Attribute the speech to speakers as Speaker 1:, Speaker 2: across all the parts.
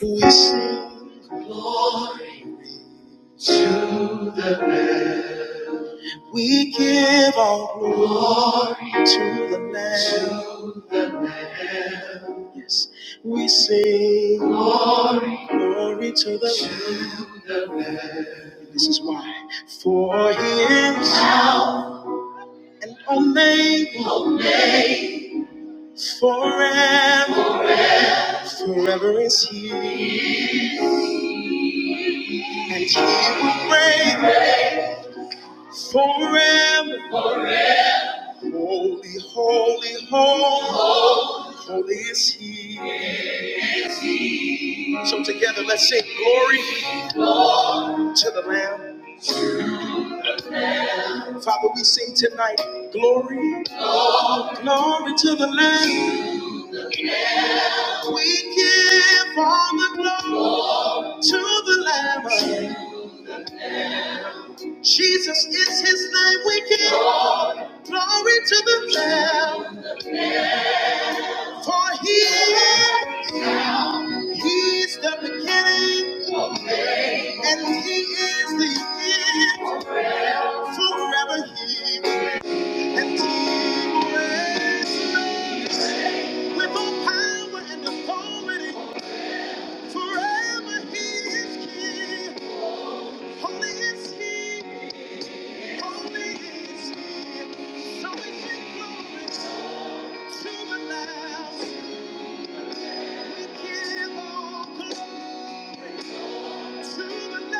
Speaker 1: We sing glory to the Lamb. We give all glory to the Lamb. To the Lamb. Yes. We sing glory, glory to the Lamb. to the Lamb. This is why. For He is Alpha and Omega. Omega. Forever, forever is He, and He will reign. Forever, holy, holy, holy, holy is He. So together, let's sing glory to the Lamb. Father, we sing tonight, glory, glory to the Lamb. We give all the glory to the Lamb. Jesus is His name. We give glory to the Lamb, for He is. He's the beginning and He is the end. Forever he and he reigns with all power and authority. Forever he is king. Holy is he. Holy is he. So we give glory to the Lamb. We give all glory to the Lamb.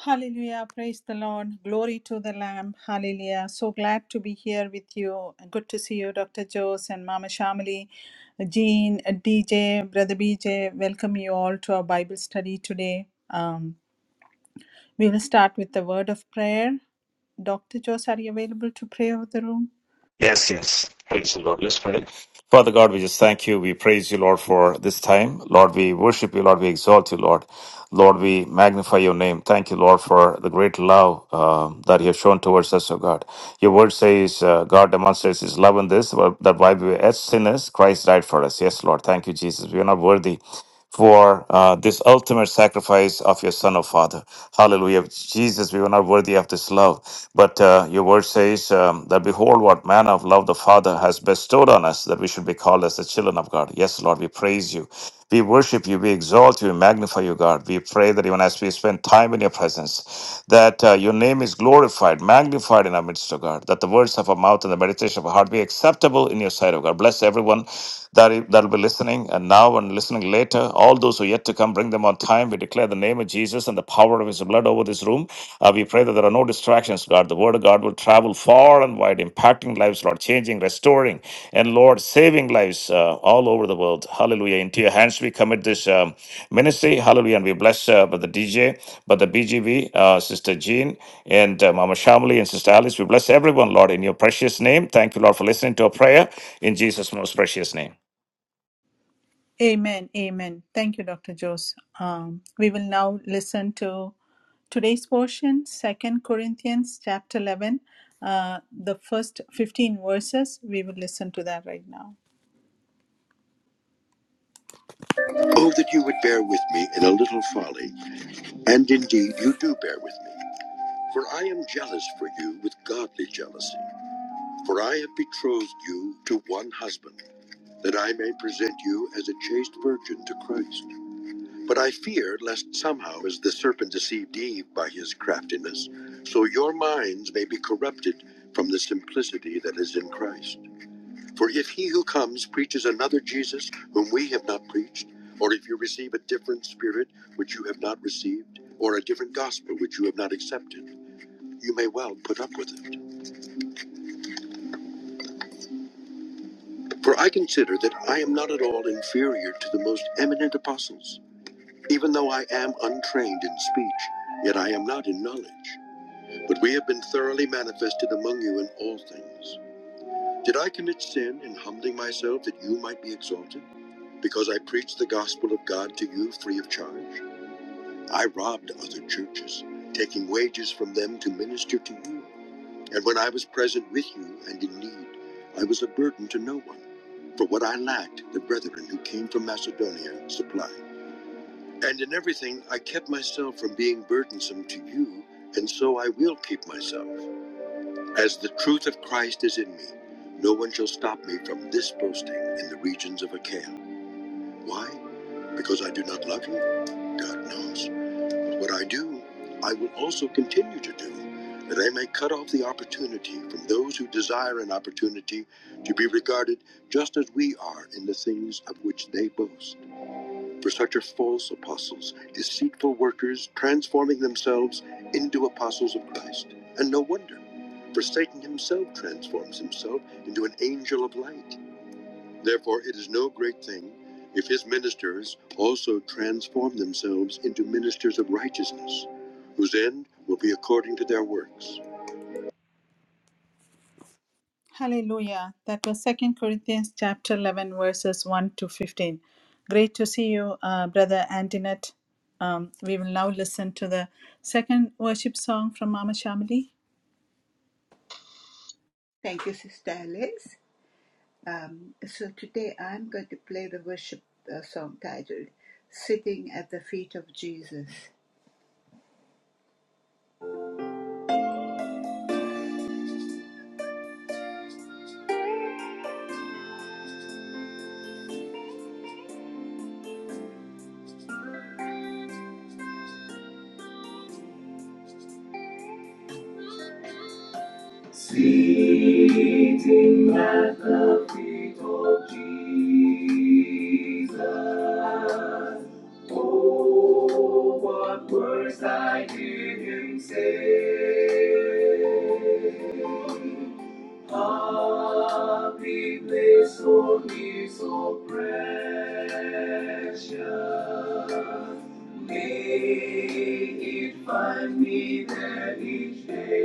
Speaker 1: Hallelujah. Praise the Lord. Glory to the Lamb. Hallelujah. So glad to be here with you. Good to see you, Dr. Jose and Mama Shamali, Jean, DJ, Brother BJ. Welcome you all to our Bible study today. Um, we will start with the word of prayer. Dr. Jose, are you available to pray over the room?
Speaker 2: Yes, yes. Praise the Lord. Let's pray. Father God, we just thank you. We praise you, Lord, for this time. Lord, we worship you. Lord, we exalt you, Lord. Lord, we magnify your name. Thank you, Lord, for the great love uh, that you have shown towards us, O God. Your word says, uh, God demonstrates his love in this, that while we were as sinners, Christ died for us. Yes, Lord. Thank you, Jesus. We are not worthy for uh, this ultimate sacrifice of your Son, O Father. Hallelujah. Jesus, we were not worthy of this love. But uh, your word says um, that behold, what manner of love the Father has bestowed on us, that we should be called as the children of God. Yes, Lord, we praise you. We worship you, we exalt you, we magnify you, God. We pray that even as we spend time in your presence, that uh, your name is glorified, magnified in our midst, O God, that the words of our mouth and the meditation of our heart be acceptable in your sight, O God. Bless everyone that that will be listening and now and listening later agenda. All those who are yet to come, bring them on time. We declare the name of Jesus and the power of his blood over this room. Uh, we pray that there are no distractions, God. The word of God will travel far and wide, impacting lives, Lord, changing, restoring, and Lord, saving lives uh, all over the world. Hallelujah. Into your hands we commit this um, ministry. Hallelujah. And we bless uh, Brother DJ, Brother BGV, uh, Sister Jean, and uh, Mama Shamali, and Sister Alice. We bless everyone, Lord, in your precious name. Thank you, Lord, for listening to our prayer in Jesus' most precious name.
Speaker 1: Amen. Amen. Thank you, Dr. Jose. Um, we will now listen to today's portion, Second Corinthians chapter 11, uh, the first 15 verses. We will listen to that right now. Oh, that you would bear with me in a little folly. And indeed, you do bear with me. For I am jealous for you with godly jealousy. For I have betrothed you to one husband, that I may present you as a chaste virgin to Christ. But I fear lest somehow, as the serpent deceived Eve by his craftiness, so your minds may be corrupted from the simplicity that is in Christ. For if he who comes preaches another Jesus whom we have not preached, or if you receive a different spirit which you have not received, or a different gospel which you have not accepted, you may well put up with it. For I consider that I am not at all inferior to the most eminent apostles, even though I am untrained in speech, yet I am not in knowledge. But we have been thoroughly manifested among you in all things. Did I commit sin in humbling myself that you might be exalted? Because I preached the gospel of God to you free of charge? I robbed other churches, taking wages from them to minister to you. And when I was present with you and in need, I was a burden to no one. For what I lacked, the brethren who came from Macedonia supplied. And in everything, I kept myself from being burdensome to you, and so I will keep myself. As the truth of Christ is in me, no one shall stop me from this boasting in the regions of Achaia. Why? Because I do not love you? God knows. What I do, I will also continue to do, that I may cut off the opportunity from those who desire an opportunity to be regarded just as we are in the things of which they boast for such are false apostles, deceitful workers, transforming themselves into apostles of Christ. And no wonder, for Satan himself transforms himself into an angel of light. Therefore, it is no great thing if his ministers also transform themselves into ministers of righteousness, whose end will be according to their works. Hallelujah. That was Second Corinthians chapter 11, verses 1 to 15. Great to see you, uh, Brother Antinette. Um, we will now listen to the second worship song from Mama Shamali.
Speaker 3: Thank you, Sister Alice. Um, so today I'm going to play the worship uh, song titled Sitting at the Feet of Jesus. Sitting at the feet of Jesus. Oh, what words I hear him say. Happy place for me so precious. May it find me there each day.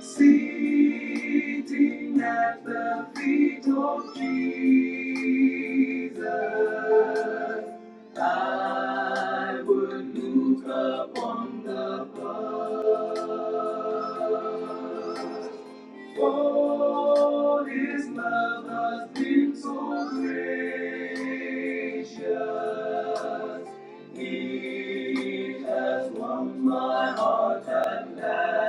Speaker 3: Sitting at the feet of Jesus, I would look upon the past. For His love has been so gracious, He has won my heart at last.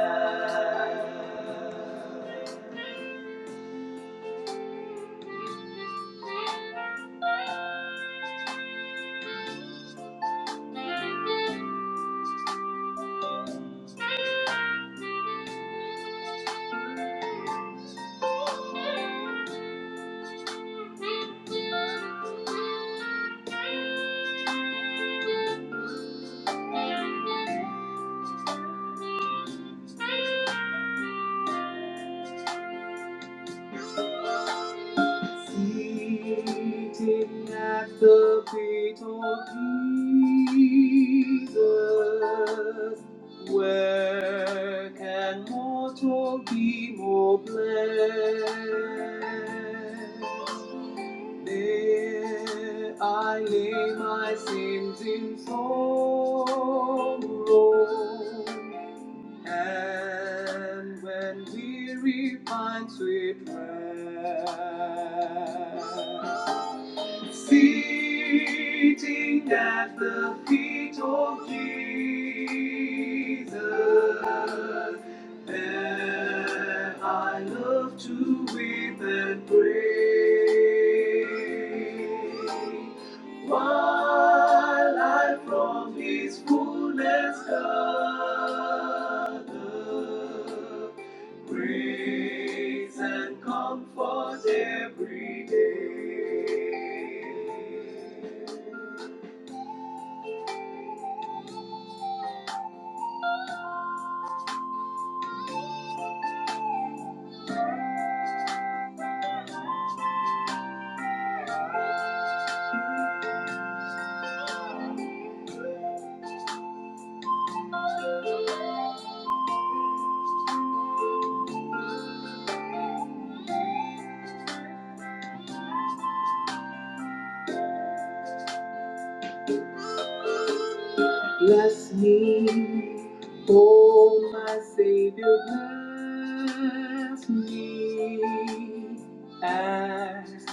Speaker 3: Seated at the feet of Jesus, where can mortal be more blessed? There I lay my sins in sorrow, and when weary finds sweet rest, Sitting at the feet of Jesus, there I love to weep and pray. While I from His fullness gather, Grace and comfort every day. Bless me, oh my Savior, bless me. As,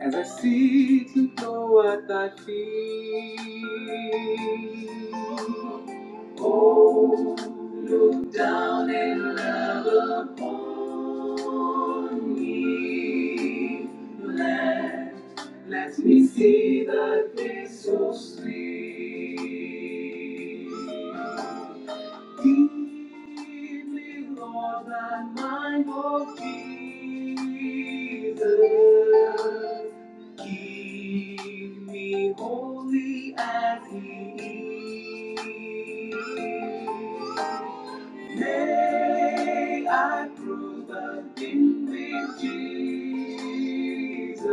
Speaker 3: as I seek to know what I feel. Oh, down in love upon me. Let, let me see the day so sweet. Keep me, Lord, thy mind of Jesus. Keep me holy as he is. May I prove the in me, Jesus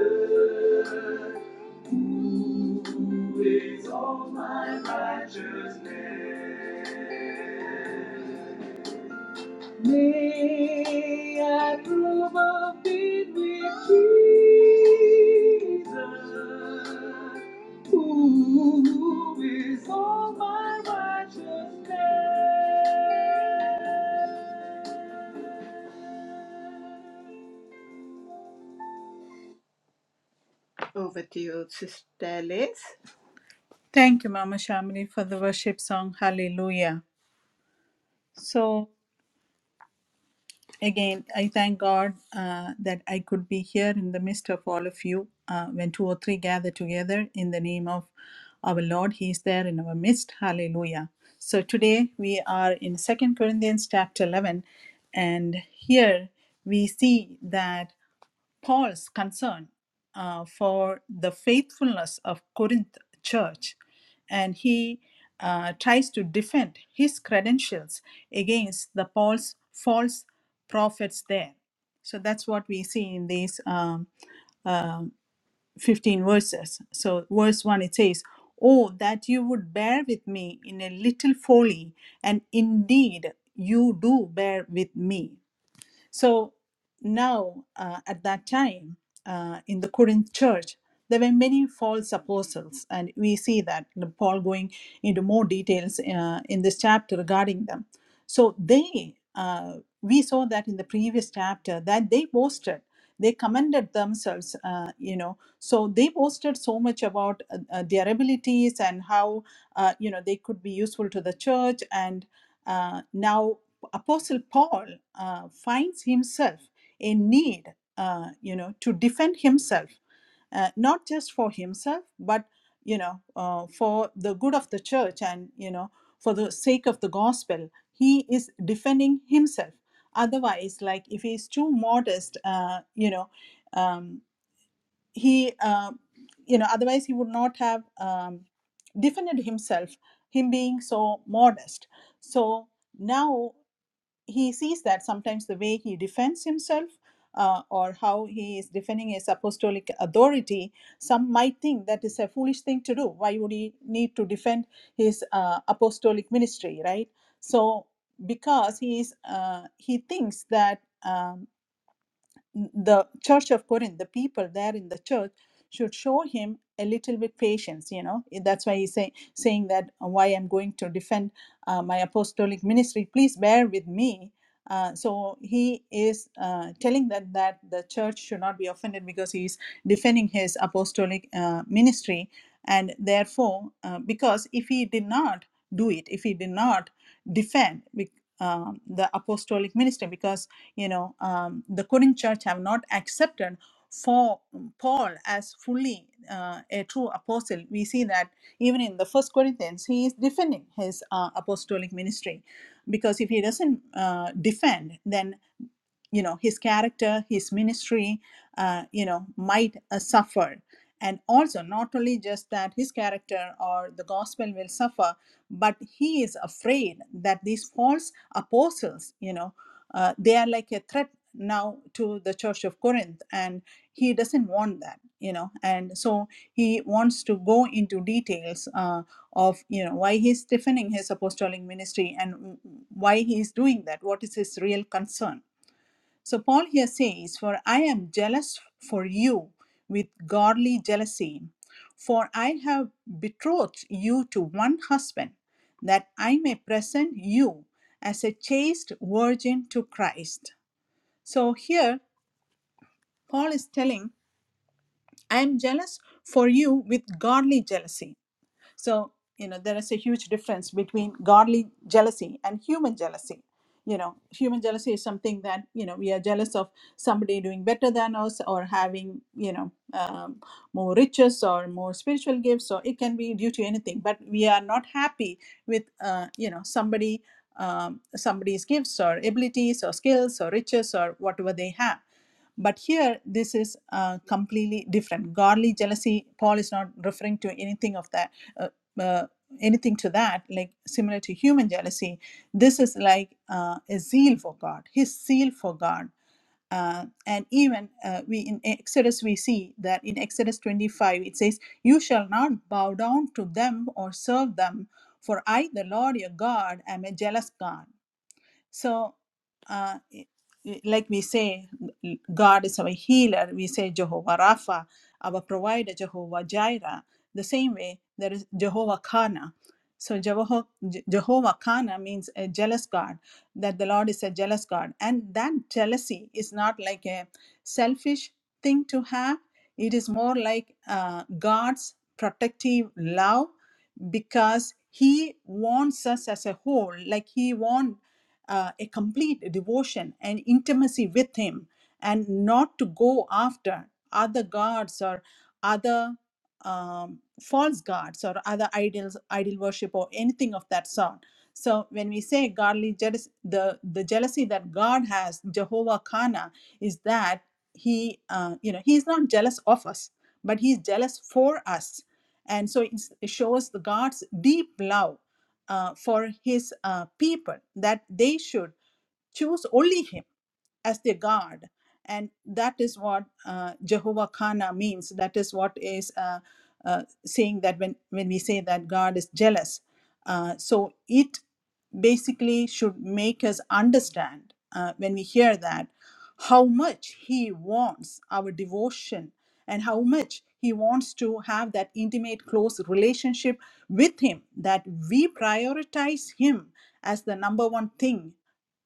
Speaker 3: who is all my righteousness. May I prove a fit with Jesus, who is all my righteousness. Over to you, Sister Liz.
Speaker 1: Thank you, Mama Shamali, for the worship song. Hallelujah. So. Again, I thank God uh, that I could be here in the midst of all of you. Uh, when two or three gather together in the name of our Lord, He is there in our midst. Hallelujah. So today we are in Second Corinthians chapter 11, and here we see that. Paul's concern uh, for the faithfulness of Corinth church, and he uh, tries to defend his credentials against the Paul's false prophets there. So that's what we see in these um, 15 verses. So, verse 1 it says, Oh, that you would bear with me in a little folly, and indeed you do bear with me. So now, uh, at that time, uh, in the Corinth church, there were many false apostles, and we see that Paul going into more details uh, in this chapter regarding them. So they, uh, we saw that in the previous chapter, that they boasted, they commended themselves, uh, you know. So they boasted so much about uh, uh, their abilities and how, uh, you know, they could be useful to the church and uh, now Apostle Paul uh, finds himself in need, uh, you know, to defend himself, uh, not just for himself, but you know, uh, for the good of the church and you know, for the sake of the gospel. He is defending himself. Otherwise, like if he's too modest, uh, you know, um, he, uh, you know, otherwise he would not have um, defended himself. Him being so modest. So now he sees that sometimes the way he defends himself uh, or how he is defending his apostolic authority, some might think that is a foolish thing to do. Why would he need to defend his uh, apostolic ministry, right? So, because he is, uh, he thinks that. um, the church of Corinth, the people there in the church, should show him a little bit patience. You know, Eh, that's why he's say, saying that uh, why I'm going to defend uh, my apostolic ministry. Please bear with me. Uh, so he is uh, telling that that the church should not be offended because he is defending his apostolic uh, ministry, and therefore, uh, because if he did not do it, if he did not defend bec- um, the apostolic ministry, because you know um, the Korean church have not accepted for Paul as fully uh, a true apostle. We see that even in the First Corinthians, he is defending his uh, apostolic ministry, because if he doesn't uh, defend, then you know his character his ministry uh, you know might uh, suffer and also not only just that his character or the gospel will suffer but he is afraid that these false apostles you know uh, they are like a threat now to the church of corinth and he doesn't want that you know and so he wants to go into details uh, of you know why he's stiffening his apostolic ministry and why he is doing that what is his real concern so Paul here says, For I am jealous for you with godly jealousy, for I have betrothed you to one husband, that I may present you as a chaste virgin to Christ. So here Paul is telling, I am jealous for you with godly jealousy so you know there is a huge difference between godly jealousy and human jealousy you know human jealousy is something that you know we are jealous of somebody doing better than us or having you know um, more riches or more spiritual gifts or it can be due to anything but we are not happy with uh, you know somebody um, somebody's gifts or abilities or skills or riches or whatever they have but here, this is uh, completely different. Godly jealousy, Paul is not referring to anything of that. Uh, uh, anything to that like similar to human jealousy this is like uh, a zeal for god his zeal for god uh, and even uh, we in Exodus we see that in Exodus 25 it says, "You shall not bow down to them or serve them, for I, the Lord your God, am a jealous God." So, uh, like we say, God is our healer. We say Jehovah Rapha, our provider, Jehovah Jireh. The same way, there is Jehovah Kana. So, Jehovah, Jehovah Kana means a jealous God, that the Lord is a jealous God. And that jealousy is not like a selfish thing to have, it is more like uh, God's protective love because He wants us as a whole, like He wants uh, a complete devotion and intimacy with Him and not to go after other gods or other um, false gods or other idols, idol worship or anything of that sort. So when we say godly jealousy, the, the jealousy that God has, Jehovah Kana, is that he, uh, you know, he's not jealous of us, but he's jealous for us. And so it's, it shows the God's deep love uh, for his uh, people that they should choose only him as their God. And that is what uh, Jehovah Kana means. That is what is uh, uh, saying that when, when we say that God is jealous. Uh, so it basically should make us understand uh, when we hear that how much He wants our devotion and how much He wants to have that intimate, close relationship with him that we prioritize him as the number one thing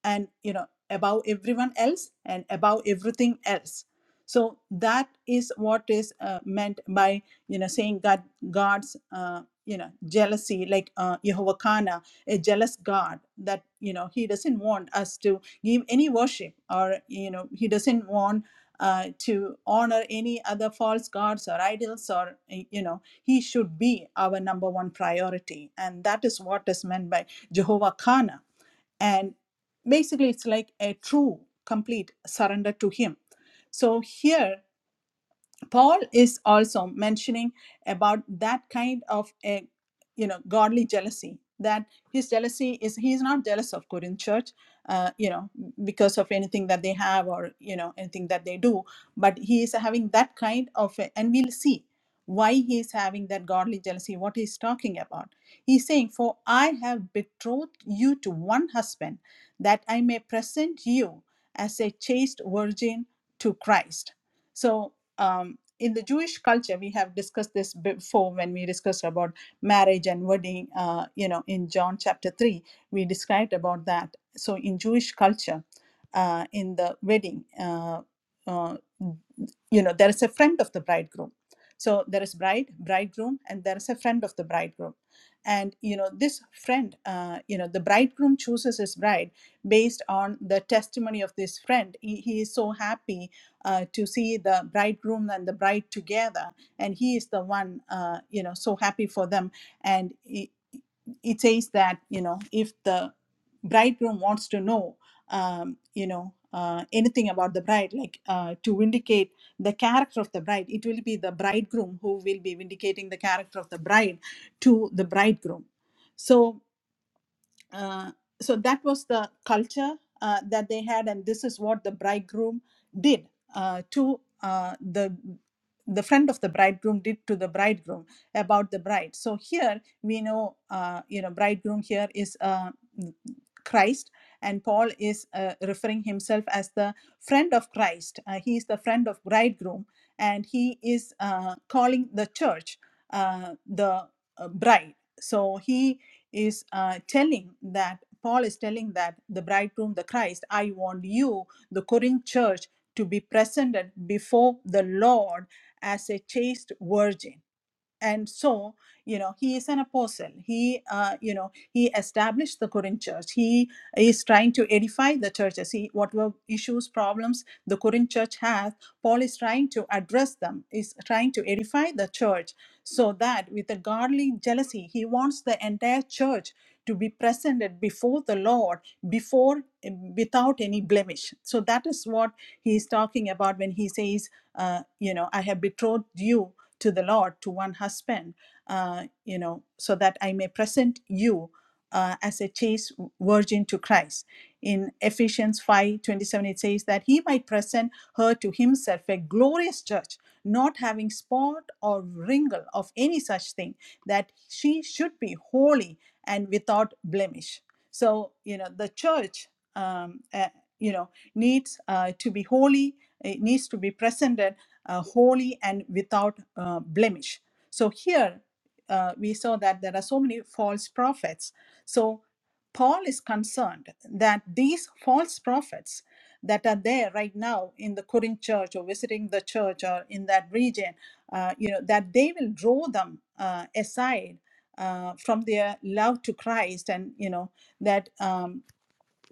Speaker 1: and you know above everyone else and above everything else so that is what is uh, meant by you know saying that god's uh, you know jealousy like uh, jehovah kana a jealous god that you know he doesn't want us to give any worship or you know he doesn't want uh, to honor any other false gods or idols or you know he should be our number one priority. And that is what is meant by Jehovah Kana. And basically, it's like a true, complete surrender to Him. So here, paul is also mentioning about that kind of a you know godly jealousy that his jealousy is he's not jealous of corinth church uh, you know because of anything that they have or you know anything that they do but he is having that kind of a, and we'll see why he is having that godly jealousy what he's talking about he's saying for i have betrothed you to one husband that i may present you as a chaste virgin to christ so um, in the Jewish culture, we have discussed this before when we discussed about marriage and wedding. Uh, you know, in John chapter three, we described about that. So in Jewish culture, uh, in the wedding. Uh, uh, you know there is a friend of the bridegroom so there is bride bridegroom and there is a friend of the bridegroom and you know this friend uh, you know the bridegroom chooses his bride based on the testimony of this friend he, he is so happy uh, to see the bridegroom and the bride together and he is the one uh, you know so happy for them and it, it says that you know if the bridegroom wants to know um, you know uh, anything about the bride like uh, to vindicate the character of the bride. It will be the bridegroom who will be vindicating the character of the bride to the bridegroom. So uh, so that was the culture uh, that they had, and this is what the bridegroom did uh, to uh, the the friend of the bridegroom did to the bridegroom about the bride. So here we know, uh, you know, bridegroom here is uh, Christ, and Paul is uh, referring himself as the friend of Christ. Uh, he is the friend of bridegroom, and he is uh, calling the church uh, the uh, bride. So he is uh, telling that Paul is telling that the bridegroom, the Christ, I want you, the Corinth church, to be presented before the Lord as a chaste virgin and so you know he is an apostle he uh, you know he established the Corinth church he is trying to edify the churches he whatever issues problems the Corinth church has paul is trying to address them is trying to edify the church so that with a godly jealousy he wants the entire church to be presented before the lord before without any blemish so that is what he is talking about when he says uh, you know i have betrothed you to the Lord, to one husband, uh, you know, so that I may present you uh, as a chaste virgin to Christ. In Ephesians 5 27, it says that he might present her to himself a glorious church, not having spot or wrinkle of any such thing, that she should be holy and without blemish. So, you know, the church, um, uh, you know, needs uh, to be holy, it needs to be presented uh, holy and without uh, blemish. So here uh, we saw that there are so many false prophets. So Paul is concerned that these false prophets that are there right now in the Corinth church or visiting the church or in that region, uh, you know, that they will draw them uh, aside uh, from their love to Christ, and you know that. um,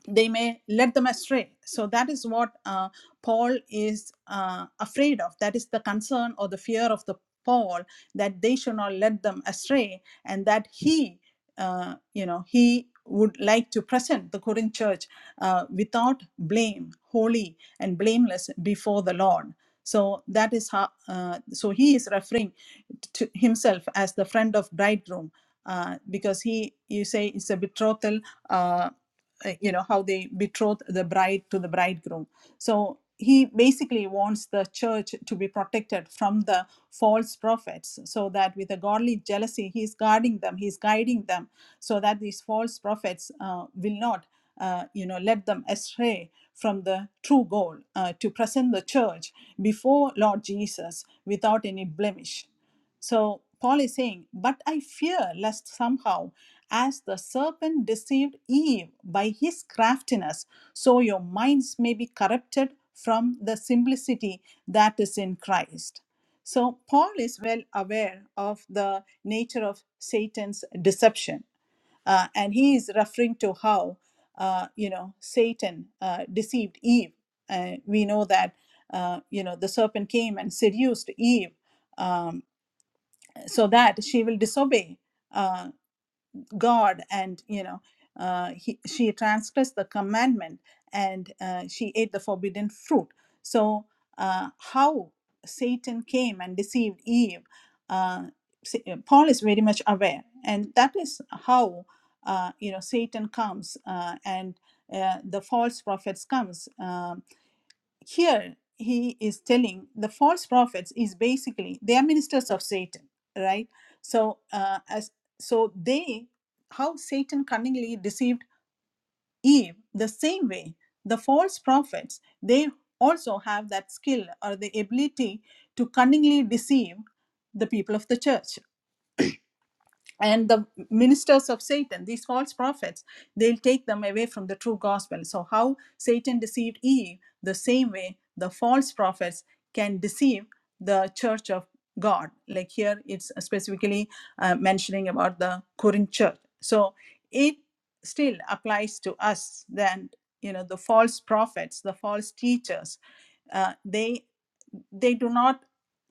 Speaker 1: they may let them astray. So that is what uh, Paul is uh, afraid of. That is the concern or the fear of the Paul that they should not let them astray, and that he, uh, you know, he would like to present the Corinth church uh, without blame, holy and blameless before the Lord. So that is how. Uh, so he is referring to himself as the friend of bridegroom uh, because he you say it's a betrothal uh, uh, you know how they betroth the bride to the bridegroom so he basically wants the church to be protected from the false prophets so that with a godly jealousy he's guarding them he's guiding them so that these false prophets uh, will not uh, you know let them astray from the true goal uh, to present the church before lord jesus without any blemish so Paul is saying, But I fear lest somehow, as the serpent deceived Eve by his craftiness, so your minds may be corrupted from the simplicity that is in Christ. So Paul is well aware of the nature of Satan's deception. Uh, and he is referring to how, uh, you know, Satan uh, deceived Eve. Uh, we know that, uh, you know, the serpent came and seduced Eve um, so that she will disobey uh, God and you know uh, he, she transgressed the commandment and uh, she ate the forbidden fruit. So uh, how Satan came and deceived Eve, uh, Sa- Paul is very much aware, and that is how uh, you know Satan comes uh, and uh, the false prophets comes. Um here he is telling the false prophets is basically they are ministers of satan right so uh, as so they how satan cunningly deceived eve the same way the false prophets they also have that skill or the ability to cunningly deceive the people of the church and the ministers of satan these false prophets they'll take them away from the true gospel so how satan deceived eve the same way the false prophets can deceive the church of god like here it's specifically uh, mentioning about the corinth church so it still applies to us then you know the false prophets the false teachers uh, they they do not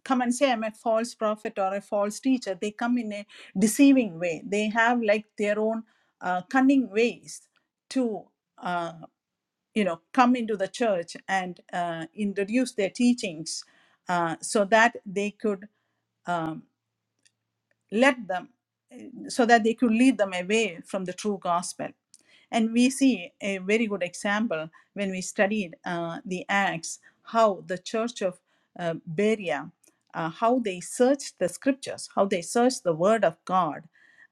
Speaker 1: come and say i'm a false prophet or a false teacher they come in a deceiving way they have like their own uh, cunning ways to uh, you know come into the church and uh, introduce their teachings uh, so that they could let them so that they could lead them away from the true gospel. And we see a very good example when we studied uh, the Acts, how the church of uh, Berea, uh, how they searched the scriptures, how they searched the word of God.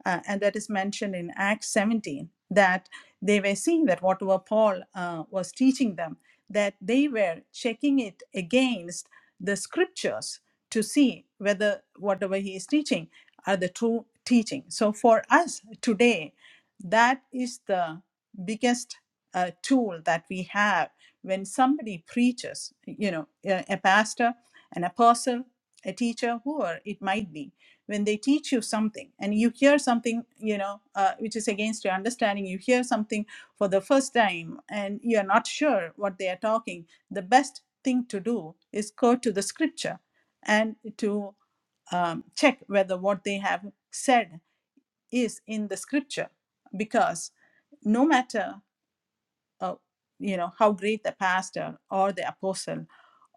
Speaker 1: Uh, and that is mentioned in Acts 17, that they were seeing that whatever Paul uh, was teaching them, that they were checking it against the scriptures to see whether whatever he is teaching are the true teaching. So for us today, that is the biggest uh, tool that we have when somebody preaches, you know, a, a pastor, an apostle, a teacher, whoever it might be, when they teach you something and you hear something, you know, uh, which is against your understanding, you hear something for the first time and you are not sure what they are talking, the best thing to do is go to the scripture and to um, check whether what they have said is in the scripture because no matter uh, you know how great the pastor or the apostle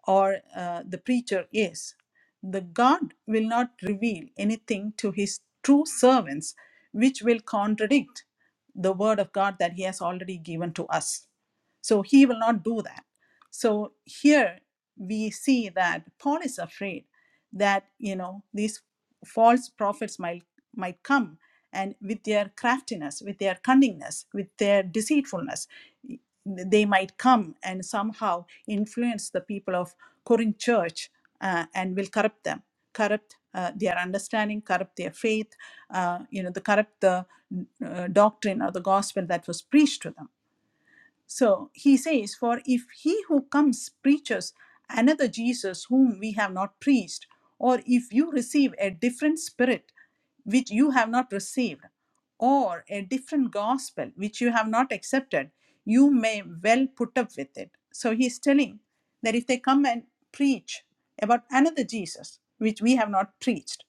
Speaker 1: or uh, the preacher is the god will not reveal anything to his true servants which will contradict the word of god that he has already given to us so he will not do that so here we see that paul is afraid that you know these false prophets might might come and with their craftiness with their cunningness with their deceitfulness they might come and somehow influence the people of Corinth church uh, and will corrupt them corrupt uh, their understanding corrupt their faith uh, you know the corrupt the uh, doctrine or the gospel that was preached to them so he says, For if he who comes preaches another Jesus whom we have not preached, or if you receive a different spirit which you have not received, or a different gospel which you have not accepted, you may well put up with it. So he's telling that if they come and preach about another Jesus which we have not preached,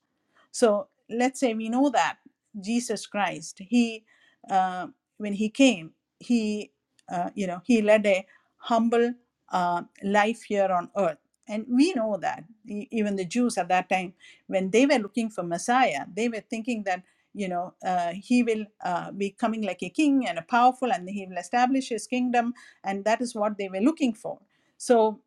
Speaker 1: so let's say we know that Jesus Christ, he uh, when he came, he uh, you know he led a humble uh, life here on earth, and we know that E- even the Jews at that time, when they were looking for Messiah, they were thinking that you know uh, he will uh, be coming like a king and a powerful, and he will establish his kingdom, and that is what they were looking for. So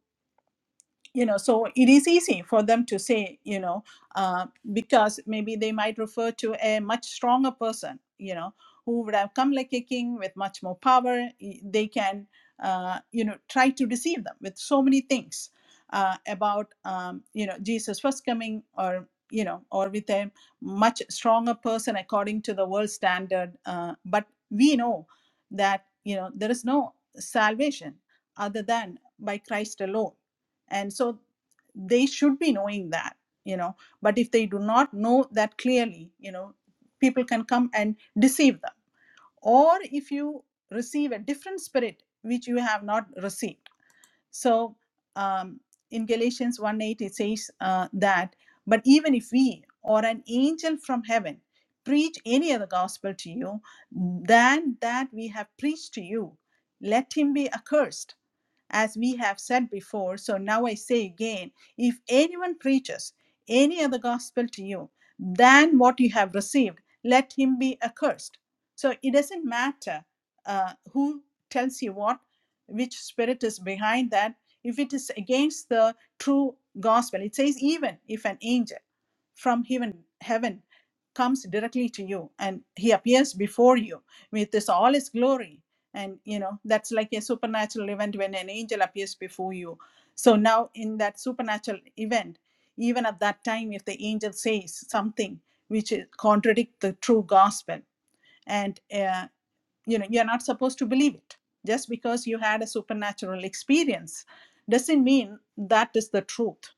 Speaker 1: you know so it is easy for them to say you know uh, because maybe they might refer to a much stronger person you know who would have come like a king with much more power they can uh, you know try to deceive them with so many things uh, about um, you know jesus first coming or you know or with a much stronger person according to the world standard uh, but we know that you know there is no salvation other than by christ alone and so they should be knowing that you know but if they do not know that clearly you know people can come and deceive them or if you receive a different spirit which you have not received so um, in Galatians 1 8, it says uh, that, but even if we or an angel from heaven preach any other gospel to you than that we have preached to you, let him be accursed. As we have said before, so now I say again if anyone preaches any other gospel to you than what you have received, let him be accursed. So it doesn't matter uh, who tells you what which spirit is behind that if it is against the true gospel it says even if an angel from heaven heaven comes directly to you and he appears before you with this all his glory and you know that's like a supernatural event when an angel appears before you so now in that supernatural event even at that time if the angel says something which is contradict the true gospel and uh, you know you're not supposed to believe it just because you had a supernatural experience doesn't mean that is the truth.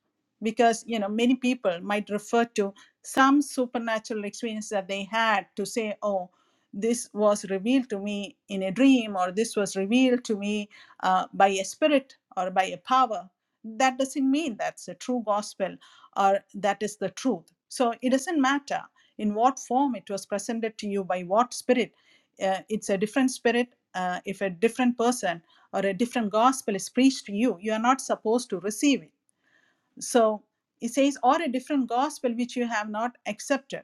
Speaker 1: Because, you know, many people might refer to some supernatural experience that they had to say, oh, this was revealed to me in a dream, or this was revealed to me uh, by a spirit or by a power. That doesn't mean that's a true gospel or that is the truth. So it doesn't matter in what form it was presented to you by what spirit uh, it's a different spirit uh, if a different person or a different gospel is preached to you you are not supposed to receive it so it says or a different gospel which you have not accepted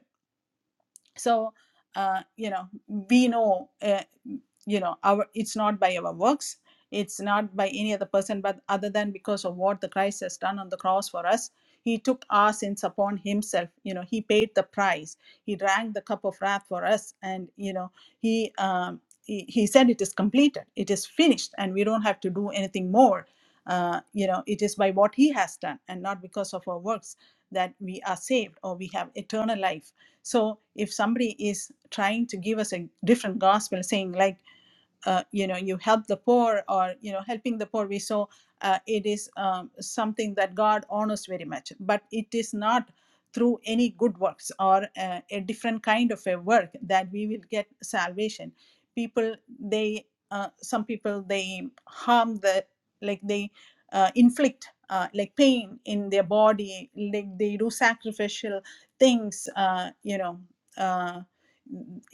Speaker 1: so uh, you know we know uh, you know our it's not by our works it's not by any other person but other than because of what the christ has done on the cross for us he took our sins upon himself you know he paid the price he drank the cup of wrath for us and you know he um, he, he said it is completed it is finished and we don't have to do anything more uh, you know it is by what he has done and not because of our works that we are saved or we have eternal life so if somebody is trying to give us a different gospel, saying like uh, you know you help the poor or you know helping the poor we saw uh, it is um, something that god honors very much but it is not through any good works or uh, a different kind of a work that we will get salvation people they uh, some people they harm the like they uh, inflict uh, like pain in their body like they do sacrificial things uh, you know uh,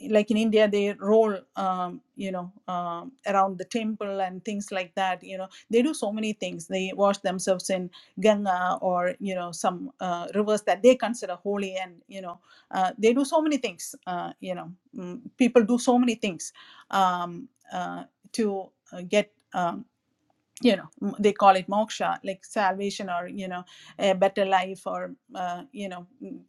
Speaker 1: like in India, they roll, um, you know, um, around the temple and things like that. You know, they do so many things. They wash themselves in Ganga or you know some uh, rivers that they consider holy, and you know, uh, they do so many things. Uh, you know, mm, people do so many things um, uh, to uh, get. um, you know m- they call it moksha like salvation or you know a better life or uh, you know m-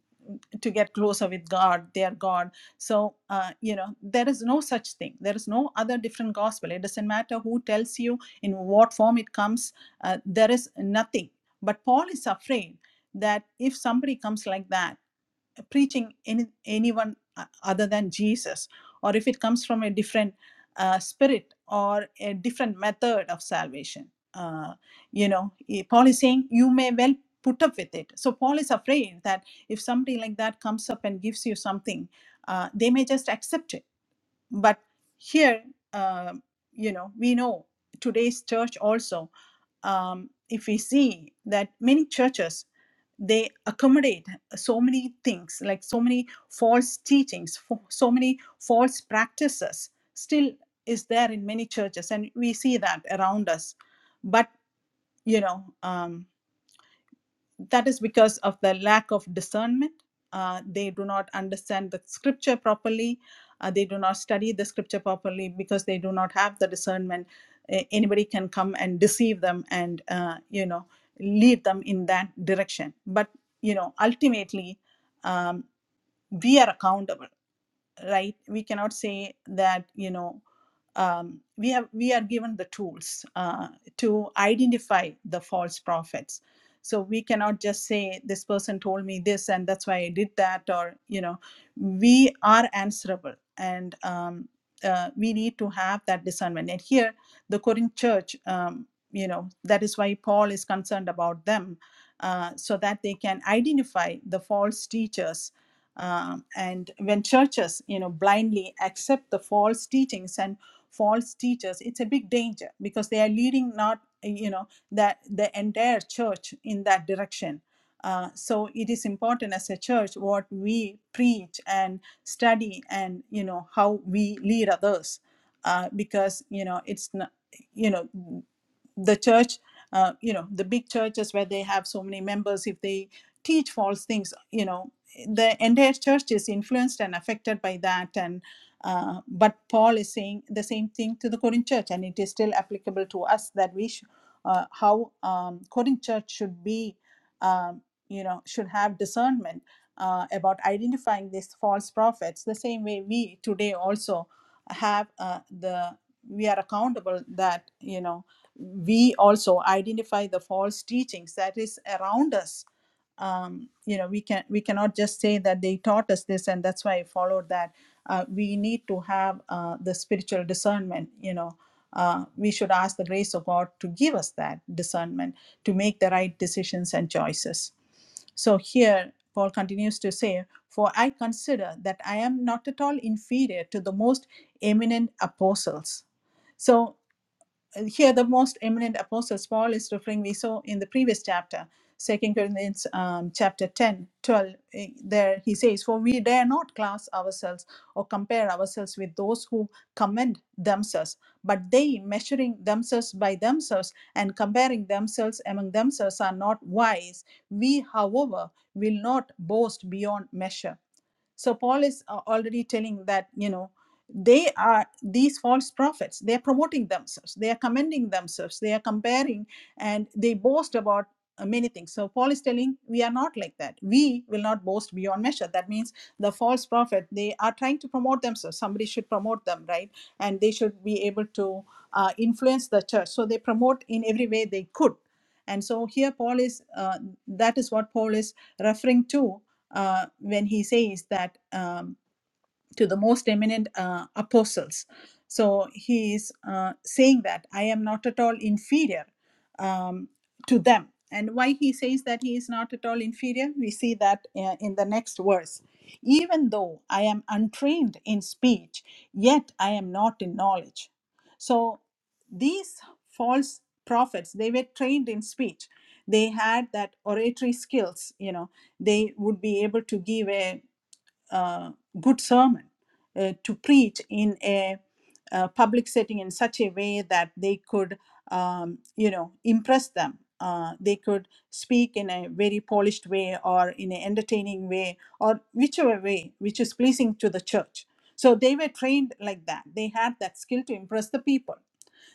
Speaker 1: to get closer with god their god so uh, you know there is no such thing there is no other different gospel it doesn't matter who tells you in what form it comes uh, there is nothing but paul is afraid that if somebody comes like that preaching any, anyone uh, other than Jesus, or if it comes from a different uh, spirit or a different method of salvation. Uh, you know, eh, Paul is saying you may well put up with it. So Paul is afraid that if somebody like that comes up and gives you something, uh, they may just accept it but here uh, you know we know today's church also um, if we see that many churches they accommodate so many things like so many false teachings fo- so many false practices still is there in many churches and we see that around us but you know um, that is because of the lack of discernment. Uh, they do not understand the scripture properly. Uh, they do not study the scripture properly because they do not have the discernment. A- Anybody can come and deceive them and, uh, you know, lead them in that direction. But, you know, ultimately, um, we are accountable right we cannot say that you know um, we have we are given the tools uh, to identify the false prophets so we cannot just say this person told me this and that's why i did that or you know we are answerable and um, uh, we need to have that discernment and here the corinth church um, you know that is why paul is concerned about them uh, so that they can identify the false teachers um, and when churches, you know, blindly accept the false teachings and false teachers, it's a big danger because they are leading not, you know, that the entire church in that direction. Uh, so it is important as a church what we preach and study and you know how we lead others uh, because you know it's not you know the church uh, you know the big churches where they have so many members if they teach false things you know the entire church is influenced and affected by that and uh, but paul is saying the same thing to the corinth church and it is still applicable to us that we sh- uh, how um, corinth church should be um, you know should have discernment uh, about identifying these false prophets the same way we today also have uh, the we are accountable that you know we also identify the false teachings that is around us um, you know we can we cannot just say that they taught us this and that's why i followed that uh, we need to have uh, the spiritual discernment you know uh, we should ask the grace of god to give us that discernment to make the right decisions and choices so here paul continues to say for i consider that i am not at all inferior to the most eminent apostles so here the most eminent apostles paul is referring we saw in the previous chapter second corinthians um, chapter 10, 12. eh, there he says for we dare not class ourselves or compare ourselves with those who commend themselves but they measuring themselves by themselves and comparing themselves among themselves are not wise we however will not boast beyond measure so paul is uh, already telling that you know they are these false prophets they are promoting themselves they are commending themselves they are comparing and they boast about uh, many things so paul is telling we are not like that we will not boast beyond measure that means the false prophet they are trying to promote themselves somebody should promote them right and they should be able to uh, influence the church so they promote in every way they could and so here Paul is, uh, that is what Paul is referring to uh, when he says that. um, to the most eminent uh, apostles. So he is uh, saying that I am not at all inferior um, to them. And why he says that he is not at all inferior, we see that uh, in the next verse. Even though I am untrained in speech, yet I am not in knowledge. So these false prophets, they were trained in speech. They had that oratory skills, you know, they would be able to give a uh, good sermon uh, to preach in a, uh public setting in such a way that they could, um, you know, impress them. Uh, they could speak in a very polished way or in an entertaining way or whichever way which is pleasing to the church. So they were trained like that. They had that skill to impress the people.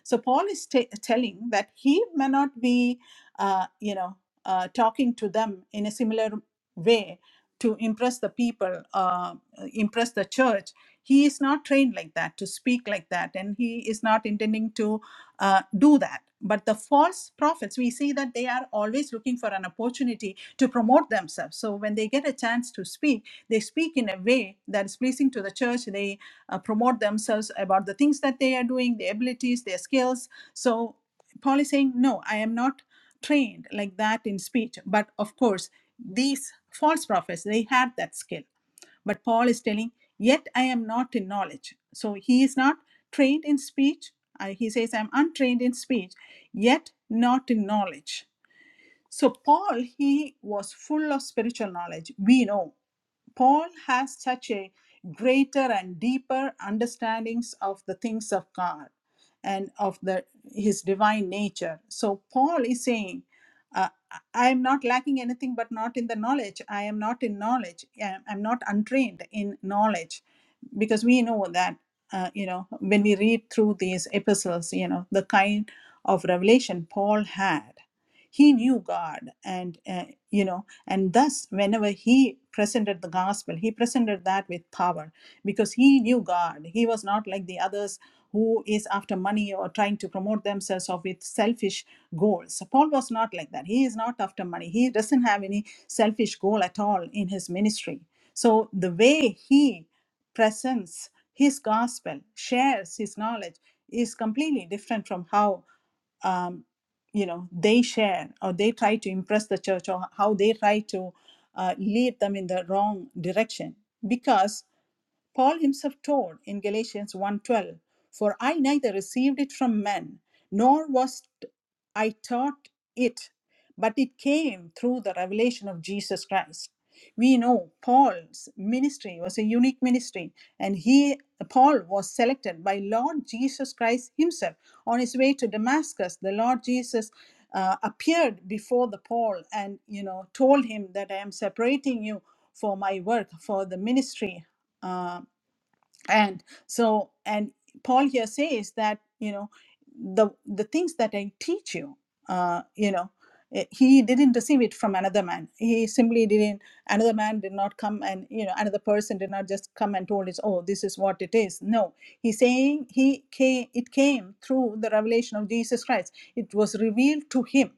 Speaker 1: So Paul is ta telling that he may not be, uh, you know, uh, talking to them in a similar way to impress the people, uh, impress the church. He is not trained like that to speak like that, and he is not intending to uh, do that. But the false prophets, we see that they are always looking for an opportunity to promote themselves. So when they get a chance to speak, they speak in a way that is pleasing to the church. They uh, promote themselves about the things that they are doing, their abilities, their skills. So Paul is saying, no, I am not trained like that in speech. But of course, these false prophets, they had that skill. But Paul is telling, yet I am not in knowledge. So he is not trained in speech. Uh, he says, I'm untrained in speech, yet not in knowledge. So, Paul, he was full of spiritual knowledge. We know Paul has such a greater and deeper understandings of the things of God and of the his divine nature. So Paul is saying, uh, I am not lacking anything, but not in the knowledge. I am not in knowledge. I am not untrained in knowledge, because we know that uh, you know when we read through these epistles, you know the kind of revelation Paul had he knew god and uh, you know and thus whenever he presented the gospel he presented that with power because he knew god he was not like the others who is after money or trying to promote themselves or with selfish goals So paul was not like that he is not after money he doesn't have any selfish goal at all in his ministry so the way he presents his gospel shares his knowledge is completely different from how um, you know they share or they try to impress the church or how they try to uh, lead them in the wrong direction because Paul himself taught in Galatians one twelve, "For I neither received it from men, nor was I taught it, but it came through the revelation of Jesus Christ." We know Paul's ministry was a unique ministry, and he Paul was selected by Lord Jesus Christ himself on his way to Damascus. The Lord Jesus uh, appeared before the Paul and you know told him that I am separating you for my work for the ministry uh, and so and paul here says that you know the the things that i teach you uh you know eh, he didn't receive it from another man he simply didn't another man did not come and you know another person did not just come and told us oh this is what it is no he's saying he came it came through the revelation of jesus christ it was revealed to him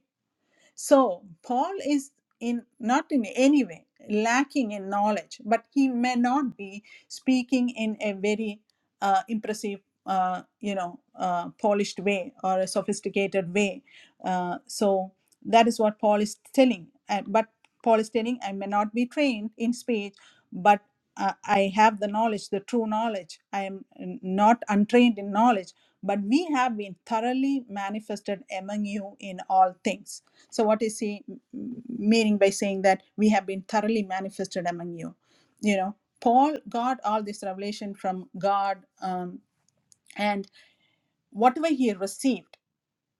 Speaker 1: so Paul is in not in any way lacking in knowledge, but he may not be speaking in a very uh, impressive, uh, you know, uh, polished way or a sophisticated way. Uh, so that is what Paul is telling. Uh, but Paul is telling, I may not be trained in speech, but uh, I have the knowledge, the true knowledge. I am not untrained in knowledge, but we have been thoroughly manifested among you in all things so, what is he meaning by saying that we have been thoroughly manifested among you? You know, Paul got all this revelation from God, um, and whatever he received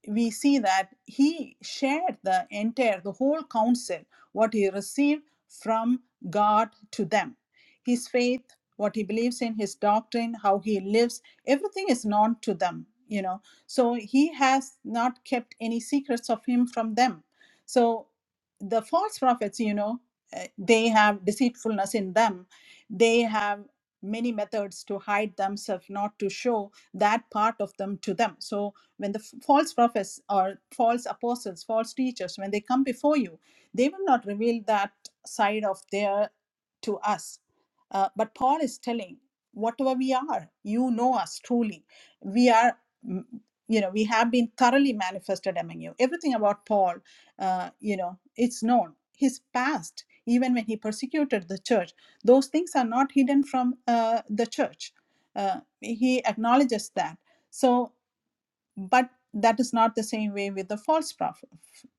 Speaker 1: we see that he shared the entire, the whole counsel, what he received from God to them. His faith, what he believes in, his doctrine, how he lives, everything is known to them, you know. So he has not kept any secrets of him from them. So the false prophets, you know, eh, they have deceitfulness in them. They have many methods to hide themselves, not to show that part of them to them. So when the false prophets or false apostles false teachers when they come before you they will not reveal that side of their to us Uh, but paul is telling whatever we are you know us truly we are mm, you know we have been thoroughly manifested among you everything about paul uh, you know it's known his past even when he persecuted the church those things are not hidden from uh, the church uh, he acknowledges that so but that is not the same way with the false prophet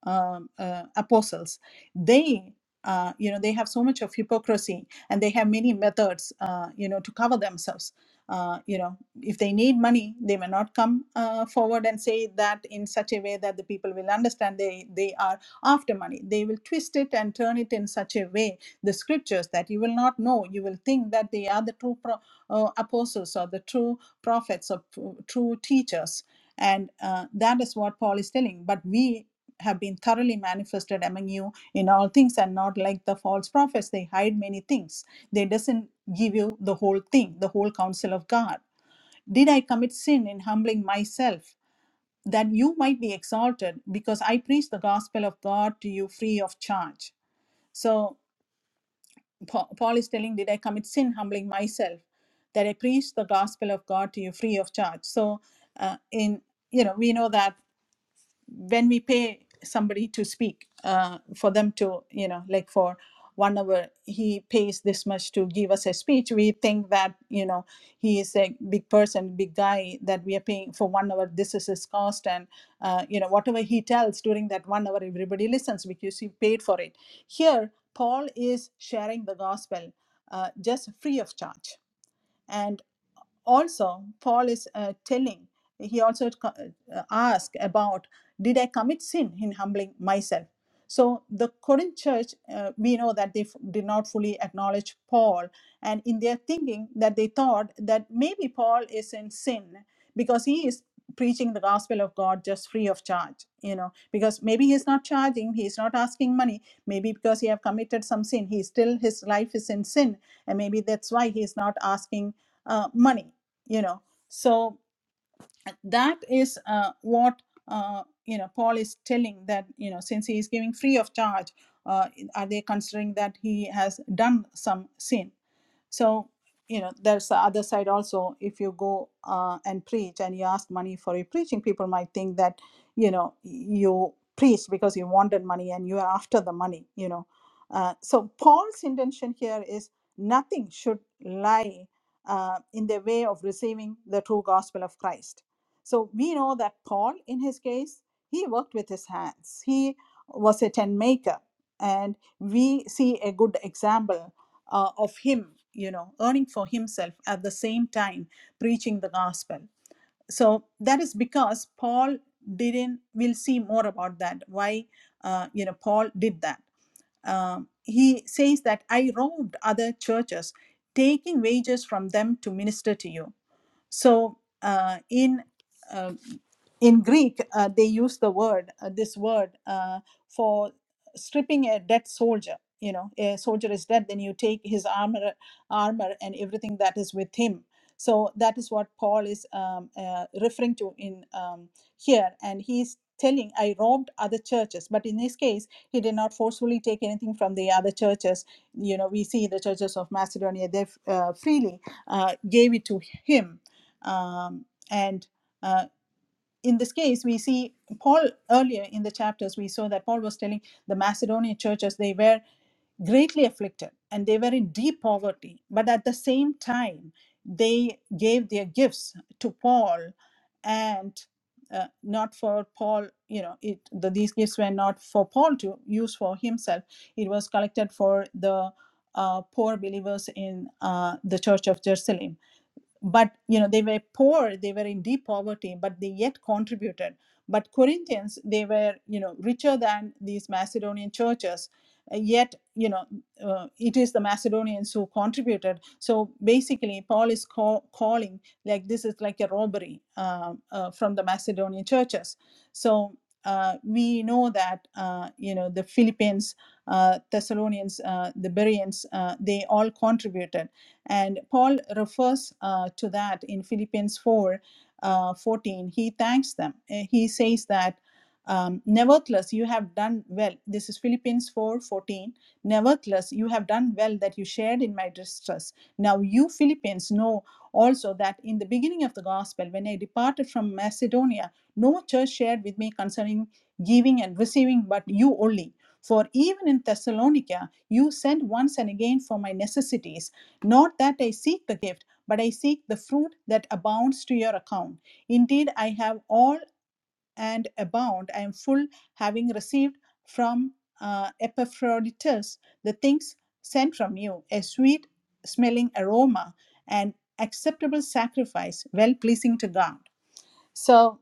Speaker 1: um, uh, apostles they uh, you know they have so much of hypocrisy and they have many methods uh, you know to cover themselves uh, you know if they need money they may not come uh, forward and say that in such a way that the people will understand they they are after money they will twist it and turn it in such a way the scriptures that you will not know you will think that they are the true pro- uh, apostles or the true prophets or p- true teachers and uh, that is what Paul is telling. But we have been thoroughly manifested among you in all things and not like the false prophets. They hide many things. They doesn't give you the whole thing, the whole counsel of God. Did I commit sin in humbling myself that you might be exalted because I preach the gospel of God to you free of charge? So Pa- Paul is telling, did I commit sin humbling myself that I preach the gospel of God to you free of charge? So uh, in you know we know that when we pay somebody to speak uh, for them to you know like for one hour he pays this much to give us a speech we think that you know he is a big person big guy that we are paying for one hour this is his cost and uh, you know whatever he tells during that one hour everybody listens because he paid for it here paul is sharing the gospel uh, just free of charge and also paul is uh, telling he also uh, asked about did i commit sin in humbling myself so the corinth church uh, we know that they f- did not fully acknowledge paul and in their thinking that they thought that maybe paul is in sin because he is preaching the gospel of god just free of charge you know because maybe he's not charging he's not asking money maybe because he have committed some sin he still his life is in sin and maybe that's why he's not asking uh, money you know so that is uh, what uh, you know paul is telling that you know since he is giving free of charge uh, are they considering that he has done some sin so, you know, there's the other side also. If you go uh, and preach and you ask money for your preaching, people might think that, you know, you preached because you wanted money and you are after the money, you know. Uh, so, Paul's intention here is nothing should lie uh, in the way of receiving the true gospel of Christ. So, we know that Paul, in his case, he worked with his hands, he was a tent maker. And we see a good example uh, of him you know earning for himself at the same time preaching the gospel so that is because paul didn't we'll see more about that why uh, you know paul did that Um, he says that i robbed other churches taking wages from them to minister to you so uh, in uh, in greek uh, they use the word uh, this word uh, for stripping a dead soldier you know a soldier is dead then you take his armor armor and everything that is with him so that is what paul is um, uh, referring to in um, here and he's telling i robbed other churches but in this case he did not forcefully take anything from the other churches you know we see the churches of macedonia they uh, freely uh, gave it to him um, and Uh, in this case, we see Paul earlier in the chapters, we saw that Paul was telling the Macedonian churches they were greatly afflicted and they were in deep poverty. But at the same time, they gave their gifts to Paul and uh, not for Paul, you know, it, the, these gifts were not for Paul to use for himself. It was collected for the uh, poor believers in uh, the church of Jerusalem but you know they were poor they were in deep poverty but they yet contributed but corinthians they were you know richer than these macedonian churches uh, yet you know uh, it is the macedonians who contributed so basically paul is call, calling like this is like a robbery uh, uh, from the macedonian churches so uh, we know that uh, you know the philippians uh, thessalonians uh, the bereans uh, they all contributed and Paul refers uh, to that in Philippians 4:14. He thanks them. Uh, He says that, um, nevertheless, you have done well. This is Philippians 4:14. Nevertheless, you have done well that you shared in my distress. Now, you Philippians know also that in the beginning of the gospel, when I departed from Macedonia, no church shared with me concerning giving and receiving, but you only. For even in Thessalonica, you sent once and again for my necessities. Not that I seek the gift, but I seek the fruit that abounds to your account. Indeed, I have all and abound. I am full, having received from uh, Epaphroditus the things sent from you, a sweet smelling aroma, an acceptable sacrifice, well pleasing to God. So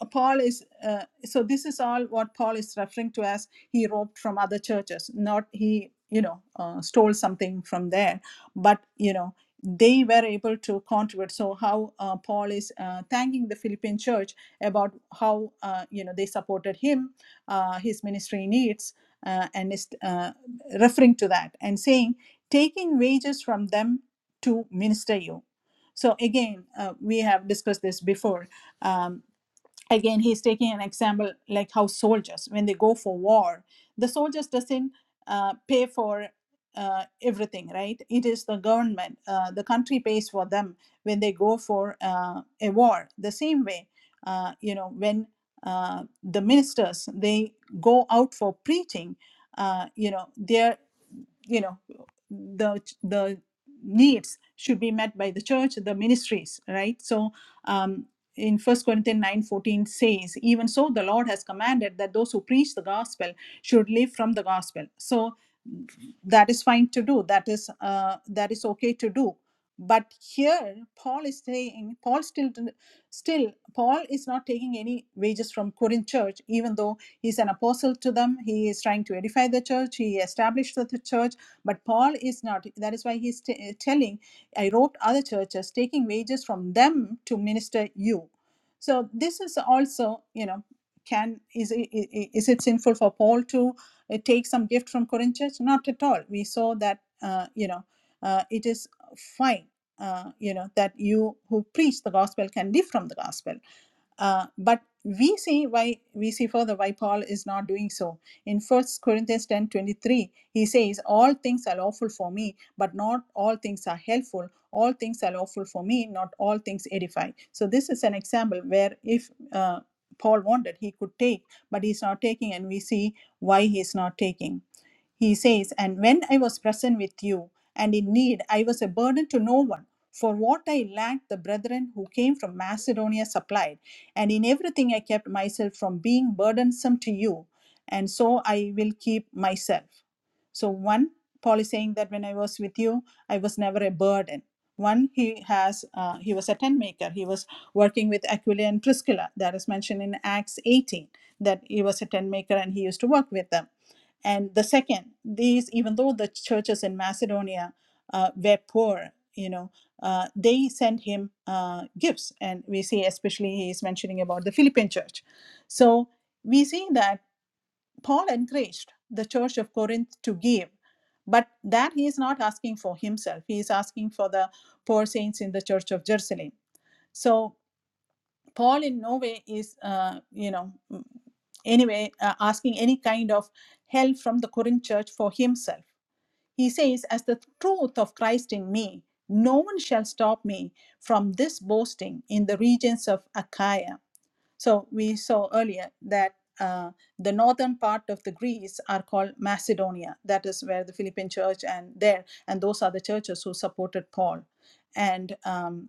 Speaker 1: uh, Paul is uh, so this is all what Paul is referring to as he robbed from other churches, not he you know uh, stole something from there, but you know they were able to contribute. So how uh, Paul is uh, thanking the Philippine church about how uh, you know they supported him, uh, his ministry needs, uh, and is uh, referring to that and saying taking wages from them to minister you. So again, uh, we have discussed this before Um, again he's taking an example like how soldiers when they go for war the soldiers doesn't uh, pay for uh, everything right it is the government uh, the country pays for them when they go for uh, a war the same way uh, you know when uh, the ministers they go out for preaching uh, you know their you know the the needs should be met by the church the ministries right so um in first corinthians nine fourteen says even so the lord has commanded that those who preach the gospel should live from the gospel so that is fine to do that is uh, that is okay to do but here paul is saying paul still still paul is not taking any wages from corinth church even though he's an apostle to them he is trying to edify the church he established the the church but Paul is not. That is why he's t- uh, telling, I wrote other churches, taking wages from them to minister you. So this is also, you know, can is i- is it sinful for Paul to uh, take some gift from Corinthians? Not at all. We saw that, uh, you know, uh, it is fine. Uh, you know that you who preach the gospel can live from the gospel uh, but we see why we see further why Paul is not doing so. In First Corinthians 10 23 he says, All things are lawful for me, but not all things are helpful. All things are lawful for me, not all things edify. So, this is an example where if uh, Paul wanted, he could take, but he's not taking, and we see why he's not taking. He says, And when I was present with you and in need, I was a burden to no one. For what I lacked, the brethren who came from Macedonia supplied and in everything, I kept myself from being burdensome to you. And so I will keep myself. So, one, Paul is saying that when I was with you, I was never a burden. One, he has uh, he was a tent maker. He was working with Aquila and Priscilla. That is mentioned in Acts 18 that he was a tent maker and he used to work with them. And the second, these even though the churches in Macedonia uh, were poor, you know, uh, they send him uh, gifts. And we see, especially, he is mentioning about the Philippine church. So we see that Paul encouraged the church of Corinth to give, but that he is not asking for himself. He is asking for the poor saints in the church of Jerusalem. So Paul, in no way, is, uh, you know, mm, anyway, uh, asking any kind of help from the Corinth church for himself. He says, As the truth of Christ in me, no one shall stop me from this boasting in the regions of Achaia. So we saw earlier that uh, the northern part of the Greece are called Macedonia. That is where the Philippine church and there, and those are the churches who supported Paul. And um,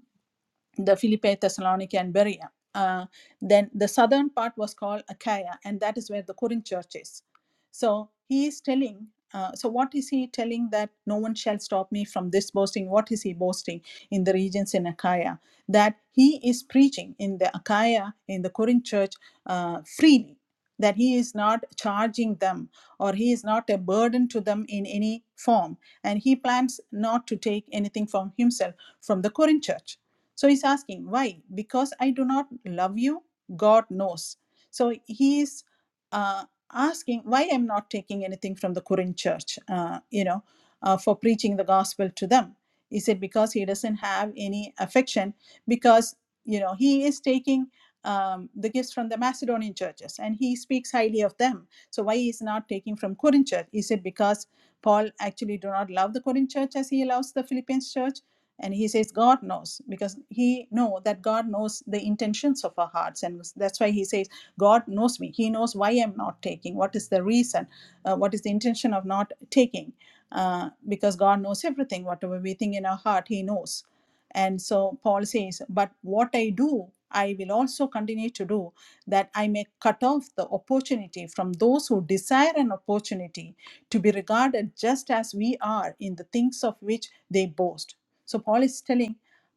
Speaker 1: the Philippi, Thessalonica, and Berea. Uh, then the southern part was called Achaia, and that is where the Corinth church is. So he is telling. Uh, so what is he telling that no one shall stop me from this boasting? What is he boasting in the regions in Achaia? That he is preaching in the Achaia in the Corinth church uh, freely. That he is not charging them or he is not a burden to them in any form. And he plans not to take anything from himself from the Corinth church so he's asking, why? Because I do not love you? God knows. So he is uh, asking why I'm not taking anything from the Korean church, uh, you know, uh, for preaching the gospel to them. Is it because he doesn't have any affection? Because, you know, he is taking um, the gifts from the Macedonian churches and he speaks highly of them. So why he is not taking from Korean church? Is it because Paul actually do not love the Korean church as he loves the Philippians church? and he says god knows because he know that god knows the intentions of our hearts and that's why he says god knows me he knows why i'm not taking what is the reason uh, what is the intention of not taking uh, because god knows everything whatever we think in our heart he knows and so paul says but what i do i will also continue to do that i may cut off the opportunity from those who desire an opportunity to be regarded just as we are in the things of which they boast so Paul is telling,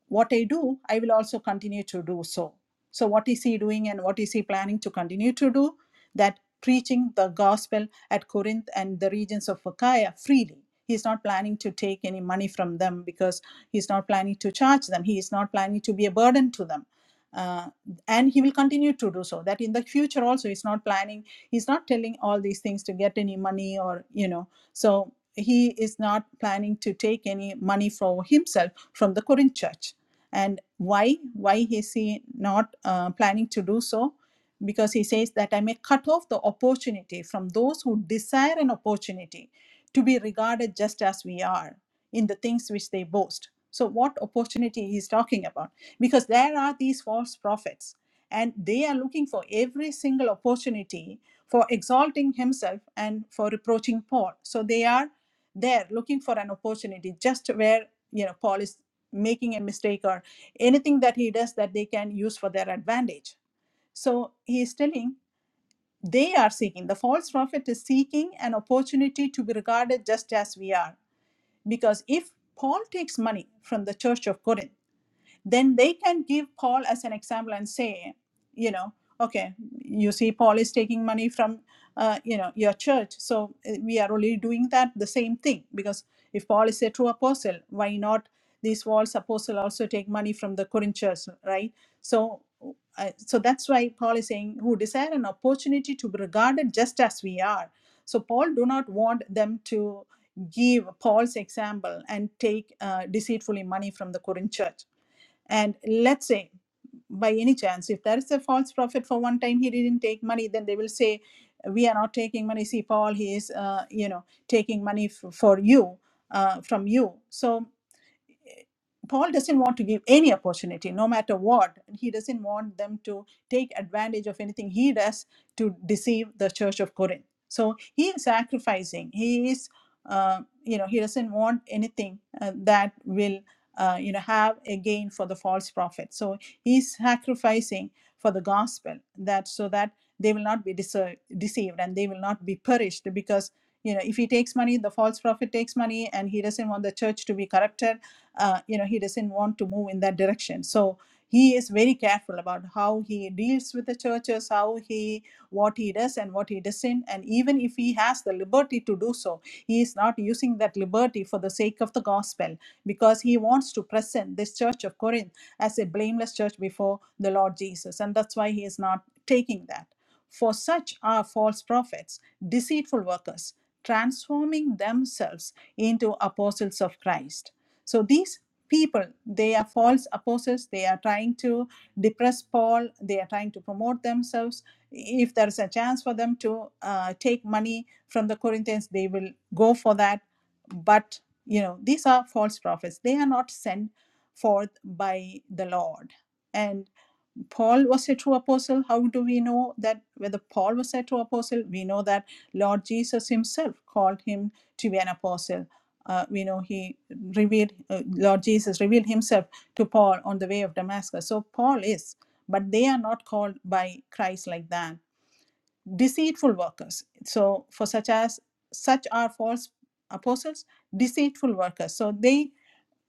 Speaker 1: What I do, I will also continue to do so. So, what is he doing and what is he planning to continue to do? That preaching the gospel at Corinth and the regions of Achaia freely. He's not planning to take any money from them because he's not planning to charge them. He is not planning to be a burden to them. Uh, and he will continue to do so. That in the future also, he's not planning, he's not telling all these things to get any money or, you know. So he is not planning to take any money for himself from the Corinth church. And why? Why is he not uh, planning to do so? Because he says that I may cut off the opportunity from those who desire an opportunity to be regarded just as we are in the things which they boast. So, what opportunity he's talking about? Because there are these false prophets, and they are looking for every single opportunity for exalting himself and for reproaching Paul. So they are there looking for an opportunity just where you know paul is making a mistake or anything that he does that they can use for their advantage so he is telling they are seeking the false prophet is seeking an opportunity to be regarded just as we are because if paul takes money from the church of corinth then they can give Paul as an example and say, you know, okay, you see, Paul is taking money from, uh, you know, your church. So uh, we are only doing that the same thing because if Paul is a true apostle, why not these false apostles also take money from the Corinth church, right? So, uh, so that's why Paul is saying, who desire an opportunity to be regarded just as we are. So Paul do not want them to give Paul's example and take uh, deceitfully money from the Corinth church and let's say, by any chance, if there is a false prophet for one time he didn't take money, then they will say, "We are not taking money." See, Paul, he is, uh, you know, taking money f- for you uh, from you. So Paul doesn't want to give any opportunity, no matter what. He doesn't want them to take advantage of anything he does to deceive the church of Corinth. So he is sacrificing. He is, uh, you know, he doesn't want anything uh, that will, uh, you know, have a gain for the false prophet. So he's sacrificing for the gospel that so that they will not be deser- deceived and they will not be perished because you know if he takes money the false prophet takes money and he doesn't want the church to be corrupted uh, you know he doesn't want to move in that direction so he is very careful about how he deals with the churches how he what he does and what he doesn't and even if he has the liberty to do so he is not using that liberty for the sake of the gospel because he wants to present this church of corinth as a blameless church before the lord jesus and that's why he is not taking that for such are false prophets deceitful workers transforming themselves into apostles of christ so these people, they are false apostles. They are trying to depress Paul. They are trying to promote themselves. If there is a chance for them to uh, take money from the Corinthians, they will go for that. But you know, these are false prophets. They are not sent forth by the Lord. And Paul was a true apostle. How do we know that whether Paul was a true apostle? We know that Lord Jesus himself called him to be an apostle. Uh, we know he revealed, uh, Lord Jesus revealed himself to Paul on the way of Damascus. So Paul is, but they are not called by Christ like that. Deceitful workers. So for such as, such are false apostles, deceitful workers. So they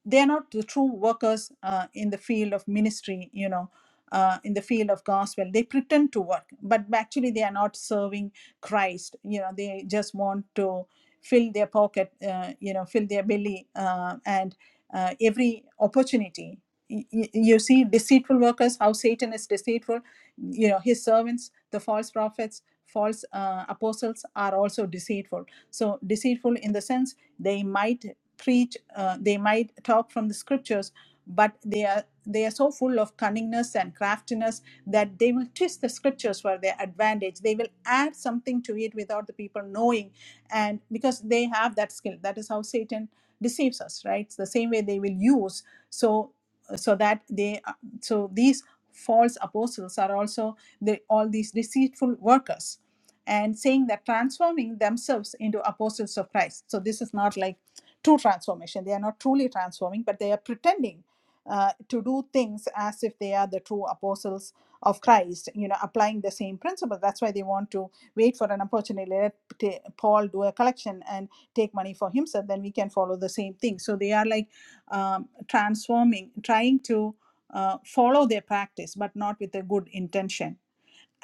Speaker 1: they're not the true workers uh, in the field of ministry you know uh, in the field of gospel they pretend to work but actually they are not serving christ you know they just want to fill their pocket uh, you know fill their belly uh, and uh, every opportunity Y- y- you see deceitful workers how satan is deceitful you know his servants the false prophets false uh, apostles are also deceitful so deceitful in the sense they might preach uh, they might talk from the scriptures but they are they are so full of cunningness and craftiness that they will twist the scriptures for their advantage they will add something to it without the people knowing and because they have that skill that is how satan deceives us right it's the same way they will use so so that they so these false apostles are also the, all these deceitful workers and saying that transforming themselves into apostles of christ so this is not like true transformation. They are not truly transforming, but they are pretending uh, to do things as if they are the true apostles of Christ, you know, applying the same principle. That's why they want to wait for an opportunity. Let t- Paul do a collection and take money for himself. Then we can follow the same thing. So they are like um, transforming, trying to uh, follow their practice, but not with a good intention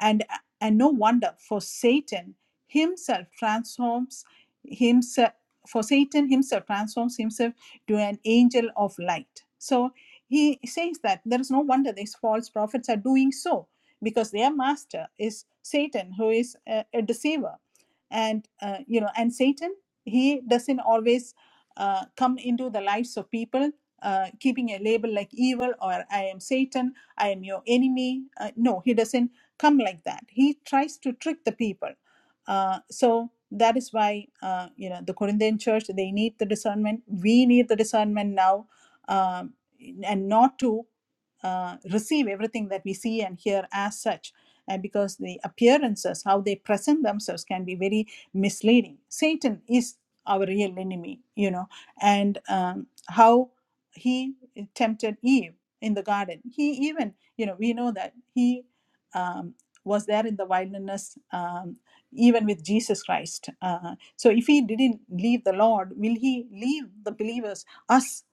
Speaker 1: and and no wonder for satan himself transforms himself for satan himself transforms himself to an angel of light so he says that there is no wonder these false prophets are doing so because their master is satan who is a, a deceiver and uh, you know and satan he doesn't always uh, come into the lives of people uh, keeping a label like evil or i am satan i am your enemy uh, no he doesn't come like that. He tries to trick the people. Uh, so that is why uh, you know the Corinthian church they need the discernment. We need the discernment now, um, and not to uh, receive everything that we see and hear as such. And because the appearances, how they present themselves, can be very misleading. Satan is our real enemy, you know, and um, how he tempted Eve in the garden. He even, you know, we know that he um, was there in the wilderness um, even with Jesus Christ. Uh, so if he didn't leave the Lord, will he leave the believers, us,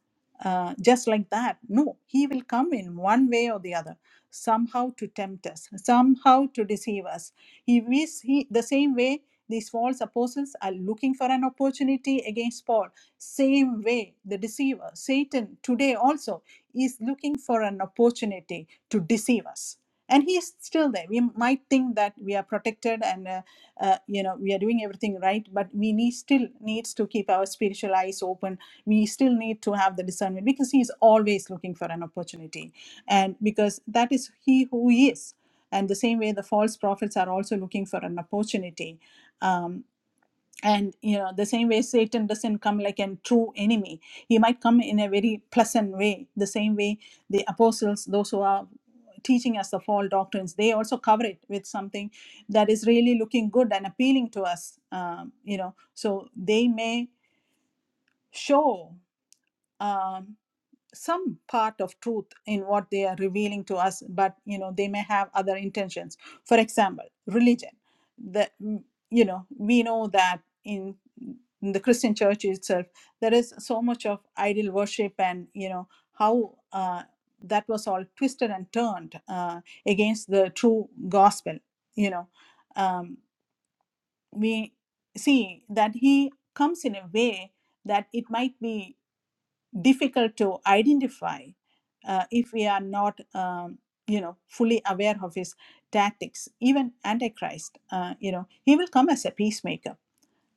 Speaker 1: uh, just like that? No, he will come in one way or the other, somehow to tempt us, somehow to deceive us. He is he, the same way these false apostles are looking for an opportunity against Paul. Same way the deceiver, Satan, today also is looking for an opportunity to deceive us and he is still there we might think that we are protected and uh, uh, you know we are doing everything right but we need still needs to keep our spiritual eyes open we still need to have the discernment because he is always looking for an opportunity and because that is he who he is and the same way the false prophets are also looking for an opportunity um, and you know the same way satan doesn't come like a true enemy he might come in a very pleasant way the same way the apostles those who are teaching us the false doctrines they also cover it with something that is really looking good and appealing to us um, you know so they may show um, some part of truth in what they are revealing to us but you know they may have other intentions for example religion the mm, you know we know that in, in the christian church itself there is so much of idol worship and you know how uh, that was all twisted and turned uh, against the true gospel you know um, we see that he comes in a way that it might be difficult to identify uh, if we are not um, you know fully aware of his tactics even antichrist uh, you know he will come as a peacemaker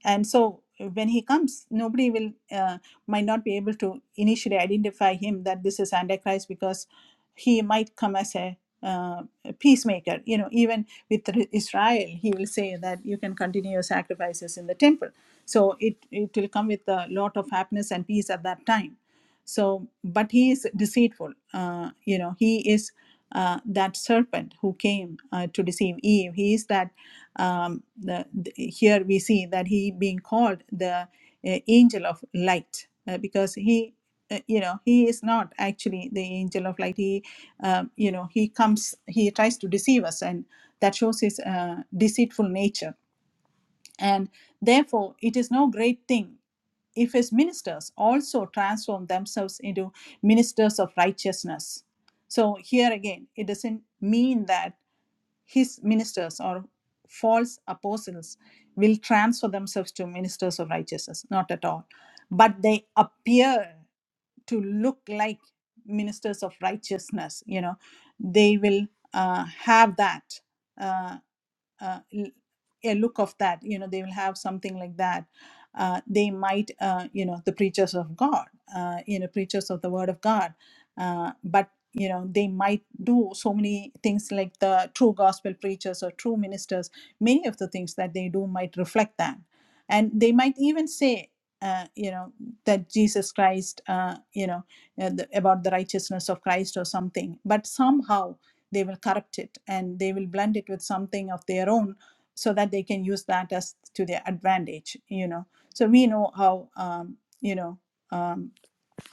Speaker 1: and so uh, when he comes nobody will uh, might not be able to initially identify him that this is antichrist because he might come as a uh, a peacemaker you know even with Re- israel he will say that you can continue your sacrifices in the temple so it it will come with a lot of happiness and peace at that time so but he is deceitful uh, you know he is uh, that serpent who came uh, to deceive eve he is that um, the, the- here we see that he being called the uh, angel of light uh, because he uh, you know he is not actually the angel of light he um, you know he comes he tries to deceive us and that shows his uh, deceitful nature and therefore it is no great thing if his ministers also transform themselves into ministers of righteousness so here again it doesn't mean that his ministers or false apostles will transfer themselves to ministers of righteousness, not at all. But they appear to look like ministers of righteousness, you know, they will uh, have that. uh, uh, l- a look of that you know they will have something like that uh, they might uh, you know the preachers of god uh, you know preachers of the word of god uh, but you know they might do so many things like the true gospel preachers or true ministers many of the things that they do might reflect that and they might even say uh, you know that jesus christ uh, you know uh, the, about the righteousness of christ or something but somehow they will corrupt it and they will blend it with something of their own so that they can use that as to their advantage you know so we know how um, you know um,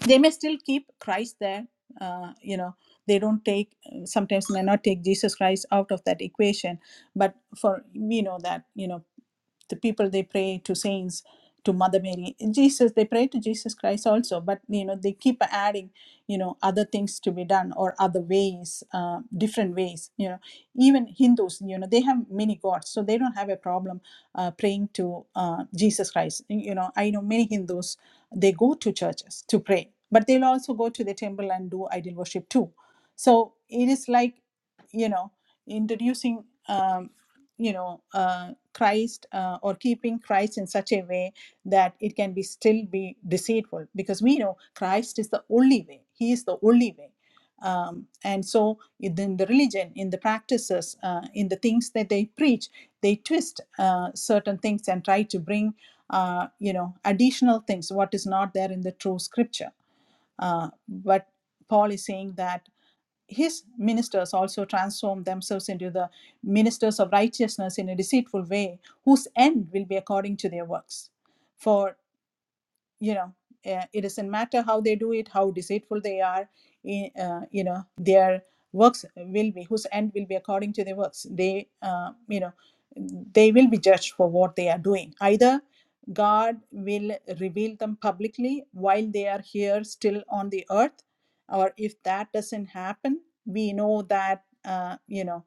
Speaker 1: they may still keep Christ there. Uh, you know, they don't take uh, sometimes may not take Jesus Christ out of that equation. But for we know that you know the people they pray to saints to mother mary jesus they pray to jesus christ also but you know they keep adding you know other things to be done or other ways uh, different ways you know even hindus you know they have many gods so they don't have a problem uh, praying to uh, jesus christ you know i know many hindus they go to churches to pray but they'll also go to the temple and do idol worship too so it is like you know introducing um, you know uh, christ uh, or keeping christ in such a way that it can be still be deceitful because we know christ is the only way he is the only way um, and so in the religion, in the practices, uh, in the things that they preach, they twist uh, certain things and try to bring, uh, you know, additional things, what is not there in the true scripture. Uh, but Paul is saying that his ministers also transform themselves into the ministers of righteousness in a deceitful way, whose end will be according to their works. For you know uh, it doesn't matter how they do it how deceitful they are i- uh, you know their works will be whose end will be according to their works they uh, you know they will be judged for what they are doing either god will reveal them publicly while they are here still on the earth or if that doesn't happen we know that uh, you know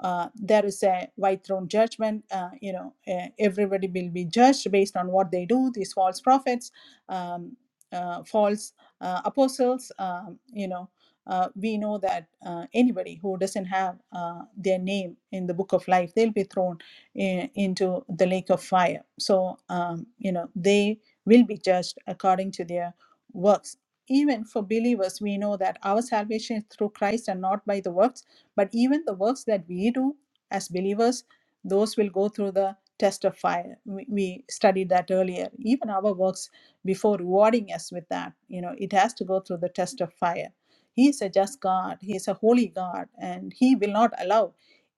Speaker 1: uh, there is a white throne judgment. Uh, you know, uh, everybody will be judged based on what they do. These false prophets, um, uh, false uh, apostles. Um, you know, uh, we know that uh, anybody who doesn't have uh, their name in the book of life, they'll be thrown in, into the lake of fire. So, um, you know, they will be judged according to their works. Even for believers, we know that our salvation is through Christ and not by the works. But even the works that we do as believers, those will go through the test of fire. We, we studied that earlier. Even our works before rewarding us with that you know it has to go through the test of fire he is a just god he is a holy god and he will not allow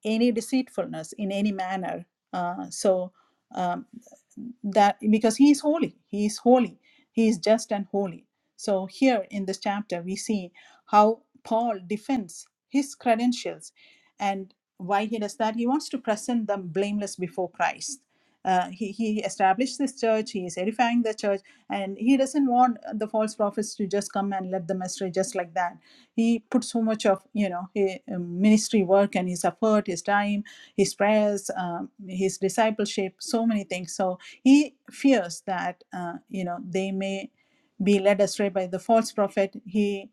Speaker 1: any deceitfulness in any manner uh, so um, that because he is holy he is holy he is just and holy so here in this chapter we see how paul defends his credentials and why he does that he wants to present them blameless before christ uh, he, he established this church he is edifying the church and he doesn't want the false prophets to just come and let the message just like that he put so much of you know his ministry work and his effort his time his prayers um, his discipleship so many things so he fears that uh, you know they may be led astray by the false prophet he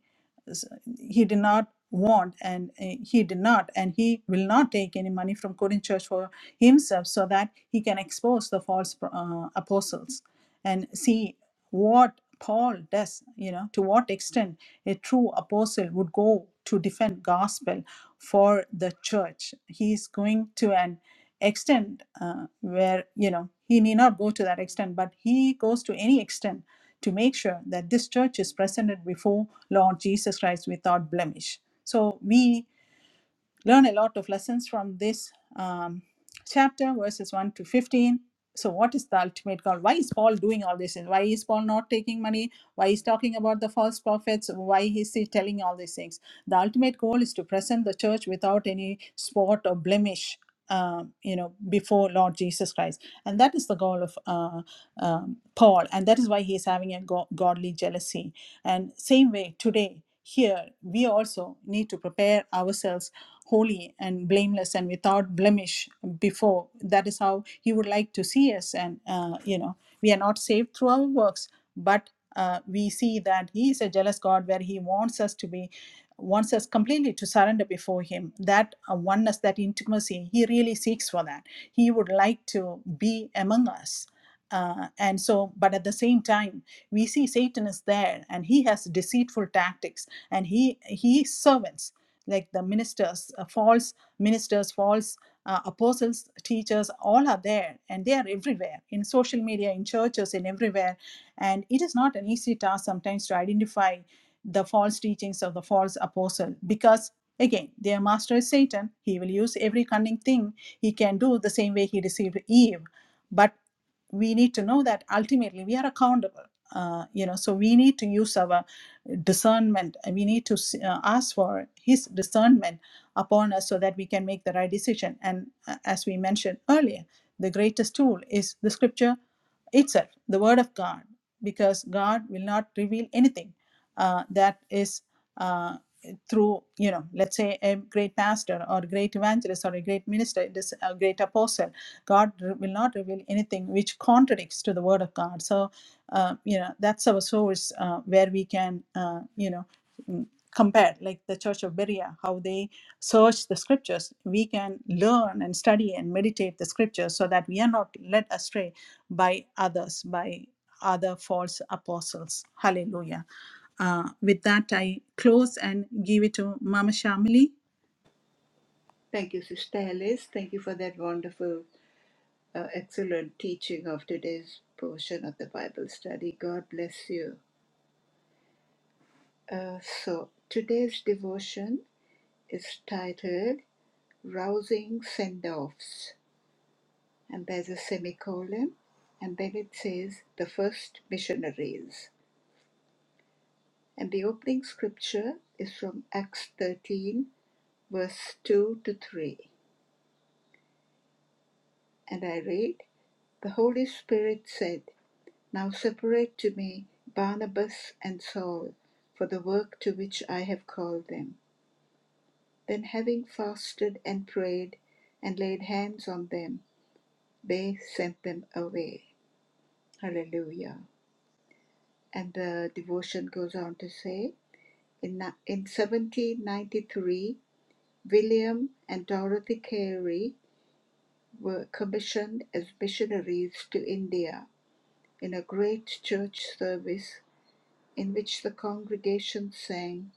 Speaker 1: he did not want and uh, he did not and he will not take any money from Korean church for himself so that he can expose the false uh, apostles and see what Paul does, you know, to what extent a true apostle would go to defend gospel for the church. He is going to an extent uh, where, you know, he need not go to that extent, but he goes to any extent to make sure that this church is presented before Lord Jesus Christ without blemish. So we learn a lot of lessons from this um, chapter, verses 1 to 15. So, what is the ultimate goal? Why is Paul doing all this? And why is Paul not taking money? Why is talking about the false prophets? Why is he telling all these things? The ultimate goal is to present the church without any spot or blemish, um, you know, before Lord Jesus Christ, and that is the goal of uh, um, Paul, and that is why he is having a go- godly jealousy. And same way today, here we also need to prepare ourselves holy and blameless and without blemish before. That is how He would like to see us. And, uh, you know, we are not saved through our works, but uh, we see that He is a jealous God where He wants us to be wants us completely to surrender before him that uh, oneness that intimacy he really seeks for that he would like to be among us uh, and so but at the same time we see satan is there and he has deceitful tactics and he he servants like the ministers, uh, false ministers, false uh, apostles, teachers, all are there and they are everywhere in social media, in churches, in everywhere. And it is not an easy task sometimes to identify the false teachings of the false apostle because, again, their master is Satan. He will use every cunning thing he can do the same way he deceived Eve. But we need to know that ultimately we are accountable uh, you know so we need to use our discernment and we need to uh, ask for his discernment upon us so that we can make the right decision and uh, as we mentioned earlier the greatest tool is the scripture itself the word of god because god will not reveal anything uh, that is uh, through you know let's say a great pastor or a great evangelist or a great minister this a great apostle God will not reveal anything which contradicts to the Word of God. So, uh, you know, that's our source uh, where we can, uh, you know, compare, like the Church of Berea, how they search the Scriptures. We can learn and study and meditate the Scriptures so that we are not led astray by others, by other false apostles. Hallelujah. Uh, with that, I close and give it to Mama Shamili
Speaker 3: Thank you, Sister Liz. Thank you for that wonderful, uh, excellent teaching of today's portion of the Bible study. God bless you. Uh, so, today's devotion is titled Rousing Send Offs. and there's a semicolon, and then it says the first missionaries. And the opening scripture is from Acts 13, verse 2 to 3. And I read, The Holy Spirit said, 'Now separate to me Barnabas and Saul for the work to which I have called them. Then, having fasted and prayed and laid hands on them, they sent them away. Hallelujah. And the devotion goes on to say, In, in 1793, William and Dorothy Carey were commissioned as missionaries to India in a great church service in which the congregation sang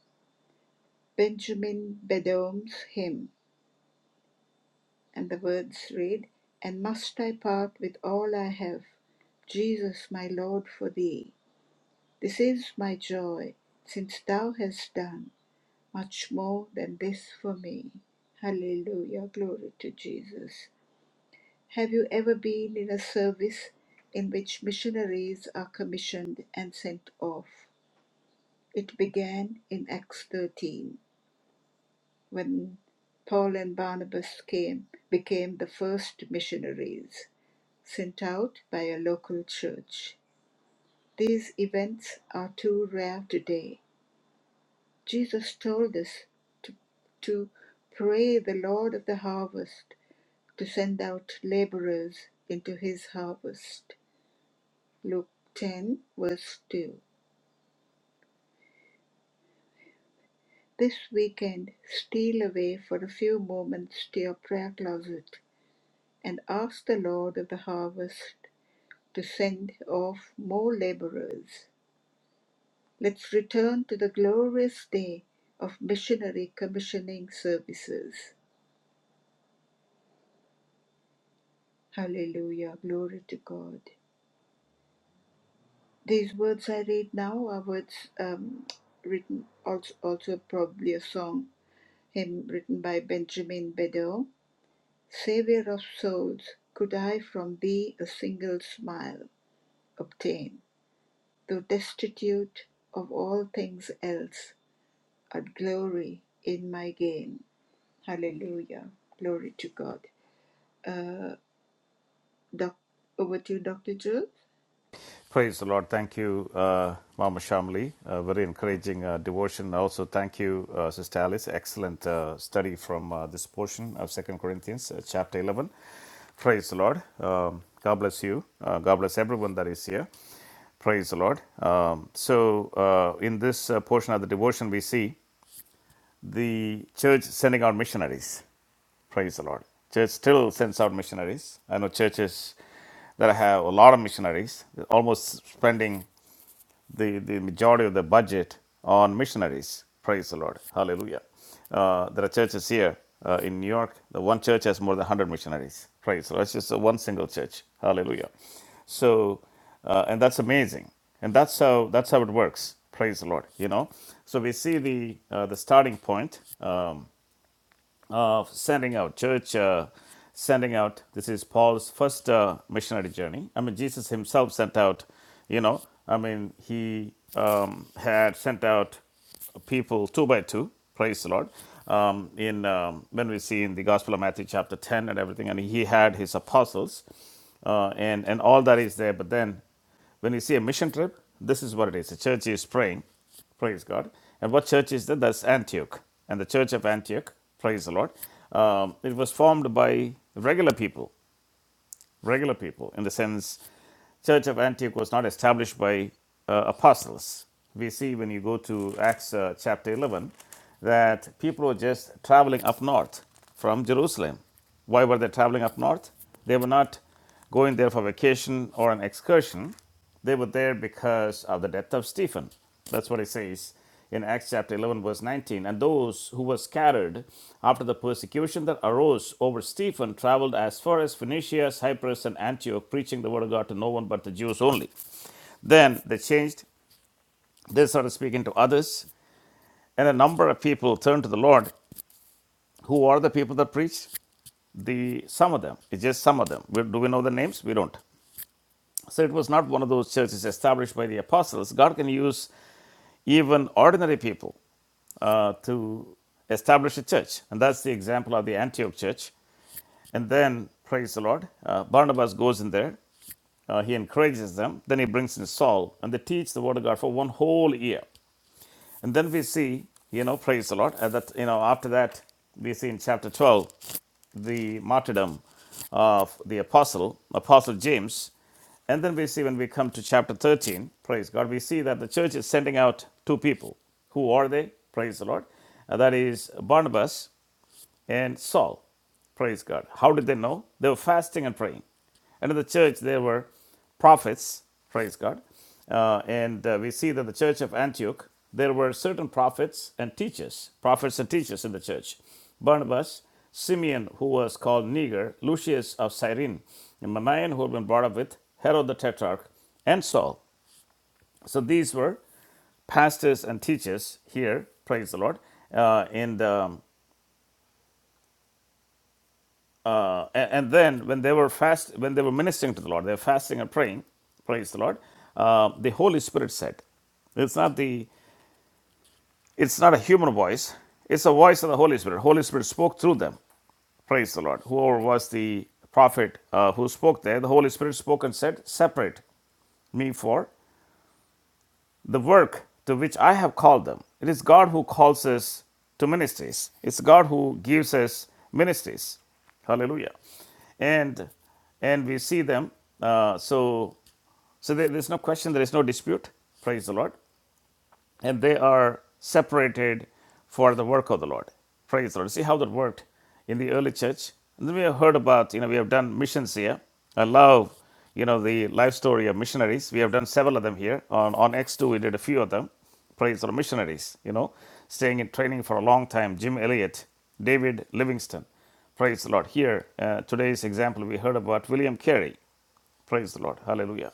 Speaker 3: Benjamin Bedome's hymn, and the words read, And must I part with all I have, Jesus my Lord, for thee? This is my joy, since thou hast done. much more than this for me. Hallelujah. Glory to Jesus. Have you ever been in a service in which missionaries are commissioned and sent off? It began in Acts 13 when Paul and Barnabas came, became the first missionaries sent out by a local church. These events are too rare today. Jesus told us to, to pray the Lord of the harvest to send out laborers into his harvest. Luke 10, verse 2. This weekend, steal away for a few moments to your prayer closet and ask the Lord of the harvest to send off more laborers. Let's return to the glorious day of missionary commissioning services. Hallelujah. Glory to God. These words I read now are words um, written, also, also probably a song hymn written by Benjamin Beddoe, Saviour of souls, could I from thee a single smile obtain, though destitute of all things else, I'd glory in my gain. Hallelujah. Glory to God. Uh, doc- over to you, Dr. Jules.
Speaker 2: Praise the Lord. Thank you, uh, Mama Shamli. Uh, very encouraging uh, devotion. Also, thank you, uh, Sister Alice. Excellent uh, study from uh, this portion of Second Corinthians, uh, chapter 11. Praise the Lord. Um, God bless you. Uh, God bless everyone that is here. Praise the Lord. Um, so, uh, in this uh, portion of the devotion, we see the church sending out missionaries. Praise the Lord. Church still sends out missionaries. I know churches that have a lot of missionaries, almost spending the, the majority of the budget on missionaries. Praise the Lord. Hallelujah. Uh, there are churches here uh, in New York. The one church has more than 100 missionaries. Praise the Lord. It's just uh, one single church. Hallelujah. So, uh, and that's amazing. And that's how that's how it works. Praise the Lord. You know. So we see the uh, the starting point. Um, uh, sending out, church uh, sending out. This is Paul's first uh, missionary journey. I mean, Jesus himself sent out, you know, I mean, he um, had sent out people two by two. Praise the Lord. Um, in um, when we see in the Gospel of Matthew chapter ten and everything, and he had his apostles, uh, and and all that is there. But then when you see a mission trip, this is what it is. The church is praying, praise God. And what church is that? That's Antioch. And the church of Antioch, praise the Lord, um, it was formed by regular people, regular people, in the sense, church of Antioch was not established by uh, apostles. We see when you go to Acts uh, chapter 11 that people were just traveling up north from Jerusalem. Why were they traveling up north? They were not going there for vacation or an excursion. They were there because of the death of Stephen. That's what it says in Acts chapter 11, verse 19. And those who were scattered after the persecution that arose over Stephen traveled as far as Phoenicia, Cyprus, and Antioch, preaching the word of God to no one but the Jews only. Then they changed, they started speaking to others, and a number of people turned to the Lord. Who are the people that preached? The some of them. It's just some of them. Do we know the names? We don't. So it was not one of those churches established by the apostles. God can use even ordinary people uh, to establish a church. And that's the example of the Antioch church. And then, praise the Lord, uh, Barnabas goes in there. Uh, he encourages them. Then he brings in Saul, and they teach the word of God for one whole year. And then we see, you know, praise the Lord, uh, that, you know, after that, we see in chapter 12 the martyrdom of the apostle, Apostle James. And then we see when we come to chapter 13, praise God, we see that the church is sending out two people. Who are they? Praise the Lord. Uh, that is Barnabas and Saul. Praise God. How did they know? They were fasting and praying. And in the church, there were prophets. Praise God. Uh, and uh, we see that the church of Antioch, there were certain prophets and teachers, prophets and teachers in the church. Barnabas, Simeon, who was called Niger, Lucius of Cyrene, and Manaen, who had been brought up with Herod the Tetrarch, and Saul. So these were pastors and teachers here, praise the Lord, uh, in the Uh, a- and, then when they were fast, when they were ministering to the Lord, they were fasting and praying. Praise the Lord. Uh, the Holy Spirit said, "It's not the, it's not a human voice. It's a voice of the Holy Spirit. Holy Spirit spoke through them. Praise the Lord. Whoever was the prophet uh, who spoke there, the Holy Spirit spoke and said, "Separate me for the work to which I have called them. It is God who calls us to ministries, it's God who gives us ministries. Hallelujah. And and we see them. Uh, so so there, there's no question, there is no dispute. Praise the Lord and they are separated for the work of the Lord. Praise the Lord. See how that worked in the early church. And then we have heard about, you know, we have done missions here. I love, you know, the life story of missionaries. We have done several of them here. On, on X2, we did a few of them. Praise the Lord. Missionaries, you know, staying in training for a long time. Jim Elliott, David Livingston. Praise the Lord. Here, uh, today's example, we heard about William Carey Praise the Lord. Hallelujah.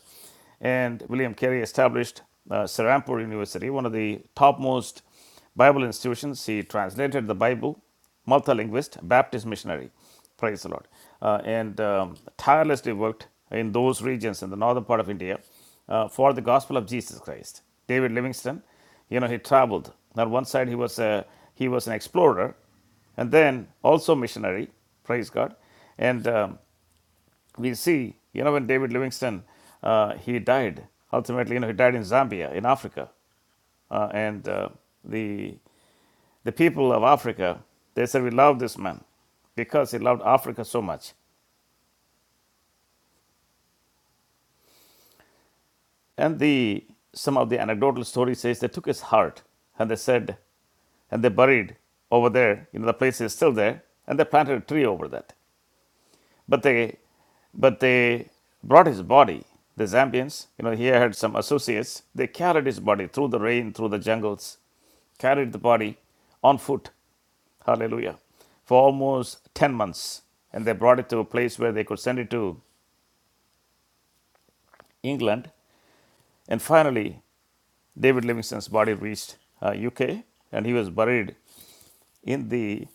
Speaker 2: And William Carey established uh, Serampore University, one of the topmost Bible institutions. He translated the Bible, multilinguist, Baptist missionary. Praise the Lord. Uh, and um, tirelessly worked in those regions in the northern part of India uh, for the gospel of Jesus Christ. David Livingstone, you know, he traveled. On one side, he was, a, he was an explorer, and then also missionary, praise God. And um, we see, you know, when David Livingstone, uh, he died. Ultimately, you know, he died in Zambia, in Africa, uh, and uh, the the people of Africa, they said, we love this man because he loved Africa so much. And the some of the anecdotal story says they took his heart and they said, and they buried over there, you know, the place is still there, and they planted a tree over that. But they, but they brought his body. The Zambians, you know, he had some associates. They carried his body through the rain, through the jungles, carried the body on foot. Hallelujah. For almost 10 months. And they brought it to a place where they could send it to England. And finally, David Livingstone's body reached uh, UK and he was buried in the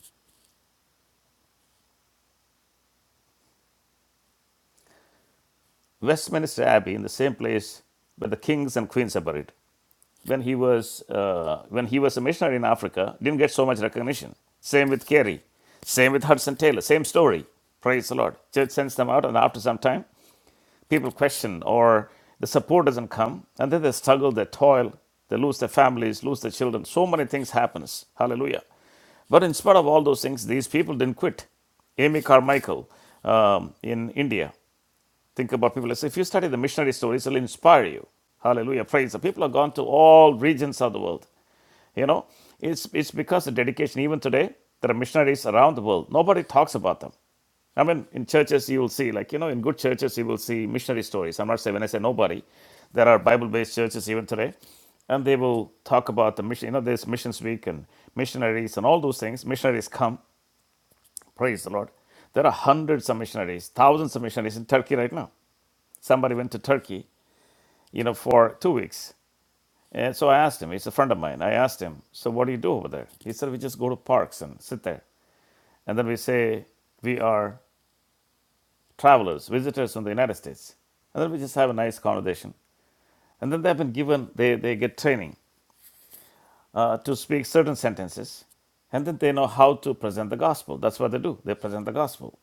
Speaker 2: Westminster Abbey, in the same place where the kings and queens are buried. When he was uh, when he was a missionary in Africa, didn't get so much recognition. Same with Carey, same with Hudson Taylor, same story. Praise the Lord. Church sends them out, and after some time, people question or the support doesn't come, and then they struggle, they toil, they lose their families, lose their children. So many things happens. Hallelujah. But in spite of all those things, these people didn't quit. Amy Carmichael um, in India. Think about people. If you study the missionary stories, it'll inspire you. Hallelujah. Praise the people have gone to all regions of the world. You know, it's it's because of dedication. Even today, there are missionaries around the world. Nobody talks about them. I mean, in churches you will see, like you know, in good churches you will see missionary stories. I'm not saying when I say nobody, there are Bible-based churches even today, and they will talk about the mission. You know, there's missions week and missionaries and all those things. Missionaries come, praise the Lord. There are hundreds of missionaries, thousands of missionaries in Turkey right now somebody went to Turkey, you know, for two weeks. And so I asked him, he's a friend of mine. I asked him, so what do you do over there? He said, we just go to parks and sit there. And then we say, we are travelers, visitors from the United States. And then we just have a nice conversation. And then they've been given, they, they get training uh, to speak certain sentences. And then they know how to present the gospel. That's what they do. They present the gospel.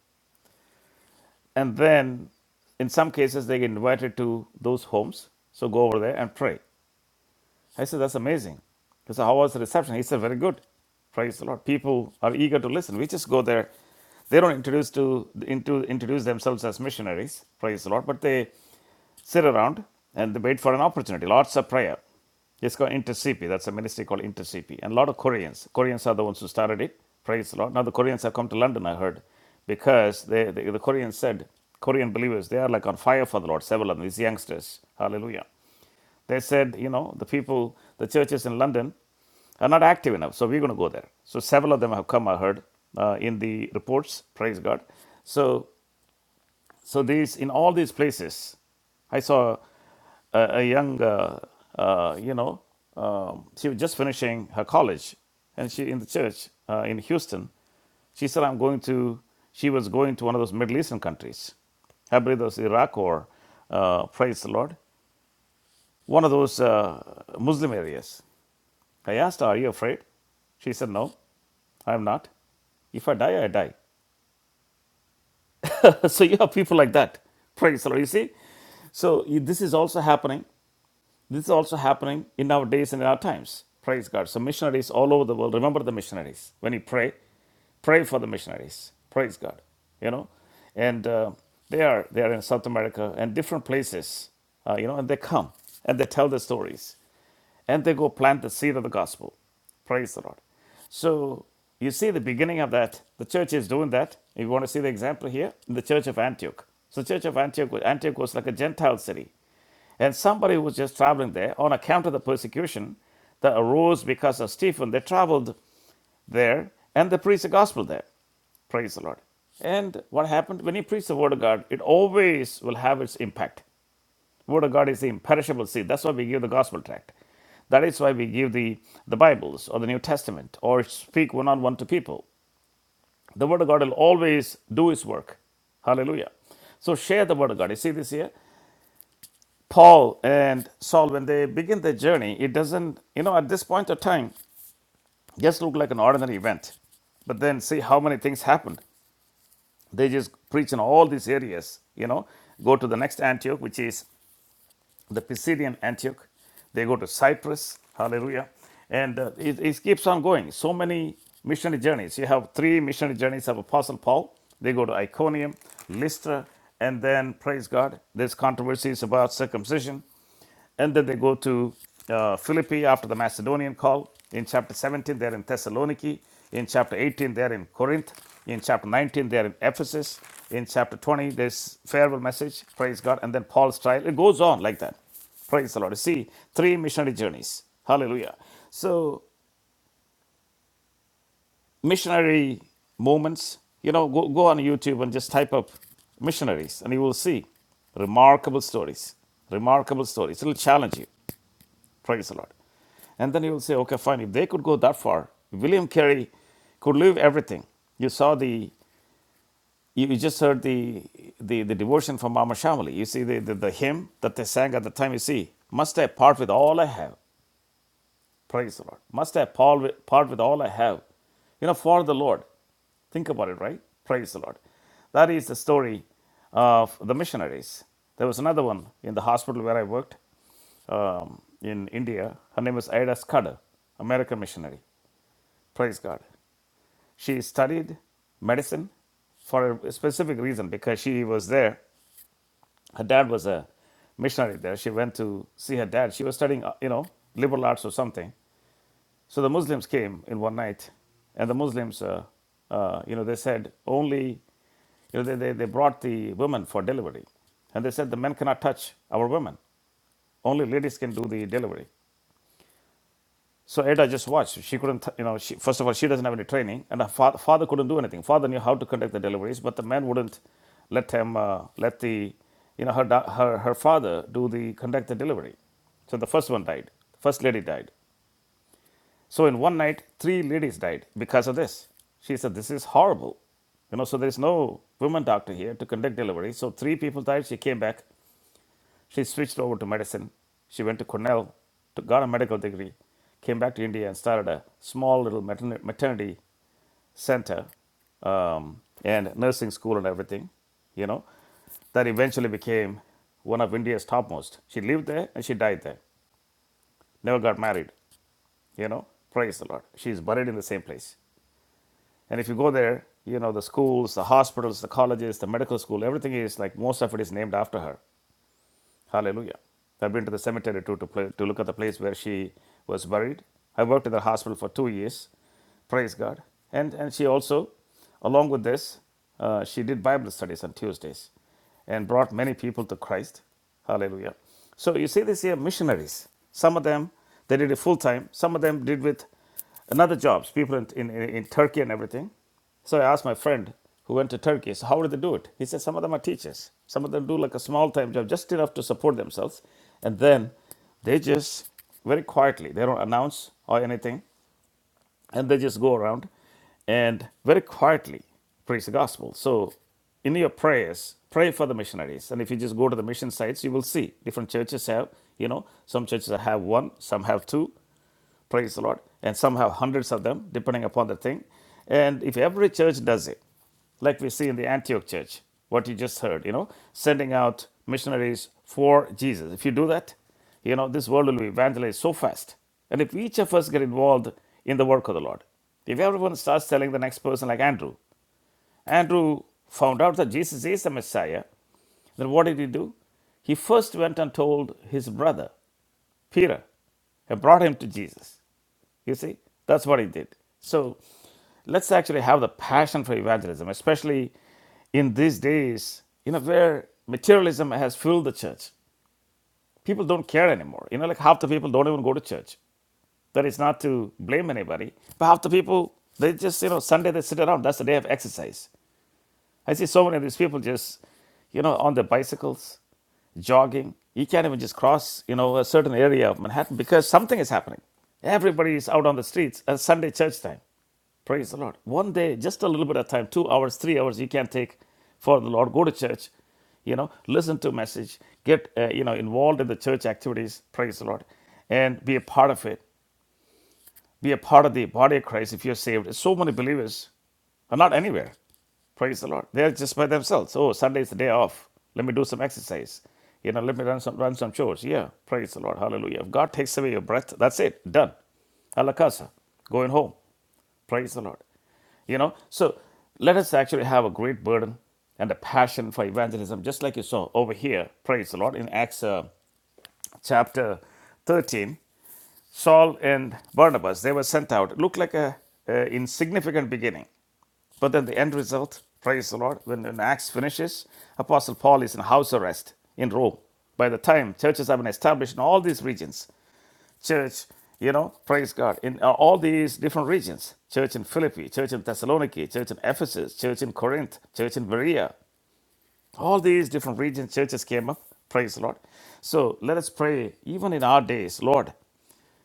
Speaker 2: And then in some cases, they get invited to those homes. So go over there and pray. I said, that's amazing. He said, how was the reception? He said, very good. Praise the Lord. People are eager to listen. We just go there. They don't introduce to into introduce themselves as missionaries. Praise the Lord. But they sit around and they wait for an opportunity. Lots of prayer. It's called Intercipi. That's a ministry called Intercipi. And a lot of Koreans. Koreans are the ones who started it. Praise the Lord. Now the Koreans have come to London, I heard, because they, the, the Koreans said, Korean believers, they are like on fire for the Lord, several of them, these youngsters. Hallelujah. They said, you know, the people, the churches in London are not active enough, so we're going to go there. So several of them have come, I heard, uh, in the reports. Praise God. So, so these in all these places, I saw a, a young, uh, uh, you know, um, she was just finishing her college, and she in the church uh, in Houston. She said, "I'm going to." She was going to one of those Middle Eastern countries. I believe it was Iraq or uh, praise the Lord one of those uh, Muslim areas. I asked her, Are you afraid? She said, No, I'm not. If I die, I die. so you have people like that. Praise the Lord. You see? So this is also happening. This is also happening in our days and in our times. Praise God. So missionaries all over the world, remember the missionaries. When you pray, pray for the missionaries. Praise God. You know? And uh, they are they are in South America and different places. Uh, you know, and they come and they tell their stories and they go plant the seed of the gospel. Praise the Lord. So you see the beginning of that. The church is doing that. If you want to see the example here, in the church of Antioch. So the church of Antioch, Antioch was like a Gentile city. And somebody who was just traveling there on account of the persecution that arose because of Stephen, they traveled there and they preached the gospel there. Praise the Lord. And what happened? When you preach the word of God, it always will have its impact. Word of God is the imperishable seed. That's why we give the gospel tract. That is why we give the, the Bibles or the New Testament or speak one on one to people. The Word of God will always do His work. Hallelujah. So share the Word of God. You see this here? Paul and Saul, when they begin their journey, it doesn't, you know, at this point of time, just look like an ordinary event. But then see how many things happened. They just preach in all these areas, you know. Go to the next Antioch, which is the Pisidian Antioch. They go to Cyprus, hallelujah. And uh, it, it keeps on going. So many missionary journeys. You have three missionary journeys of Apostle Paul. They go to Iconium, Lystra, and then, praise God, there's controversies about circumcision. And then they go to uh, Philippi after the Macedonian call. In chapter 17, they're in Thessaloniki. In chapter 18, they're in Corinth. In chapter 19, they're in Ephesus. In chapter 20, there's farewell message, praise God, and then Paul's trial. It goes on like that. Praise the Lord. You see, three missionary journeys. Hallelujah. So, missionary movements, you know, go, go on YouTube and just type up missionaries, and you will see remarkable stories. Remarkable stories. It'll challenge you. Praise the Lord. And then you will say, okay, fine, if they could go that far, William Carey could leave everything. You saw the, you, just heard the, the, the devotion from Mama Shamali. You see the, the, the hymn that they sang at the time, you see, must I part with all I have Praise the Lord. Must I part with, all I have, you know, for the Lord? Think about it, right? Praise the Lord. That is the story of the missionaries. There was another one in the hospital where I worked um, in India. Her name was Ida Scudder, American missionary. Praise God. She studied medicine for a specific reason because she was there. Her dad was a missionary there. She went to see her dad. She was studying, uh, you know, liberal arts or something. So the Muslims came in one night, and the Muslims, uh, uh, you know, they said only, you know, they, they, they brought the women for delivery. And they said the men cannot touch our women. Only ladies can do the delivery. So Ada just watched. She couldn't, you know, she, first of all, she doesn't have any training, and her fa- father couldn't do anything. Father knew how to conduct the deliveries, but the man wouldn't let him, uh, let the, you know, her, da- her, her father do the, conduct the delivery. So the first one died. First lady died. So in one night, three ladies died because of this. She said, This is horrible. You know, so there's no woman doctor here to conduct delivery. So three people died. She came back. She switched over to medicine. She went to Cornell, to, got a medical degree, came back to India and started a small little matern- maternity center um, and nursing school and everything, you know, that eventually became one of India's topmost. She lived there and she died there, never got married. You know, praise the Lord. She is buried in the same place. And if you go there, you know, the schools, the hospitals, the colleges, the medical school, everything is like most of it is named after her. Hallelujah. I've been to the cemetery too to, play, to look at the place where she was buried. I worked in the hospital for two years. Praise God. And, and she also, along with this, uh, she did Bible studies on Tuesdays and brought many people to Christ. Hallelujah. So you see this here missionaries. Some of them they did it full time. Some of them did with Another jobs, people in, in, in Turkey and everything. So I asked my friend who went to Turkey, so how do they do it? He said some of them are teachers. Some of them do like a small time job, just enough to support themselves. And then they just very quietly, they don't announce or anything and they just go around and very quietly preach the gospel. So, in your prayers, pray for the missionaries. And if you just go to the mission sites, you will see different churches have, you know, some churches have one, some have two, praise the Lord, and some have hundreds of them, depending upon the thing. And if every church does it, like we see in the Antioch church, what you just heard, you know, sending out missionaries for Jesus. If you do that, you know, this world will be evangelized so fast. And if each of us get involved in the work of the Lord, if everyone starts telling the next person, like Andrew, Andrew found out that Jesus is the Messiah. Then what did he do? He first went and told his brother, Peter, and brought him to Jesus. You see, that's what he did. So let's actually have the passion for evangelism, especially in these days, you know, where materialism has filled the church. People don't care anymore. You know, like half the people don't even go to church. That is not to blame anybody, but half the people, they just, you know, Sunday they sit around. That's the day of exercise. I see so many of these people just, you know, on their bicycles, jogging. You can't even just cross, you know, a certain area of Manhattan because something is happening. Everybody is out on the streets at Sunday church time. Praise the Lord. One day, just a little bit of time, two hours, three hours, you can take for the Lord. Go to church, you know, listen to a message, get, uh, you know, involved in the church activities. Praise the Lord. And be a part of it. Be a part of the body of Christ if you're saved. So many believers are not anywhere. Praise the Lord. They're just by themselves. Oh, Sunday is the day off. Let me do some exercise. You know, let me run some run some chores. Yeah, praise the Lord. Hallelujah. If God takes away your breath, that's it. Done. A la casa. Going home. Praise the Lord. You know, so let us actually have a great burden and a passion for evangelism, just like you saw over here. Praise the Lord in Acts. Uh, chapter 13, Saul and Barnabas, they were sent out. Looked like a, insignificant beginning. But then the end result, praise the Lord, when, when Acts finishes, Apostle Paul is in house arrest in Rome. By the time churches have been established in all these regions, church, you know, praise God, in uh, all these different regions church in Philippi, church in Thessaloniki, church in Ephesus, church in Corinth, church in Berea. All these different regions, churches came up. Praise the Lord. So let us pray, even in our days, Lord,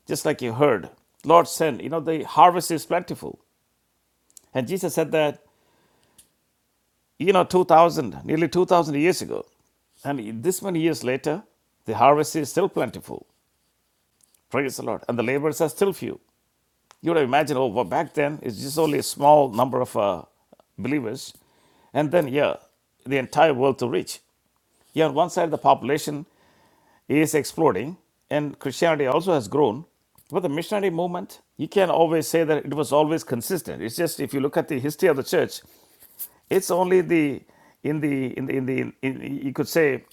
Speaker 2: just like you heard, Lord, send. You know, the harvest is plentiful. And Jesus said that, you know, 2,000, nearly 2,000 years ago. And this many years later, the harvest is still plentiful. Praise the Lord. And the laborers are still few. You would imagine, oh, well, back then, it's just only a small number of uh, believers. And then, yeah, the entire world to reach. Yeah, on one side, the population. is exploding and Christianity also has grown. But the missionary movement, you can always say that it was always consistent. It's just if you look at the history of the church, it's only the in the in the in the in, you could say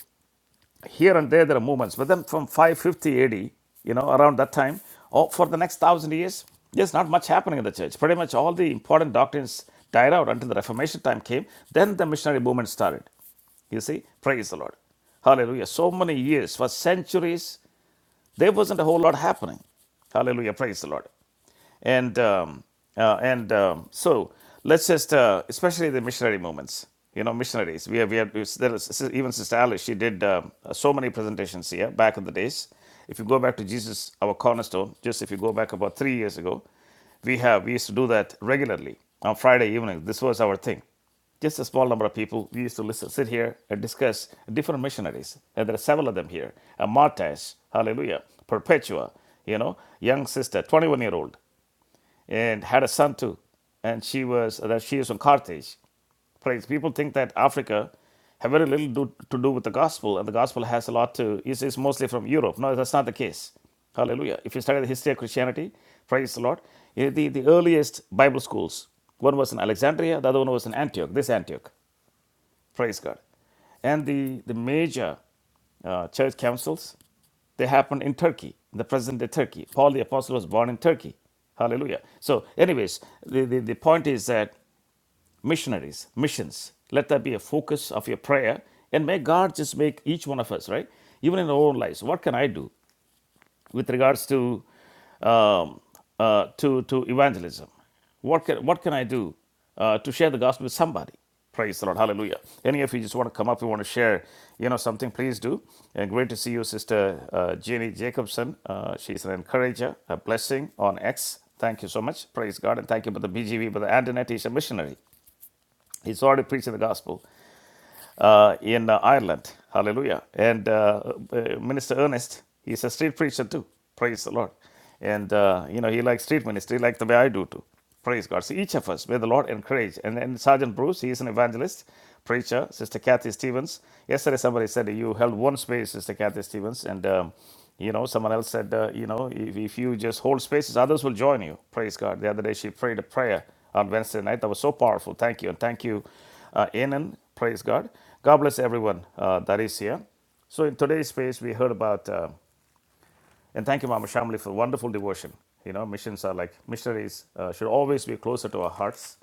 Speaker 2: here and there there are movements. But then from 550 AD, you know, around that time, or for the next thousand years, there's not much happening in the church. Pretty much all the important doctrines died out until the Reformation time came. Then the missionary movement started. You see, praise the Lord. Hallelujah. So many years, for centuries, there wasn't a whole lot happening. Hallelujah. Praise the Lord. And um, uh, and um, so let's just, uh, especially the missionary movements, you know, missionaries. We have, we have there is, even Sister Alice, she did um, uh, so many presentations here back in the days. If you go back to Jesus, our cornerstone, just if you go back about three years ago, we have we used to do that regularly on Friday evenings. This was our thing. Just a small number of people. We used to listen, sit here and discuss different missionaries, and there are several of them here. Uh, Martes, Hallelujah, Perpetua, you know, young sister, 21 year old, and had a son too, and she was that she is from Carthage praise. People think that Africa have very little do, to do with the gospel, and the gospel has a lot to, is, is mostly from Europe. No, that's not the case. Hallelujah. If you study the history of Christianity, praise the Lord, eh, the, the earliest Bible schools, one was in Alexandria, the other one was in Antioch, this Antioch, praise God. And the, the major uh, church councils, they happened in Turkey, in the present day Turkey. Paul the Apostle was born in Turkey. Hallelujah. So, anyways, the, the, the point is that missionaries, missions. Let that be a focus of your prayer. And may God just make each one of us, right? Even in our own lives, what can I do with regards to um, uh, to, to evangelism? What can, what can I do uh, to share the gospel with somebody? Praise the Lord. Hallelujah. Any of you just want to come up, you want to share, you know, something, please do. And great to see you, Sister uh, Jenny Jacobson. Uh, she's an encourager, a blessing on X. Thank you so much. Praise God. And thank you, Brother BGV, Brother Antoinette. He's a missionary. He started preaching the gospel uh, in uh, Ireland. Hallelujah. And uh, uh, Minister Ernest, he's a street preacher too. Praise the Lord. And, uh, you know, he likes street ministry like the way I do too. Praise God. So each of us, may the Lord encourage. And, then Sergeant Bruce, he is an evangelist, preacher. Sister Kathy Stevens. Yesterday somebody said you held one space, Sister Kathy Stevens. And, um, you know, someone else said, uh, you know, if, if you just hold spaces, others will join you. Praise God. The other day she prayed a prayer on Wednesday night. That was so powerful. Thank you. And thank you, uh, Anan. Praise God. God bless everyone uh, that is here. So, in today's space, we heard about, uh, and thank you, Mama Shamli, for wonderful devotion. You know, missions are like missionaries uh, should always be closer to our hearts.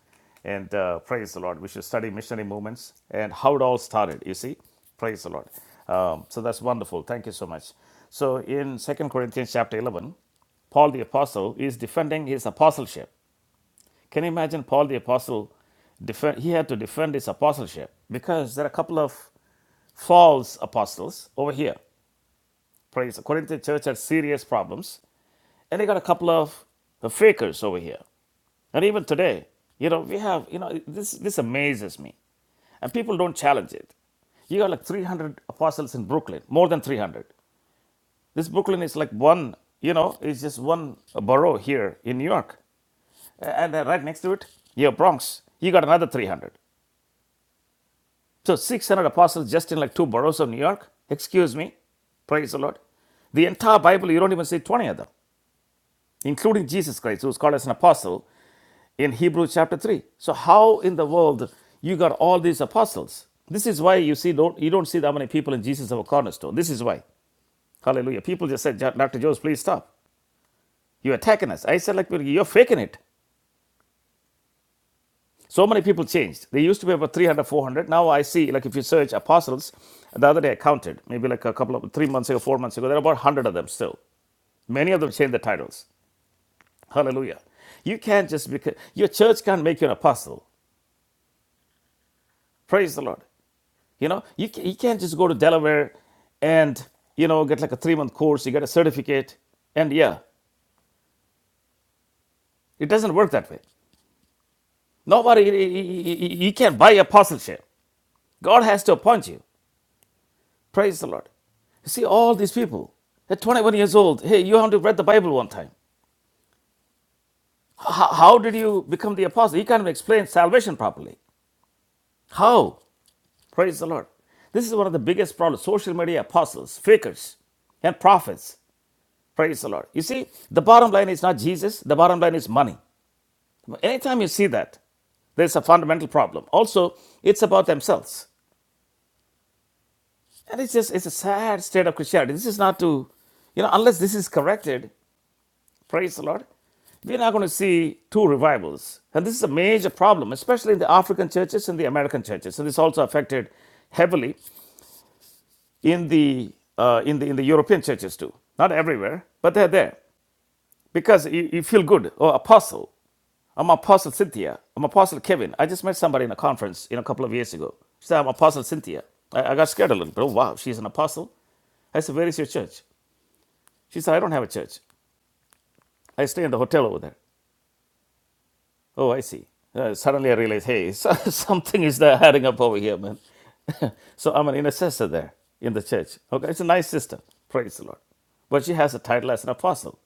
Speaker 2: And uh, praise the Lord. We should study missionary movements and how it all started, you see. Praise the Lord. Um, so that's wonderful. Thank you so much. So in Second Corinthians chapter 11, Paul the Apostle is defending his apostleship. Can you imagine Paul the Apostle? Defend, he had to defend his apostleship because there are a couple of false apostles over here. Praise the Corinthian church had serious problems, and they got a couple of fakers over here. And even today, you know, we have, you know, this, this amazes me. And people don't challenge it. You got like 300 apostles in Brooklyn, more than 300. This Brooklyn is like one, you know, it's just one borough here in New York. And then right next to it, you have Bronx. You got another 300. So 600 apostles just in like two boroughs of New York. Excuse me. Praise the Lord. The entire Bible, you don't even see 20 of them, including Jesus Christ, who's called as an apostle in Hebrews chapter 3. So how in the world you got all these apostles? This is why you see don't you don't see that many people in Jesus of a cornerstone. This is why. Hallelujah. People just said, "Ja- Dr. Jones, please stop. You're attacking us. I said, like, you're faking it. So many people changed. They used to be about 300, 400. Now I see, like, if you search apostles, the other day I counted, maybe like a couple of, three months ago, four months ago, there are about 100 of them still. Many of them changed the titles. Hallelujah. You can't just, because your church can't make you an apostle. Praise the Lord. You know, you, you can't just go to Delaware and, you know, get like a three month course, you get a certificate, and yeah, it doesn't work that way. Nobody, you you- you- you can't buy apostleship. God has to appoint you. Praise the Lord. You see, all these people at 21 years old, hey, you have to read the Bible one time. How, how did you become the apostle? He can't even explain salvation properly. How? Praise the Lord. This is one of the biggest problems social media apostles, fakers, and prophets. Praise the Lord. You see, the bottom line is not Jesus, the bottom line is money. Anytime you see that, there's a fundamental problem. Also, it's about themselves. And it's just, it's a sad state of Christianity. This is not to, you know, unless this is corrected, Praise the Lord. We're now going to see two revivals. And this is a major problem, especially in the African churches and the American churches. And this also affected heavily in the, uh, in the, in the European churches too. Not everywhere, but they're there. Because you, you feel good. Oh, apostle. I'm Apostle Cynthia. I'm Apostle Kevin. I just met somebody in a conference you know, a couple of years ago. She said, I'm Apostle Cynthia. I, I got scared a little bit. Oh, wow, she's an apostle. I said, Where is your church? She said, I don't have a church. I stay in the hotel over there. Oh, I see. Uh, suddenly I realize, hey, so, something is there adding up over here, man. so I'm an intercessor there in the church. Okay, it's a nice sister. Praise the Lord. But she has a title as an apostle.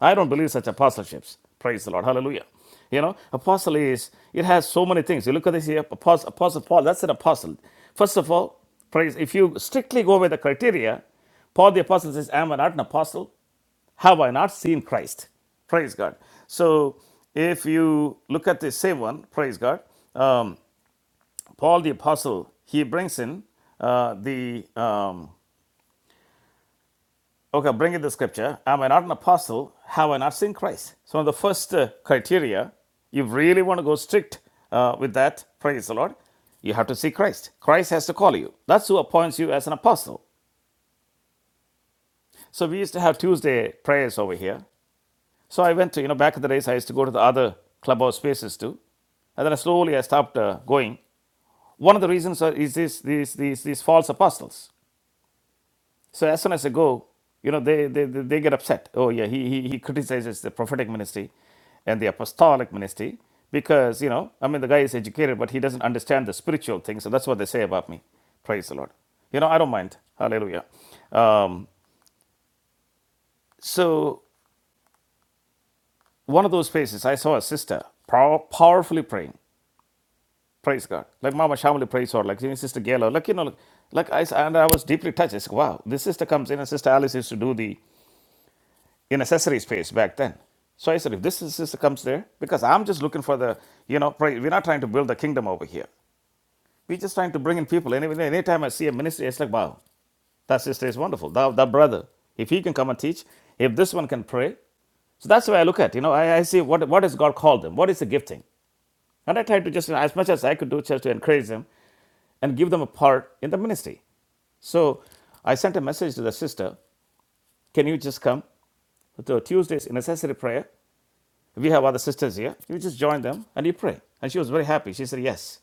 Speaker 2: I don't believe such apostleships. Praise the Lord. Hallelujah. You know, apostle is, it has so many things. You look at this here, apostle, apostle Paul, that's an apostle. First of all, praise, if you strictly go by the criteria, Paul the apostle says, am I not an apostle? have I not seen Christ? Praise God. So if you look at the same one, praise God, um, Paul the Apostle, he brings in uh, the, um, okay, bring in the scripture. Am I not an apostle? Have I not seen Christ? So the first uh, criteria, you really want to go strict uh, with that, praise the Lord, you have to see Christ. Christ has to call you. That's who appoints you as an apostle. So we used to have Tuesday prayers over here. So I went to, you know, back at the race, I used to go to the other clubhouse spaces too. And then I slowly I stopped uh, going. One of the reasons are, is this, these, these, these false apostles. So as soon as I go, you know, they, they, they they get upset. Oh, yeah, he, he, he criticizes the prophetic ministry and the apostolic ministry because, you know, I mean, the guy is educated, but he doesn't understand the spiritual things. So that's what they say about me. Praise the Lord. You know, I don't mind. Hallelujah. Um, so one of those spaces, I saw a sister pow- powerfully praying. Praise God. Like Mama Shamali praise or like Sister Gala, like you know, like, like I and I was deeply touched. I said, wow, this sister comes in and Sister Alice used to do the in accessory space back then. So I said, if this sister comes there, because I'm just looking for the, you know, pray, we're not trying to build the kingdom over here. We're just trying to bring in people. Any anytime I see a ministry, it's like, wow, that sister is wonderful. That, that brother, if he can come and teach, if this one can pray, so that's the way I look at it. You know, I, I see what, what has God called them? What is the gifting? And I tried to just, you know, as much as I could do, just to encourage them and give them a part in the ministry. So I sent a message to the sister Can you just come to Tuesday's necessary prayer? We have other sisters here. You just join them and you pray. And she was very happy. She said, Yes.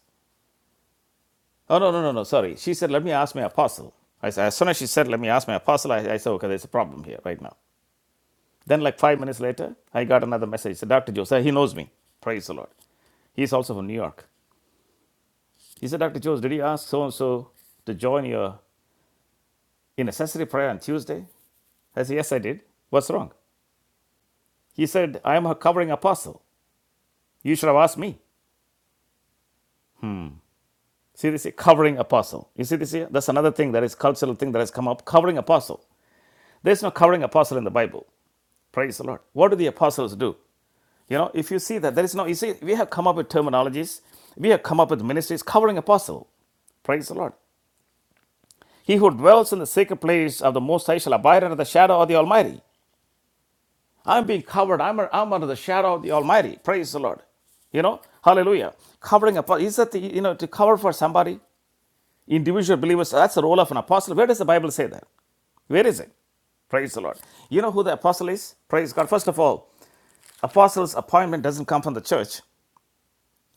Speaker 2: Oh, no, no, no, no, sorry. She said, Let me ask my apostle. I said, As soon as she said, Let me ask my apostle, I, I said, Okay, there's a problem here right now. Then, like five minutes later, I got another message. said, Dr. Joseph, he knows me. Praise the Lord. He's also from New York. He said, Dr. Jones, did you ask so and so to join your in accessory prayer on Tuesday? I said, Yes, I did. What's wrong? He said, I am her covering apostle. You should have asked me. See this here? Covering apostle. You see this here? That's another thing that is cultural thing that has come up. Covering apostle. There's no covering apostle in the Bible. Praise the Lord. What do the apostles do? You know, if you see that, there is no, you see, we have come up with terminologies, we have come up with ministries covering apostle. Praise the Lord. He who dwells in the sacred place of the Most High shall abide under the shadow of the Almighty. I'm being covered. I'm, I'm under the shadow of the Almighty. Praise the Lord. You know, hallelujah. Covering up is that, the, you know, to cover for somebody, individual believers, that's the role of an apostle. Where does the Bible say that? Where is it? Praise the Lord. You know who the apostle is? Praise God. First of all, apostles' appointment doesn't come from the church.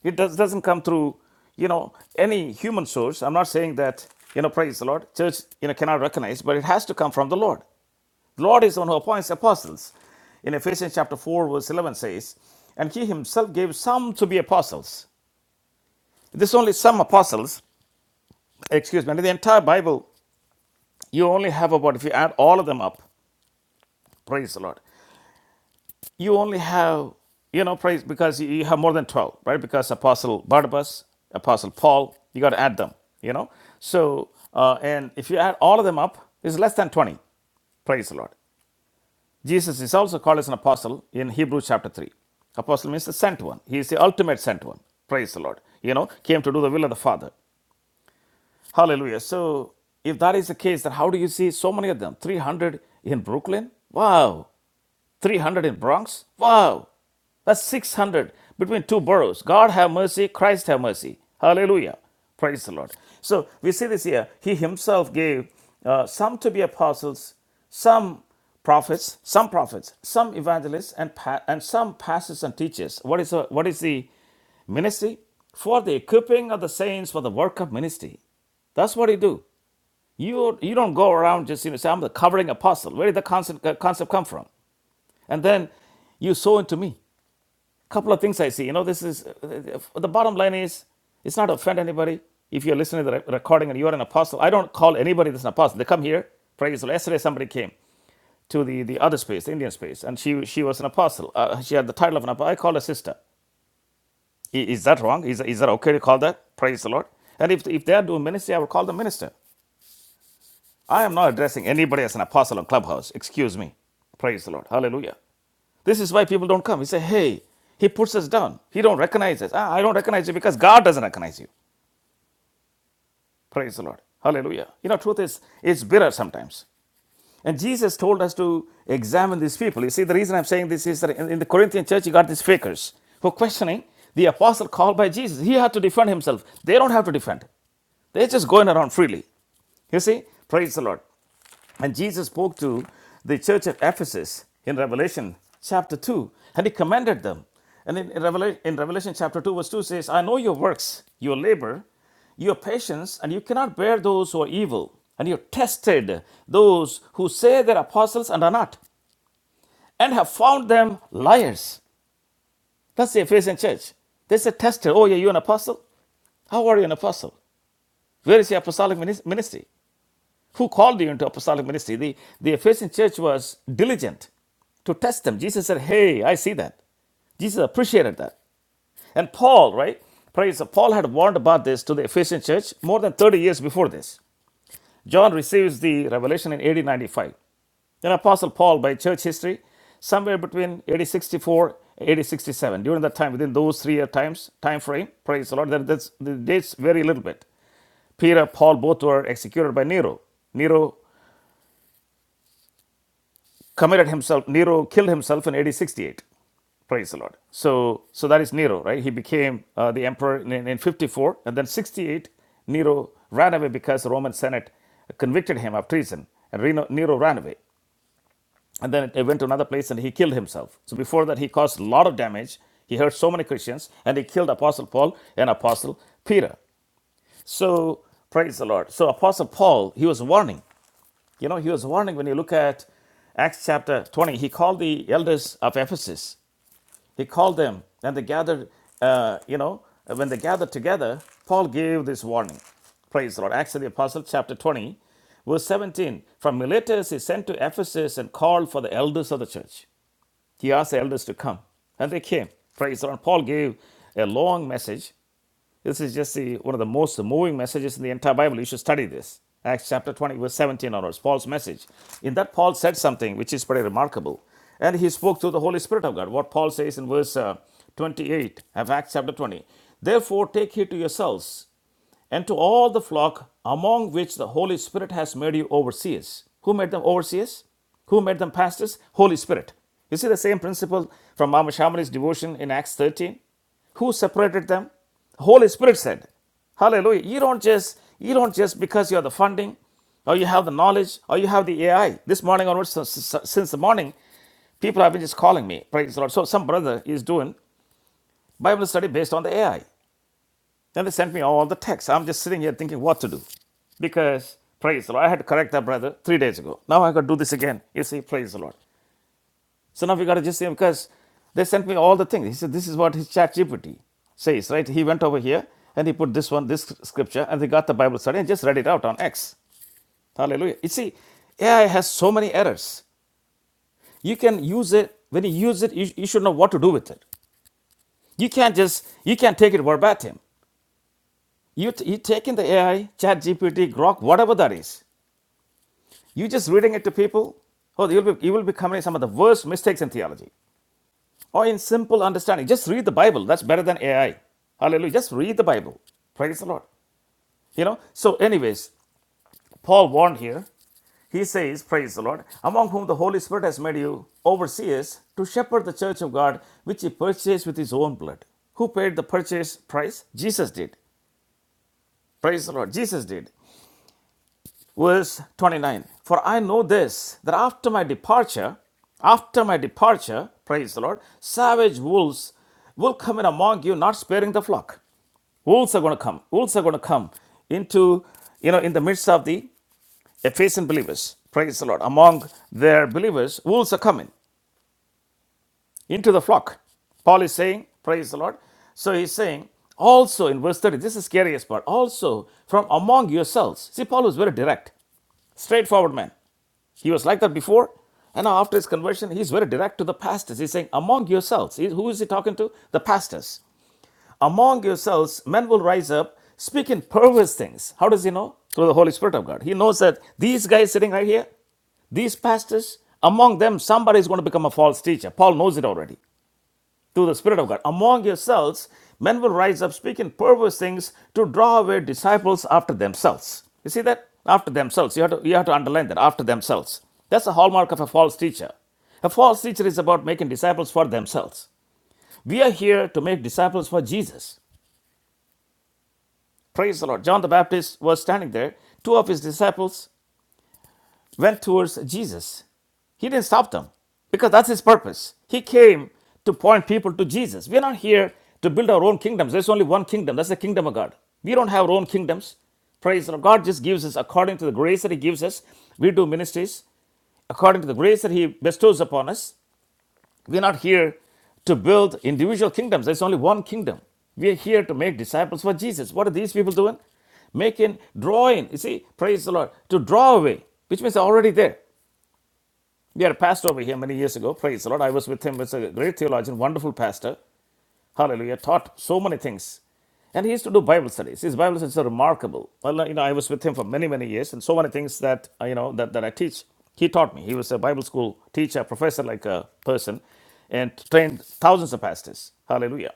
Speaker 2: It does, doesn't come through, you know, any human source. I'm not saying that, you know, praise the Lord. Church, you know, cannot recognize, but it has to come from the Lord. The Lord is the one who appoints apostles. In Ephesians chapter 4, verse 11 says, And he himself gave some to be apostles. This is only some apostles, excuse me, in the entire Bible, you only have about, if you add all of them up, praise the Lord, you only have, you know, praise, because you you have more than 12, right? Because Apostle Barnabas, Apostle Paul, you got to add them, you know? So, uh, and if you add all of them up, it's less than 20. Praise the Lord. Jesus is also called as an apostle in Hebrews chapter 3. Apostle means the sent one. He is the ultimate sent one. Praise the Lord. You know, came to do the will of the Father. Hallelujah. So, if that is the case, then how do you see so many of them? 300 in Brooklyn? Wow. 300 in Bronx? Wow. That's 600 between two boroughs. God have mercy, Christ have mercy. Hallelujah. Praise the Lord. So we see this here. He himself gave uh, some to be apostles, some prophets, some prophets, some evangelists, and, pa- and some pastors and teachers. What is, the what is the ministry? For the equipping of the saints for the work of ministry. That's what he do. You you don't go around just you know say I'm the covering apostle. Where did the concept, uh, concept come from? And then you sow into me. A Couple of things I see. You know, this is the bottom line is it's not to offend anybody. If you're listening to the recording and you're an apostle, I don't call anybody that's an apostle. They come here. Praise the Lord. Yesterday, somebody came to the, the other space, the Indian space, and she she was an apostle. Uh, she had the title of an apostle. I call her sister. Is that wrong? Is, is that okay to call that? Praise the Lord. And if, if they are doing ministry, I will call them minister. I am not addressing anybody as an apostle on Clubhouse. Excuse me. Praise the Lord. Hallelujah. This is why people don't come. He say, hey, he puts us down. He don't recognize us. Ah, I don't recognize you because God doesn't recognize you. Praise the Lord. Hallelujah. You know, truth is it's bitter sometimes. And Jesus told us to examine these people. You see, the reason I'm saying this is that in, in the Corinthian church, you got these fakers who are questioning the apostle called by Jesus. He had to defend himself. They don't have to defend. They're just going around freely. You see, praise the Lord. And Jesus spoke to the church of Ephesus in Revelation chapter 2, and he commended them. And in, in, Revelation, in Revelation chapter 2, verse 2 says, I know your works, your labor, your patience, and you cannot bear those who are evil. And you have tested those who say they're apostles and are not, and have found them liars. That's the Ephesian church. They said, tested. Oh, yeah, you're an apostle? How are you an apostle? Where is your apostolic ministry? who called you into apostolic ministry. The, the Ephesian church was diligent to test them. Jesus said, Hey, I see that. Jesus appreciated that. And Paul, right? Praise the- Paul had warned about this to the Ephesian church more than 30 years before this. John receives the revelation in AD 95. Then Apostle Paul, by church history, somewhere between AD 64 AD 67. During that time, within those three year times time frame, praise the Lord, that, that's, the dates vary a little bit. Peter, Paul, both were executed by Nero. Nero committed himself, Nero killed himself in AD 68. Praise the Lord. So, so that is Nero, right? He became uh, the emperor in, in 54, and then 68, Nero ran away because the Roman Senate convicted him of treason, and Reno, Nero ran away. And then he went to another place and he killed himself. So before that, he caused a lot of damage. He hurt so many Christians, and he killed Apostle Paul and Apostle Peter. So praise the Lord. So Apostle Paul, he was warning. You know, he was warning when you look at Acts chapter 20, he called the elders of Ephesus. He called them and they gathered, uh, you know, when they gathered together, Paul gave this warning. Praise the Lord. Acts of the Apostles chapter 20, verse 17. From Miletus he sent to Ephesus and called for the elders of the church. He asked the elders to come and they came. Praise the Lord. Paul gave a long message this is just the, one of the most moving messages in the entire Bible. You should study this. Acts chapter 20, verse 17 onwards, Paul's message. In that, Paul said something which is pretty remarkable. And he spoke through the Holy Spirit of God. What Paul says in verse uh, 28 of Acts chapter 20. Therefore, take heed to yourselves and to all the flock among which the Holy Spirit has made you overseers. Who made them overseers? Who made them pastors? Holy Spirit. You see the same principle from Mama Shamali's devotion in Acts 13? Who separated them? Holy Spirit said. Hallelujah. You don't just you don't just because you have the funding or you have the knowledge or you have the AI. This morning onwards since the morning people have been just calling me. Praise the Lord. So some brother is doing Bible study based on the AI. Then they sent me all the texts. I'm just sitting here thinking what to do. Because, praise the Lord, I had to correct that brother three days ago. Now I got to do this again. You see, praise the Lord. So now we got to just see him because they sent me all the things. He said, this is what his chat GPT says, right? He went over here and he put this one, this scripture, and they got the Bible study and just read it out on X. Hallelujah. You see, AI has so many errors. You can use it, when you use it, you, you should know what to do with it. You can't just, you can't take it verbatim. You t- you take in the AI, Chat GPT, Grok, whatever that is. You just reading it to people. Oh, you'll be you will be committing some of the worst mistakes in theology or in simple understanding. Just read the Bible. That's better than AI. Hallelujah. Just read the Bible. Praise the Lord. You know. So, anyways, Paul warned here. He says, Praise the Lord, among whom the Holy Spirit has made you overseers to shepherd the church of God, which he purchased with his own blood. Who paid the purchase price? Jesus did. Praise the Lord. Jesus did. verse 29 for i know this that after my departure after my departure praise the lord savage wolves will come in among you not sparing the flock wolves are going to come wolves are going to come into you know in the midst of the ephesian believers praise the lord among their believers wolves are coming into the flock paul is saying praise the lord so he's saying also in verse 30 this is the scariest part also from among yourselves see paul was very direct straightforward man he was like that before. And now after his conversion, he's very direct to the pastors. He's saying, Among yourselves, He- who is he talking to? The pastors. Among yourselves, men will rise up, speak in perverse things. How does he know? Through the Holy Spirit of God. He knows that these guys sitting right here, these pastors, among them, somebody is going to become a false teacher. Paul knows it already. To the Spirit of God. Among yourselves, men will rise up speaking perverse things to draw away disciples after themselves. You see that? After themselves. You have to, you have to underline that. After themselves. That's the hallmark of a false teacher. A false teacher is about making disciples for themselves. We are here to make disciples for Jesus. Praise the Lord. John the Baptist was standing there. Two of his disciples went towards Jesus. He didn't stop them because that's his purpose. He came to point people to Jesus. We're not here to build our own kingdoms. There's only one kingdom. That's the kingdom of God. We don't have our own kingdoms. Praise the Lord. God just gives us according to the grace that He gives us. We do ministries according to the grace that He bestows upon us. We're not here to build individual kingdoms. There's only one kingdom. We're here to make disciples for Jesus. What are these people doing? Making, drawing. You see, praise the Lord. To draw away, which means they're already there. We had a pastor over here many years ago. Praise the Lord. I was with him. He's a great theologian, wonderful pastor. Hallelujah. Taught so many things. And he used to do Bible studies. His Bible studies are remarkable. Well, you know, I was with him for many, many years, and so many things that uh, you know that, that I teach. He taught me. He was a Bible school teacher, professor like a person, and trained thousands of pastors. Hallelujah.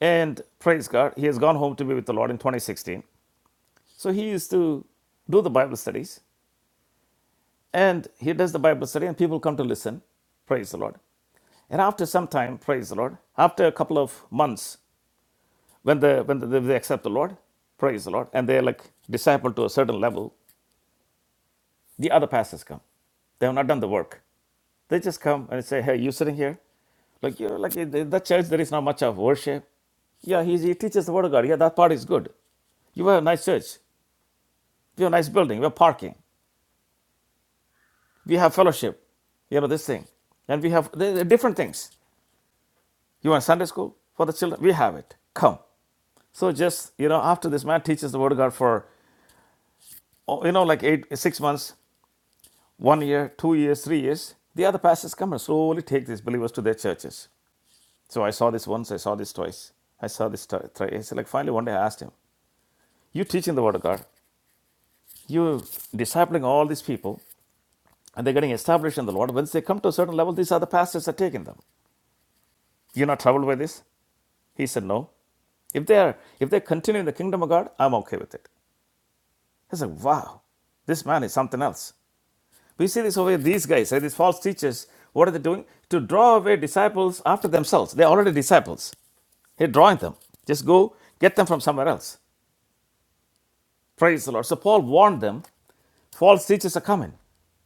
Speaker 2: And praise God, he has gone home to be with the Lord in 2016. So he used to do the Bible studies. And he does the Bible study, and people come to listen. Praise the Lord. And after some time, praise the Lord. After a couple of months, when the when the, they accept the Lord, praise the Lord, and they're like discipled to a certain level, the other pastors come. They have not done the work. They just come and say, "Hey, you sitting here? Like you know, like in that church, there is not much of worship. Yeah, he, he teaches the word of God. Yeah, that part is good. You have a nice church. We have a nice building. We have parking. We have fellowship. You know this thing, and we have different things. You want Sunday school for the children? We have it. Come. So just, you know, after this man teaches the word of God for, oh, you know, like eight, six months, one year, two years, three years, the other pastors come and slowly take these believers to their churches. So I saw this once, I saw this twice, I saw this twi- thrice. Like finally one day I asked him, you teaching the word of God, you discipling all these people, and they're getting established in the Lord. Once they come to a certain level, these other pastors are taking them. You're not troubled by this? He said, no. If they are, if they continue in the kingdom of God, I'm okay with it. It's like, wow, this man is something else. We see this over here, these guys, eh, these false teachers, what are they doing? To draw away disciples after themselves. They're already disciples. He's drawing them. Just go get them from somewhere else. Praise the Lord. So Paul warned them false teachers are coming.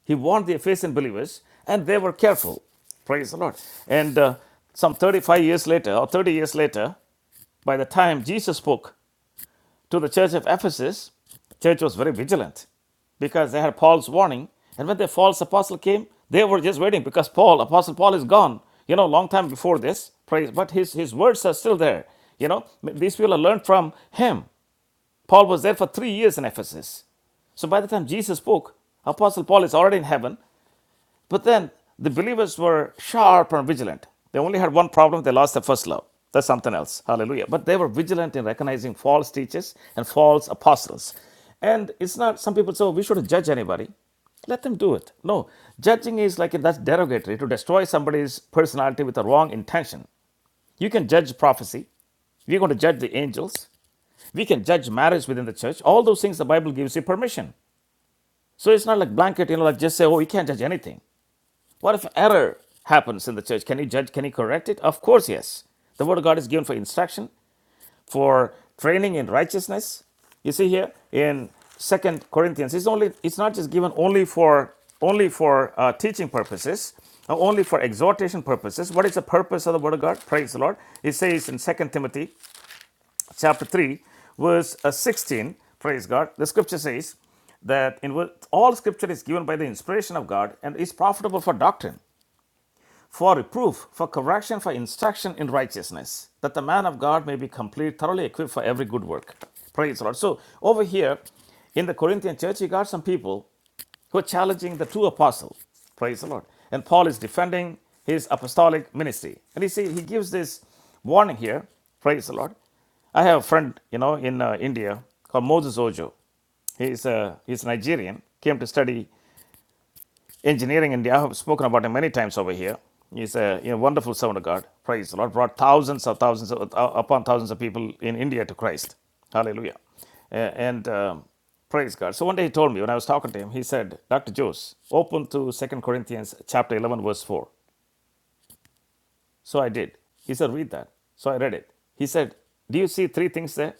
Speaker 2: He warned the Ephesian believers, and they were careful. Praise the Lord. And uh, some 35 years later, or 30 years later, by the time Jesus spoke, to the church of Ephesus, the church was very vigilant because they had Paul's warning. And when the false apostle came, they were just waiting because Paul, apostle Paul, is gone. You know, long time before this, praise. But his his words are still there. You know, these people have learned from him. Paul was there for three years in Ephesus. So by the time Jesus spoke, Apostle Paul is already in heaven. But then the believers were sharp and vigilant. They only had one problem they lost their first love. That's something else. Hallelujah. But they were vigilant in recognizing false teachers and false apostles. And it's not, some people say, "Oh, we shouldn't judge anybody. Let them do it. No, judging is like that's derogatory to destroy somebody's personality with a wrong intention. You can judge prophecy. We're going to judge the angels. We can judge marriage within the church. All those things the Bible gives you permission. So it's not like blanket, you know, like just say, oh, we can't judge anything. What if error happens in the church? Can you judge? Can you correct it? Of course, yes. The word of God is given for instruction, for training in righteousness. You see here in Second Corinthians, it's only it's not just given only for only for uh, teaching purposes, uh, only for exhortation purposes. What is the purpose of the word of God? Praise the Lord. It says in Second Timothy chapter three, verse uh, sixteen. Praise God. The scripture says that in all scripture is given by the inspiration of God and is profitable for doctrine for reproof, for correction, for instruction in righteousness, that the man of God may be complete, thoroughly equipped for every good work. Praise the Lord. So over here in the Corinthian church, you got some people who are challenging the true apostle. Praise the Lord. And Paul is defending his apostolic ministry. And he see he gives this warning here. Praise the Lord. I have a friend, you know, in uh, India called Moses Ojo. He's, uh, he's Nigerian, came to study Engineering India, I've spoken about him many times over here. He's a you know, wonderful servant of God. Praise the Lord. Brought thousands of thousands of, uh, upon thousands of people in India to Christ. Hallelujah. A- And um, praise God. So one day he told me, when I was talking to him, he said, Dr. Jose, open to Second Corinthians chapter 11, verse 4. So I did. He said, read that. So I read it. He said, do you see three things there?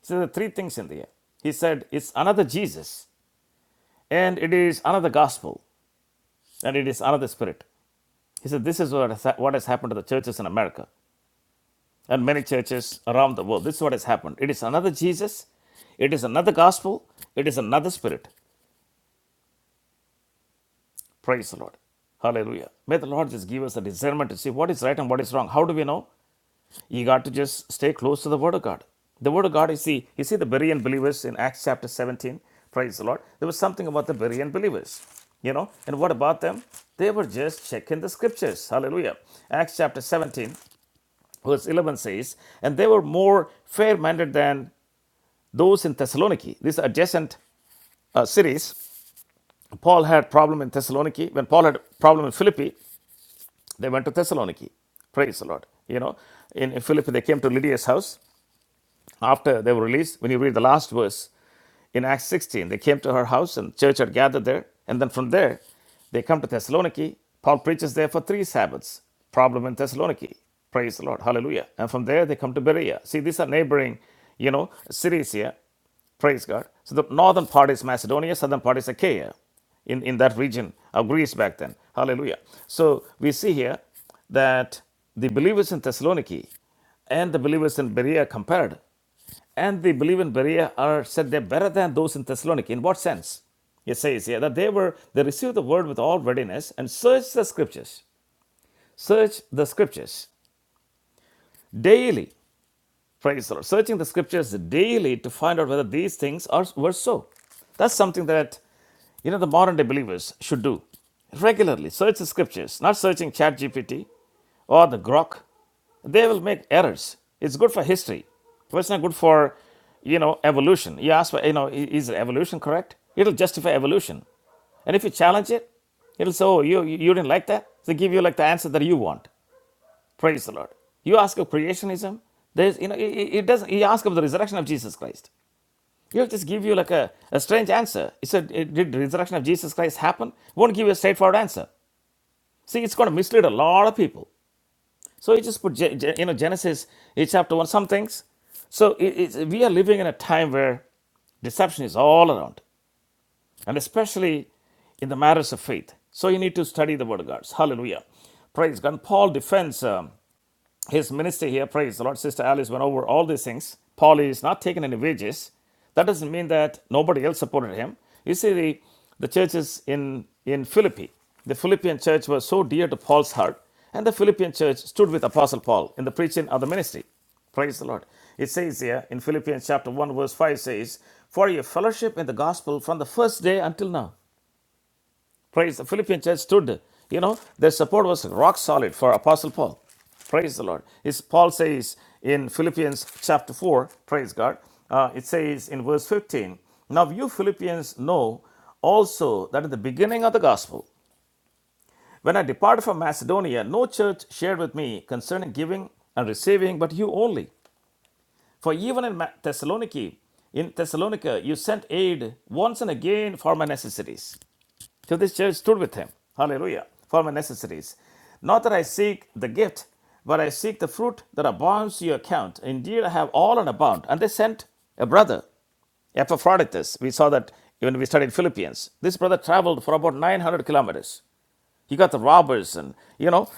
Speaker 2: He said, there are three things in there. He said, it's another Jesus, and it is another gospel, and it is another spirit. He said, This is what has, what has happened to the churches in America and many churches around the world. This is what has happened. It is another Jesus. It is another gospel. It is another spirit. Praise the Lord. Hallelujah. May the Lord just give us a discernment to see what is right and what is wrong. How do we know? You got to just stay close to the Word of God. The Word of God you see, you see the Berean believers in Acts chapter 17. Praise the Lord. There was something about the Berean believers. You know, and what about them? They were just checking the scriptures. Hallelujah. Acts chapter 17. verse 11 says, And they were more fair minded than those in Thessaloniki. These adjacent uh, cities. Paul had problem in Thessaloniki. When Paul had problem in Philippi, they went to Thessaloniki. Praise the Lord. You know, in, in Philippi, they came to Lydia's house. After they were released, when you read the last verse in Acts 16, they came to her house and church had gathered there. And then from there, they come to Thessaloniki. Paul preaches there for three Sabbaths. Problem in Thessaloniki. Praise the Lord. Hallelujah. And from there, they come to Berea. See, these are neighboring, you know, cities here. Praise God. So the northern part is Macedonia, southern part is Achaia in, in that region of Greece back then. Hallelujah. So we see here that the believers in Thessaloniki and the believers in Berea compared. And the believers in Berea are said they're better than those in Thessaloniki. In what sense? It says here that they were they received the word with all readiness and searched the scriptures. searched the scriptures daily Praise the Lord. Searching the scriptures daily to find out whether these things are were so. That's something that you know the modern day believers should do. Regularly search the scriptures, not searching Chat GPT or the Grok. They will make errors. It's good for history, but it's not good for you know evolution. You ask, you know, is evolution correct? It'll justify evolution, and if you challenge it, it'll say, oh, you you didn't like that. They give you like the answer that you want. Praise the Lord. You ask of creationism. There's, you know, it, it doesn't. He asked of the resurrection of Jesus Christ. He'll just give you like a, a strange answer. He said, "Eh, "Did the resurrection of Jesus Christ happen?" Won't give you a straightforward answer. See, it's going to mislead a lot of people. So he just put, you know, Genesis eh, chapter one, some things. So it, it's, we are living in a time where Deception is all around, and especially in the matters of faith. So you need to study the Word of God. Hallelujah. Praise God. And Paul defends um, his ministry here, praise the Lord, Sister Alice went over all these things. Paul is not taking any wages. That doesn't mean that nobody else supported him. You see, the, the churches in, in Philippi, the Philippian church was so dear to Paul's heart, and the Philippian church stood with Apostle Paul in the preaching of the ministry. Praise the Lord. It says here in Philippians chapter 1, verse 5 says, For your fellowship in the gospel from the first day until now. Praise the Philippian church stood. You know, their support was rock solid for Apostle Paul. Praise the Lord. Is Paul says in Philippians chapter 4, praise God, uh, it says in verse 15, Now you Philippians know also that at the beginning of the gospel, when I departed from Macedonia, no church shared with me concerning giving and receiving, but you only. For even in Ma- Thessaloniki, in Thessalonica, you sent aid once and again for my necessities. So this church stood with him. Hallelujah. For my necessities. Not that I seek the gift, but I seek the fruit that abounds to your account. Indeed, I have all and abound. And they sent a brother, Epaphroditus. We saw that even we studied Philippians. This brother traveled for about 900 kilometers. You got the robbers, and you know,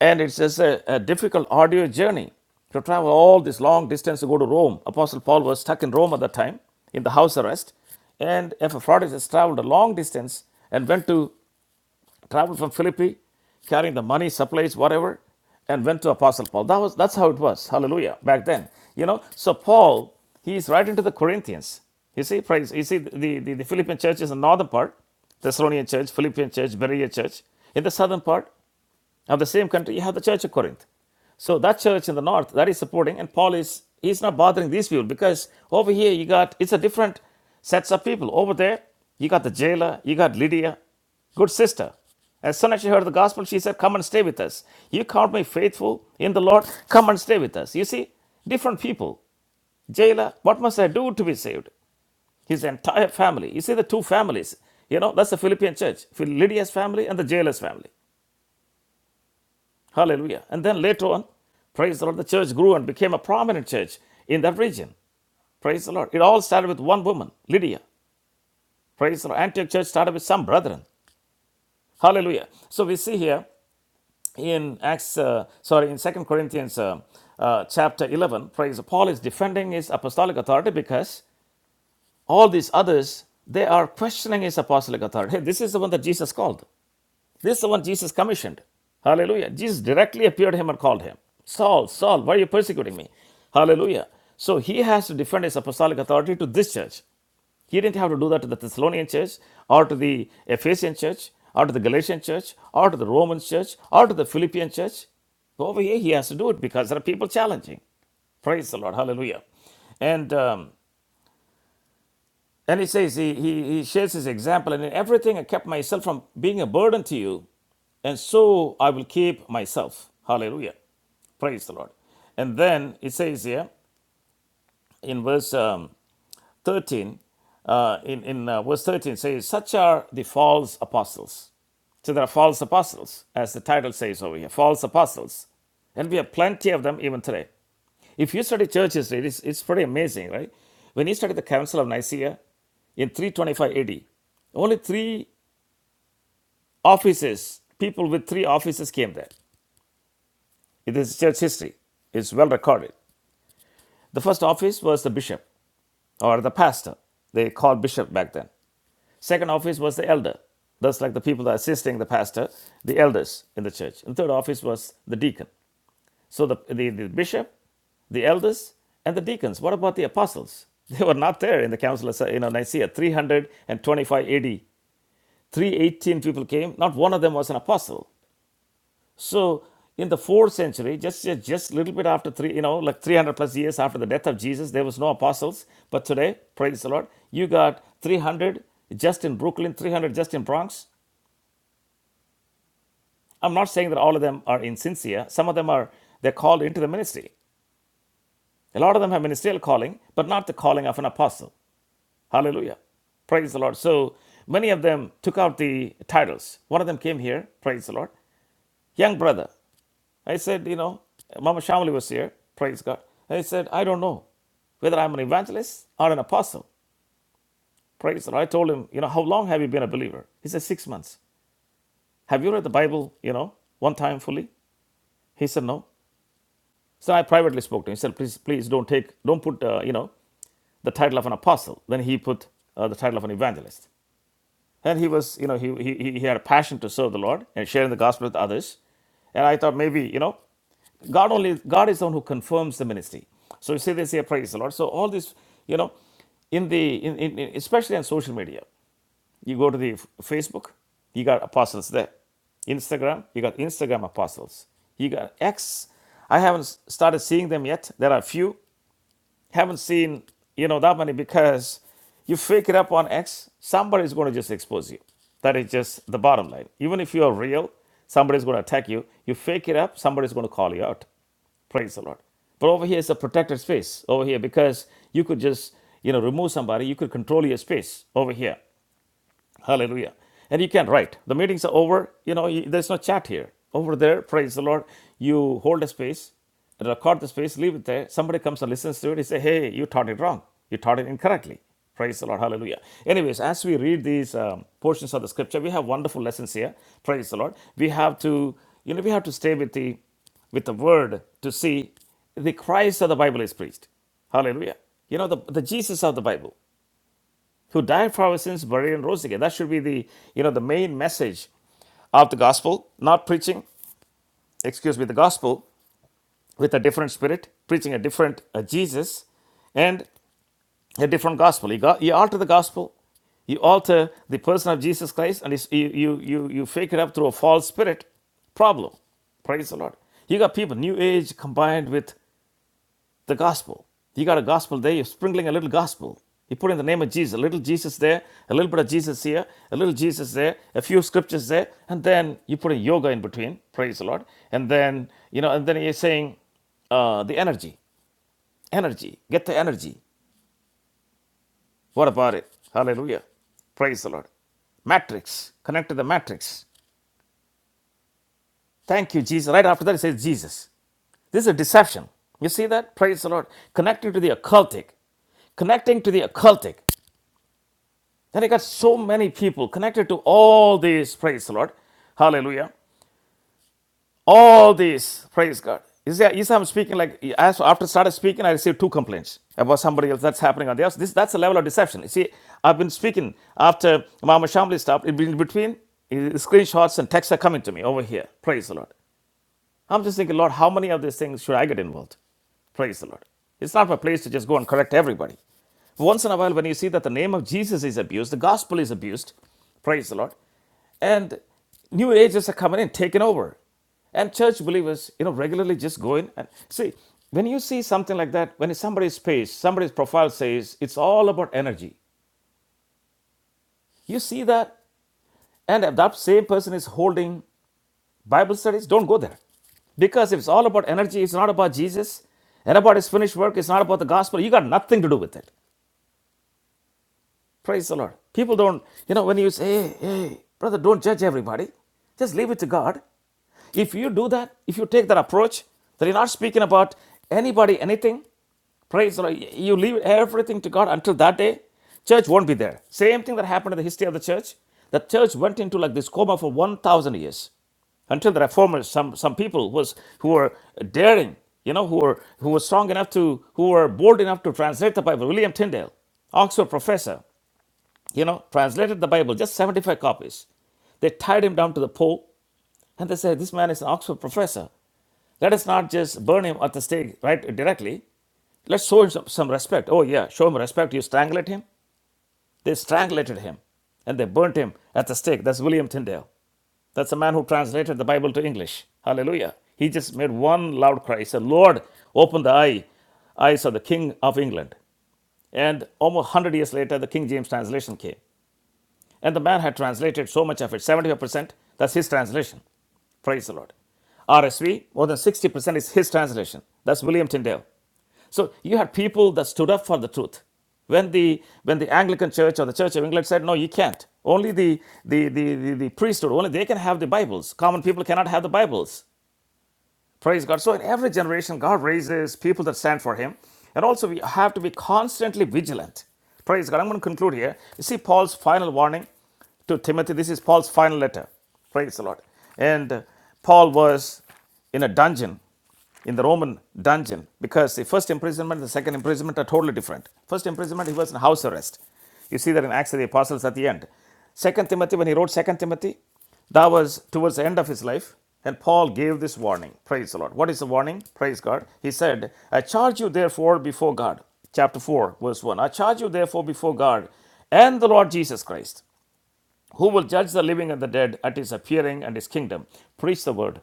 Speaker 2: and it's just a, a difficult arduous journey to travel all this long distance to go to Rome. Apostle Paul was stuck in Rome at that time in the house arrest, and Epaphroditus traveled a long distance and went to traveled from Philippi, carrying the money, supplies, whatever, and went to Apostle Paul. That was that's how it was. Hallelujah. Back then, you know. So Paul, he is writing to the Corinthians. You see, praise. You see, the, the, the Philippian church is the northern part, Thessalonian church, Philippian church, Berea church. In the southern part, now, the same country, you have the Church of Corinth. So that church in the north that is supporting, and Paul is he's not bothering these people because over here you got it's a different sets of people. Over there, you got the jailer, you got Lydia, good sister. As soon as she heard the gospel, she said, Come and stay with us. You count me faithful in the Lord, come and stay with us. You see, different people. Jailer, what must I do to be saved? His entire family. You see the two families. You know, that's the Philippian church Lydia's family and the jailer's family. Hallelujah. And then later on, praise the Lord, the church grew and became a prominent church in that region. Praise the Lord. It all started with one woman, Lydia. Praise the Lord. Antioch church started with some brethren. Hallelujah. So we see here in Acts, uh, sorry, in Second Corinthians uh, uh, chapter 11, praise the- Paul is defending his apostolic authority because all these others, they are questioning his apostolic authority. Hey, this is the one that Jesus called. This is the one Jesus commissioned. Hallelujah. Jesus directly appeared to him and called him Saul, Saul, why are you persecuting me? Hallelujah. So he has to defend his apostolic authority to this church. He didn't have to do that to the Thessalonian church or to the Ephesian church or to the Galatian church or to the Roman church or to the Philippian church. Over here, he has to do it because there are people challenging. Praise the Lord. Hallelujah. And um, and he says, he, he, he shares his example, and in everything I kept myself from being a burden to you, and so I will keep myself. Hallelujah. Praise the Lord. And then it says here, in verse um, 13, uh, in, in uh, verse 13 says, Such are the false apostles. So there are false apostles, as the title says over here, false apostles. And we have plenty of them even today. If you study church history, it's, it's pretty amazing, right? When you study the Council of Nicaea in 325 AD, only three offices, people with three offices came there. It is church history. It's well recorded. The first office was the bishop or the pastor. They called bishop back then. Second office was the elder, thus like the people that are assisting the pastor, the elders in the church. And the third office was the deacon. So the, the, the bishop, the elders, and the deacons. What about the apostles? They were not there in the council of you know, Nicaea. 325 AD, 318 people came. Not one of them was an apostle. So in the fourth century, just just just little bit after three, you know, like 300 plus years after the death of Jesus, there was no apostles. But today, praise the Lord, you got 300 just in Brooklyn, 300 just in Bronx, I'm not saying that all of them are insincere. Some of them are they're called into the ministry. A lot of them have ministerial calling, but not the calling of an apostle. Hallelujah. Praise the Lord. So many of them took out the titles. One of them came here, praise the Lord. Young brother. I said, you know, Mama Shamali was here, praise God. I said, I don't know whether I'm an evangelist or an apostle. Praise the Lord. I told him, you know, how long have you been a believer? He said, six months. Have you read the Bible, you know, one time fully? He said, no. So I privately spoke to him. He said, please, please don't take, don't put, uh, you know, the title of an apostle. Then he put uh, the title of an evangelist. And he was, you know, he, he, he had a passion to serve the Lord and sharing the gospel with others. And I thought maybe, you know, God only, God is the one who confirms the ministry. So you say this here, praise the Lord. So all this, you know, in the, in, in, in- especially on social media. You go to the Facebook, you got apostles there. Instagram, you got Instagram apostles. You got X. I haven't started seeing them yet. There are a few. Haven't seen, you know, that many because you fake it up on X, somebody's going to just expose you. That is just the bottom line. Even if you are real, somebody's going to attack you. You fake it up, somebody's going to call you out. Praise the Lord. But over here is a protected space over here because you could just, you know, remove somebody, you could control your space over here. Hallelujah. And you can write. The meetings are over. You know, you- there's no chat here. Over there, praise the Lord. You hold a space, record the space, leave it there. Somebody comes and listens to it. He say, hey, you taught it wrong. You taught it incorrectly. Praise the Lord. Hallelujah. Anyways, as we read these um, portions of the scripture, we have wonderful lessons here. Praise the Lord. We have to, you know, we have to stay with the with the word to see the Christ of the Bible is preached. Hallelujah. You know, the, the Jesus of the Bible who died for our sins, buried, and rose again. That should be the you know the main message of the gospel. Not preaching, excuse me, the gospel with a different spirit, preaching a different uh, Jesus, and a different gospel. You, got, you alter the gospel, you alter the person of Jesus Christ, and it's, you, you you you fake it up through a false spirit. Problem. Praise the Lord. You got people, New Age combined with the gospel. You got a gospel there, you're sprinkling a little gospel. You put in the name of Jesus, a little Jesus there, a little bit of Jesus here, a little Jesus there, a few scriptures there, and then you put a yoga in between, praise the Lord. And then, you know, and then you're saying uh, the energy, energy, get the energy. What about it? Hallelujah. Praise the Lord. Matrix, connect to the matrix. Thank you, Jesus. Right after that, it says Jesus. This is a deception. You see that? Praise the Lord. Connecting to the occultic. Connecting to the occultic. Then I got so many people connected to all these. Praise the Lord. Hallelujah. All these. Praise God. You see, you see I'm speaking like, after I started speaking, I received two complaints about somebody else that's happening on the house. This, that's a level of deception. You see, I've been speaking after Mama Shamli stopped. In between, screenshots and texts are coming to me over here. Praise the Lord. I'm just thinking, Lord, how many of these things should I get involved? Praise the Lord. It's not my place to just go and correct everybody. Once in a while, when you see that the name of Jesus is abused, the gospel is abused, praise the Lord, and new ages are coming in, taking over. And church believers, you know, regularly just go in and see, when you see something like that, when somebody's page, somebody's profile says it's all about energy, you see that, and that same person is holding Bible studies, don't go there. Because if it's all about energy, it's not about Jesus, and about his finished work, it's not about the gospel, you got nothing to do with it. Praise the Lord. People don't, you know, when you say, hey, hey, brother, don't judge everybody, just leave it to God. If you do that, if you take that approach, that you're not speaking about anybody, anything, praise the Lord, you leave everything to God until that day, church won't be there. Same thing that happened in the history of the church. The church went into like this coma for 1,000 years until the reformers some some people was who were daring you know who were who were strong enough to who were bold enough to translate the bible william tyndale oxford professor you know, translated the Bible, just 75 copies. They tied him down to the pole and they said, This man is an Oxford professor. Let us not just burn him at the stake right directly. Let's show him some, some respect. Oh, yeah, show him respect. You strangled him. They strangulated him and they burnt him at the stake. That's William Tyndale. That's a man who translated the Bible to English. Hallelujah. He just made one loud cry. He said, Lord, open the eye, eyes of the King of England. And almost 100 years later, the King James translation came. And the man had translated so much of it, 75%, that's his translation. Praise the Lord. RSV, more than 60% is his translation. That's William Tyndale. So you had people that stood up for the truth. When the when the Anglican Church or the Church of England said, No, you can't. Only the the, the, the, the priesthood, only they can have the Bibles. Common people cannot have the Bibles. Praise God. So in every generation, God raises people that stand for Him. And also, we have to be constantly vigilant. Praise God. I'm going to conclude here. You see Paul's final warning to Timothy. This is Paul's final letter. Praise the Lord. And uh, Paul was in a dungeon in the Roman dungeon because the first imprisonment and the second imprisonment are totally different. First imprisonment, he was in house arrest. You see that in Acts of the Apostles at the end. Second Timothy, when he wrote Second Timothy, that was towards the end of his life. And Paul gave this warning. Praise the Lord. What is the warning? Praise God. He said, I charge you therefore before God. Chapter 4, verse 1. I charge you therefore before God and the Lord Jesus Christ, who will judge the living and the dead at his appearing and his kingdom. Preach the word.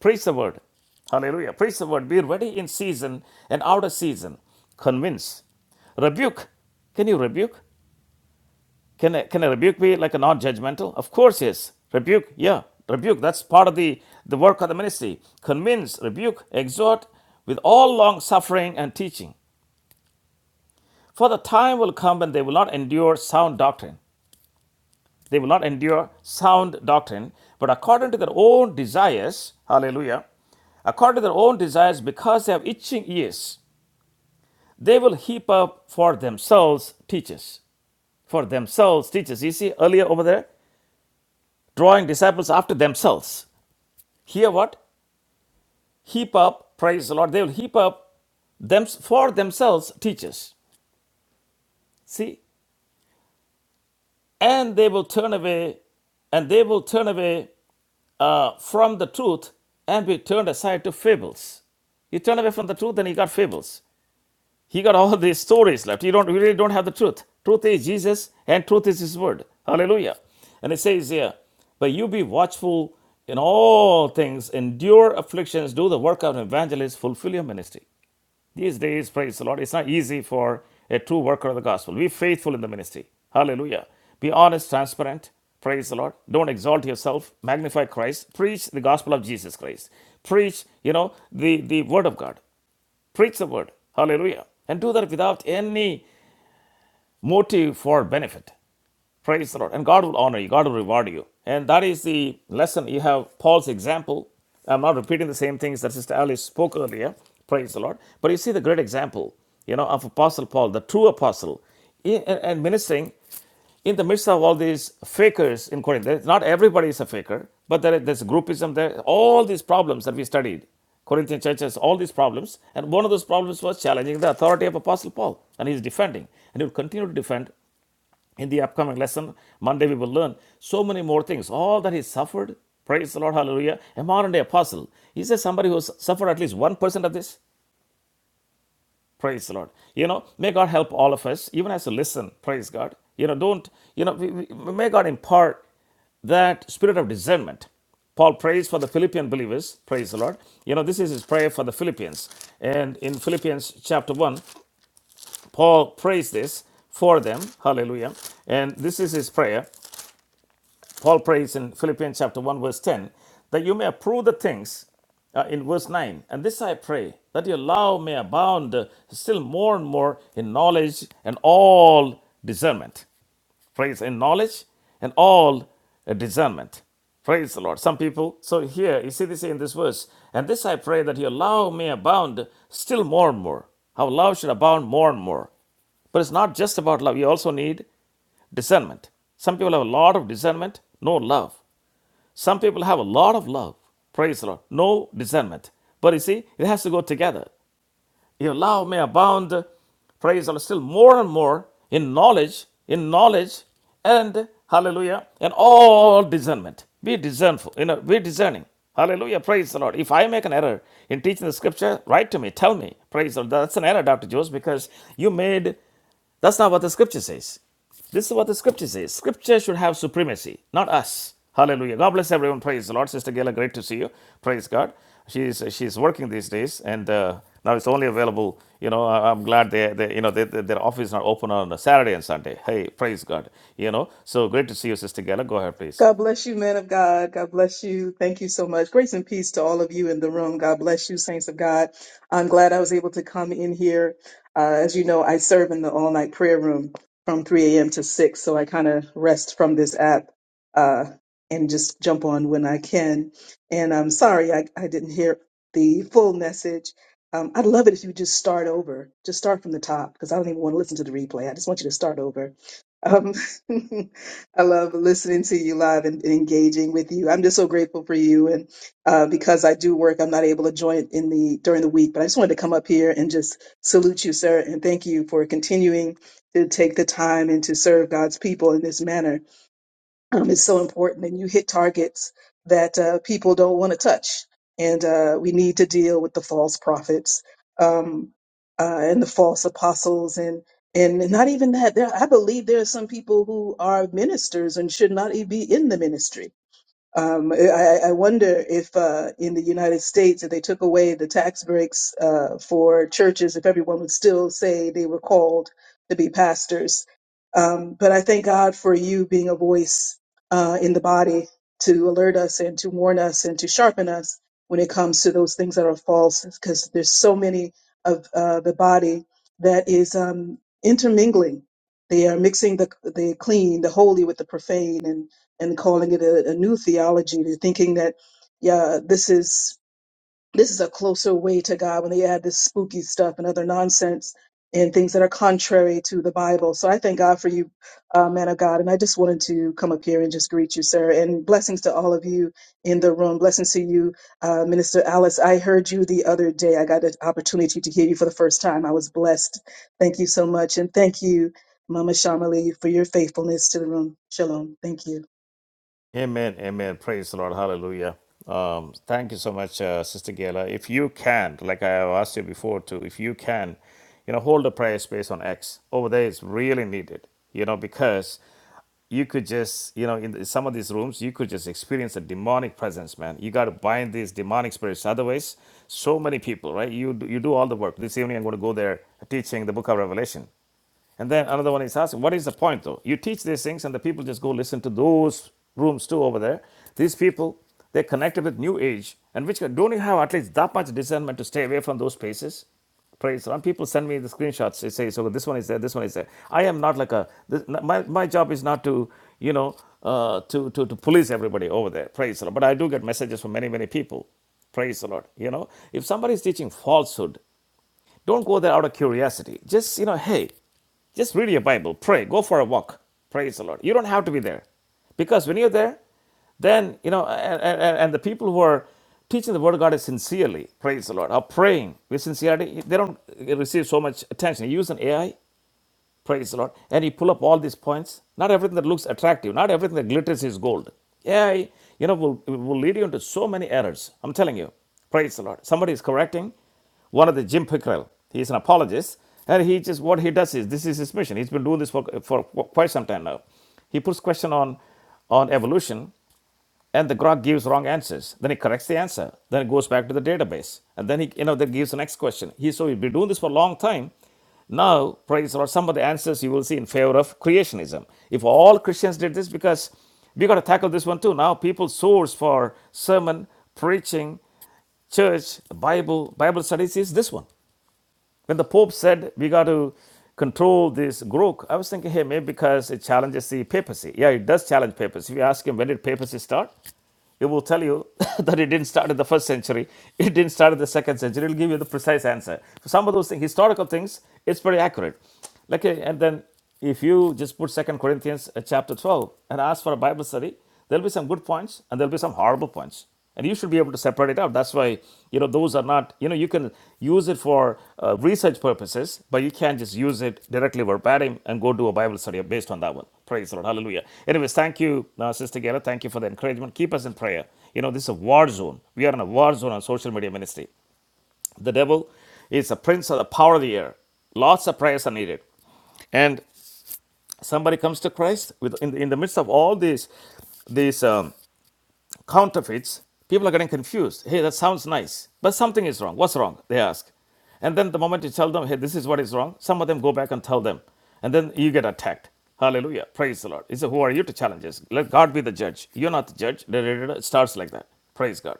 Speaker 2: Praise the word. Hallelujah. Praise the word. Be ready in season and out of season. Convince. Rebuke. Can you rebuke? Can a, can a rebuke be like a non judgmental? Of course, yes. Rebuke. Yeah. Rebuke. That's part of the, the work of the ministry. Convince, rebuke, exhort with all long suffering and teaching. For the time will come when they will not endure sound doctrine They will not endure sound doctrine, but according to their own desires, hallelujah, according to their own desires, because they have itching ears, they will heap up for themselves teachers. For themselves teachers. You see earlier over there, drawing disciples after themselves. Here what? Heap up, praise the Lord. They will heap up them for themselves teachers. See? and they will turn away, and they will turn away uh, from the truth and be turned aside to fables. You turn away from the truth, and you got fables. He got all these stories left. You don't you really don't have the truth. Truth is Jesus, and truth is His word. Hallelujah. And it says here, but you be watchful in all things, endure afflictions, do the work of an evangelist, fulfill your ministry. These days, praise the Lord, it's not easy for a true worker of the gospel. Be faithful in the ministry. Hallelujah. Be honest, transparent. Praise the Lord. Don't exalt yourself. Magnify Christ. Preach the gospel of Jesus Christ. Preach, you know, the, the word of God. Preach the word. Hallelujah. And do that without any motive for benefit. Praise the Lord. And God will honor you, God will reward you. And that is the lesson. You have Paul's example. I'm not repeating the same things that Sister Alice spoke earlier. Praise the Lord. But you see the great example, you know, of Apostle Paul, the true apostle, and ministering in the midst of all these fakers in Corinth, not everybody is a faker, but there, there's groupism there, all these problems that we studied, Corinthian churches, all these problems. And one of those problems was challenging the authority of Apostle Paul, and he's defending, and he will continue to defend in the upcoming lesson, Monday, we will learn so many more things. All that he suffered, praise the Lord, hallelujah. A modern day apostle. Is there somebody who has suffered at least 1% of this? Praise the Lord. You know, may God help all of us, even as you listen, praise God. You know, don't, you know, we, we, may God impart that spirit of discernment. Paul prays for the Philippian believers, praise the Lord. You know, this is his prayer for the Philippians. And in Philippians chapter 1, Paul prays this for them, hallelujah. And this is his prayer. Paul prays in Philippians chapter 1, verse 10, that you may approve the things uh, in verse 9. And this I pray, that your love may abound uh, still more and more in knowledge and all discernment praise and knowledge and all uh, discernment praise the lord some people so here you see this in this verse and this i pray that your love may abound still more and more our love should abound more and more but it's not just about love you also need discernment some people have a lot of discernment no love some people have a lot of love praise the lord no discernment but you see it has to go together your love may abound, praise the Lord, still more and more in knowledge, in knowledge, and hallelujah, and all discernment. Be discernful, you know, be discerning. Hallelujah, praise the Lord. If I make an error in teaching the scripture, write to me, tell me, praise the Lord. That's an error, Dr. Jose, because you made, that's not what the scripture says. This is what the scripture says. Scripture should have supremacy, not us. Hallelujah. God bless everyone. Praise the Lord. Sister Gayla, great to see you. Praise God. She's she's working these days, and uh, now it's only available. You know, I- am glad they, they you know they, they- their office is not open on a Saturday and Sunday. Hey, praise God. You know, so great to see you, Sister Gayla. Go ahead, please.
Speaker 4: God bless you, men of God. God bless you. Thank you so much. Grace and peace to all of you in the room. God bless you, saints of God. I'm glad I was able to come in here. Uh, as you know, I serve in the all night prayer room from 3 a.m. to 6, so I kind of rest from this app uh, and just jump on when I can. And I'm sorry I, I didn't hear the full message. Um, I'd love it if you just start over, just start from the top, because I don't even want to listen to the replay. I just want you to start over. Um, I love listening to you live and, and engaging with you. I'm just so grateful for you. And uh, because I do work, I'm not able to join in the during the week. But I just wanted to come up here and just salute you, sir, and thank you for continuing to take the time and to serve God's people in this manner um, is so important, and you hit targets that uh, people don't want to touch. And uh, we need to deal with the false prophets um, uh, and the false apostles, and and not even that. There, I believe there are some people who are ministers and should not e- be in the ministry um, I, I wonder if uh, in the United States, if they took away the tax breaks uh, for churches, if everyone would still say they were called to be pastors. Um, but I thank God for you being a voice uh, in the body to alert us and to warn us and to sharpen us when it comes to those things that are false, because there's so many of uh, the body that is um, intermingling. They are mixing the, the clean, the holy with the profane, and calling it a, a new theology, to thinking that yeah, this is this is a closer way to God when they add this spooky stuff and other nonsense and things that are contrary to the Bible. So I thank God for you, uh, man of God, and I just wanted to come up here and just greet you, sir, and blessings to all of you in the room. Blessings to you, uh, Minister Alice. I heard you the other day. I got an opportunity to hear you for the first time. I was blessed. Thank you so much, and thank you, Mama Shamali, for your faithfulness to the room. Shalom. Thank you.
Speaker 2: Amen, amen. Praise the Lord. Hallelujah. Um, thank you so much, uh, Sister Gayla. If you can, like I have asked you before too, if you can, you know, hold a prayer space on X. Over there is really needed, you know, because you could just, you know, in some of these rooms, you could just experience a demonic presence, man. You got to bind these demonic spirits. Otherwise, so many people, right? You do, you do all the work. This evening, I'm going to go there teaching the book of Revelation and then another one is asking, what is the point though? You teach these things and the people just go listen to those rooms too over there. These people, they're connected with new age. And which don't you have at least that much discernment to stay away from those spaces? Praise. Some people send me the screenshots. They say, so this one is there, this one is there. I am not like a, this, my, my job is not to, you know, uh, to, to, to police everybody over there. Praise the But I do get messages from many, many people. Praise the Lord. You know, if somebody is teaching falsehood, don't go there out of curiosity. Just, you know, hey, just read your Bible, pray, go for a walk. Praise the Lord. You don't have to be there. Because when you're there, then, you know, and, and, and the people who are teaching the Word of God is sincerely, praise the Lord, are praying with sincerity, they don't receive so much attention. You use an AI, Praise the Lord. And he pull up all these points. Not everything that looks attractive, not everything that glitters is gold. Yeah, you know, will, will lead you into so many errors. I'm telling you. Praise the Lord. Somebody is correcting one of the Jim Pickrell. He's an apologist. And he just, what he does is, this is his mission. He's been doing this for, for quite some time now. He puts question on, on evolution and the grok gives wrong answers then it corrects the answer then it goes back to the database and then he you know that gives the next question he so we've been doing this for a long time now praise the lord some of the answers you will see in favor of creationism if all christians did this because we got to tackle this one too now people source for sermon preaching church bible bible studies is this one when the Pope said we got to control this growth, I was thinking, hey, maybe because it challenges the papacy. Yeah, it does challenge papacy. If you ask him when did papacy start, it will tell you that it didn't start in the first century, it didn't start in the second century. It'll give you the precise answer. So some of those things, historical things, it's pretty accurate. Like, uh, and then if you just put Second Corinthians uh, chapter 12 and ask for a Bible study, there'll be some good points and there'll be some horrible points and you should be able to separate it out that's why you know those are not you know you can use it for uh, research purposes but you can't just use it directly verbatim and go do a bible study based on that one praise the lord hallelujah anyways thank you uh, sister Gera. thank you for the encouragement keep us in prayer you know this is a war zone we are in a war zone on social media ministry the devil is a prince of the power of the air lots of prayers are needed and somebody comes to christ with in the, in the midst of all these these um, counterfeits, people are getting confused. Hey, that sounds nice, but something is wrong. What's wrong? They ask. And then the moment you tell them, hey, this is what is wrong, some of them go back and tell them. And then you get attacked. Hallelujah. Praise the Lord. He said, Who are you to challenge us? Let God be the judge. You're not the judge. It starts like that. Praise God.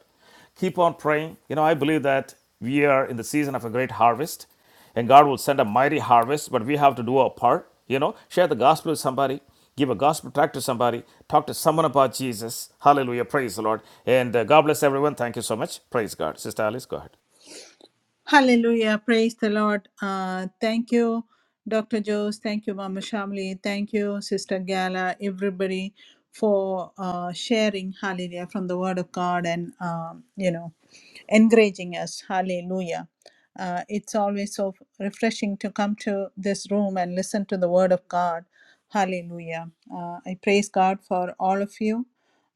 Speaker 2: Keep on praying. You know, I believe that we are in the season of a great harvest and God will send a mighty harvest, but we have to do our part. You know, share the gospel with somebody, give a gospel tract to somebody, talk to someone about Jesus. Hallelujah. Praise the Lord. And uh, God bless everyone. Thank you so much. Praise God. Sister Alice, go ahead.
Speaker 1: Hallelujah. Praise the Lord. Uh, thank you, Dr. Jose. Thank you, Mama Shamli. Thank you, Sister Gala, everybody for uh, sharing, hallelujah, from the Word of God and, um, you know, encouraging us. Hallelujah. Uh, it's always so refreshing to come to this room and listen to the Word of God. Hallelujah. Uh, I praise God for all of you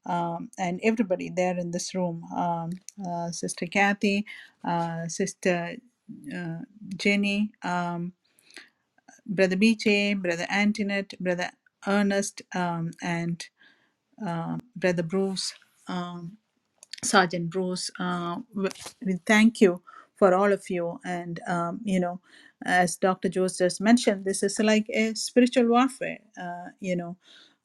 Speaker 1: um, and everybody there in this room um, uh, Sister Kathy, uh, Sister uh, Jenny, um, Brother BJ, Brother Antoinette, Brother Ernest, um, and uh, Brother Bruce. Um, Sergeant Bruce, uh, w- we thank you for all of you. And, um, you know, as Dr. Jose just mentioned, this is like a spiritual warfare. Uh, you know,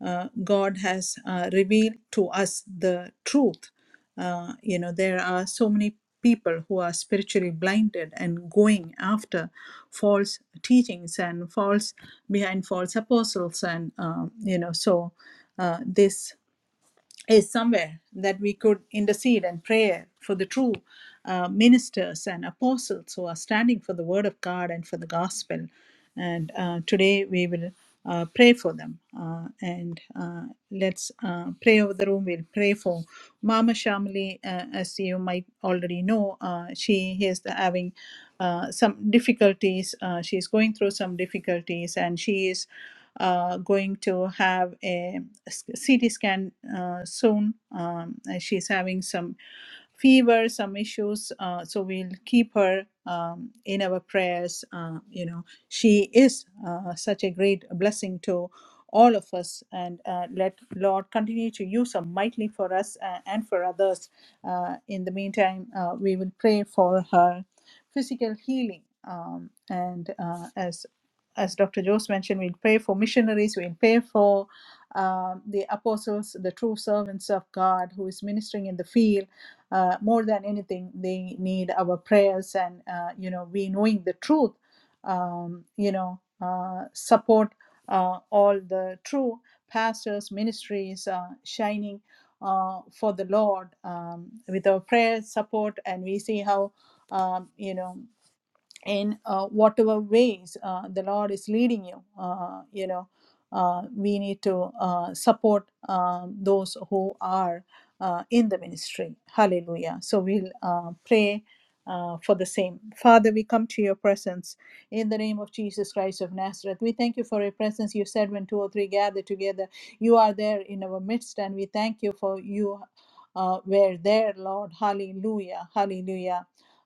Speaker 1: uh, God has uh, revealed to us the truth. Uh, you know, there are so many people who are spiritually blinded and going after false teachings and false behind false apostles. And, um, you know, so uh, this is somewhere that we could intercede and pray for the true uh, ministers and apostles who are standing for the word of God and for the gospel. And uh, today we will uh, pray for them. Uh, and uh, let's uh, pray over the room. We'll pray for Mama Shamli. Uh, as you might already know, uh, she is the, having uh, some difficulties. Uh, she's going through some difficulties and she is uh, going to have a s- CT scan uh, soon. Um, and she's having some fever, some issues. Uh, so we'll keep her um, in our prayers. Uh, you know, she is uh, such a great blessing to all of us, and uh, let Lord continue to use her mightily for us uh, and for others. Uh, in the meantime, uh, we will pray for her physical healing. Um, and uh, as as Dr. Jones mentioned, we'll pray for missionaries, we'll pray for um, the apostles, the true servants of God who is ministering in the field. Uh, more than anything, they need our prayers and, uh, you know, we knowing the truth, um, you know, uh, support uh, all the true pastors, ministries uh, shining uh, for the Lord um, with our prayers, support, and we see how, um, you know, in uh, whatever ways uh, the Lord is leading you. Uh, you know, uh, we need to uh, support um, those who are uh, in the ministry. Hallelujah. So we'll uh, pray. Uh, for the same. Father, we come to your presence in the name of Jesus Christ of Nazareth. We thank you for your presence. You said when two or three gather together, you are there in our midst, and we thank you for you uh, were there, Lord. Hallelujah. Hallelujah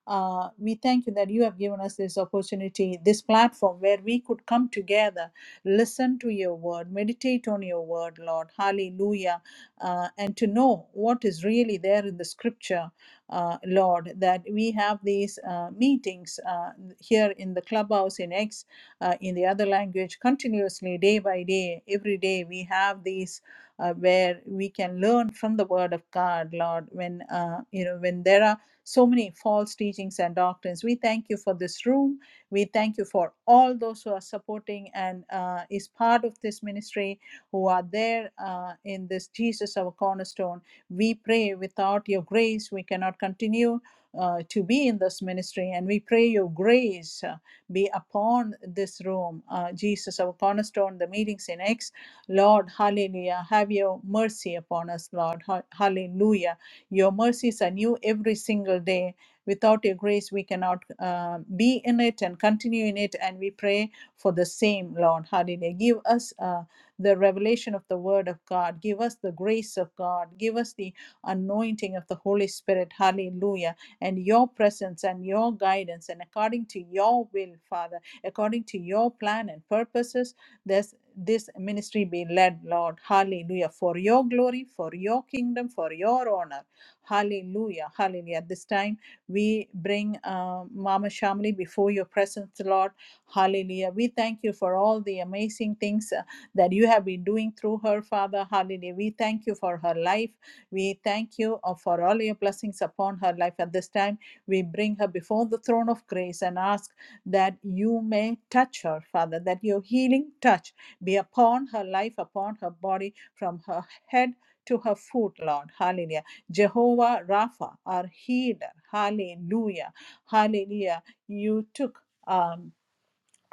Speaker 1: uh, we thank you that you have given us this opportunity, this platform where we could come together, listen to your word, meditate on your word, Lord. Hallelujah. Uh, and to know what is really there in the scripture, uh, Lord, that we have these uh, meetings uh, here in the clubhouse in X, uh, in the other language, continuously, day by day, every day, we have these uh, where we can learn from the word of god lord when uh, you know when there are so many false teachings and doctrines. We thank you for this room. We thank you for all those who are supporting and uh, is part of this ministry, who are there uh, in this Jesus, our cornerstone. We pray without your grace, we cannot continue. Uh, to be in this ministry, and we pray your grace uh, be upon this room. Uh, Jesus, our cornerstone, the meetings in X, Lord, hallelujah. Have your mercy upon us, Lord, Ha- hallelujah your mercies are new every single day. Without your grace, we cannot uh, be in it and continue in it. And we pray for the same, Lord. Hallelujah. Give us uh, the revelation of the word of God. Give us the grace of God. Give us the anointing of the Holy Spirit. Hallelujah. And your presence and your guidance. And according to your will, Father, according to your plan and purposes, this, this ministry be led, Lord. Hallelujah. For your glory, for your kingdom, for your honor. Hallelujah. Hallelujah. At this time, we bring uh, Mama Shamli before your presence, Lord. Hallelujah. We thank you for all the amazing things uh, that you have been doing through her, Father. Hallelujah. We thank you for her life. We thank you uh, for all your blessings upon her life. At this time, we bring her before the throne of grace and ask that you may touch her, Father, that your healing touch be upon her life, upon her body, from her head to her foot, Lord. Hallelujah. Jehovah Rapha, our healer. Hallelujah. Hallelujah. You took. Um,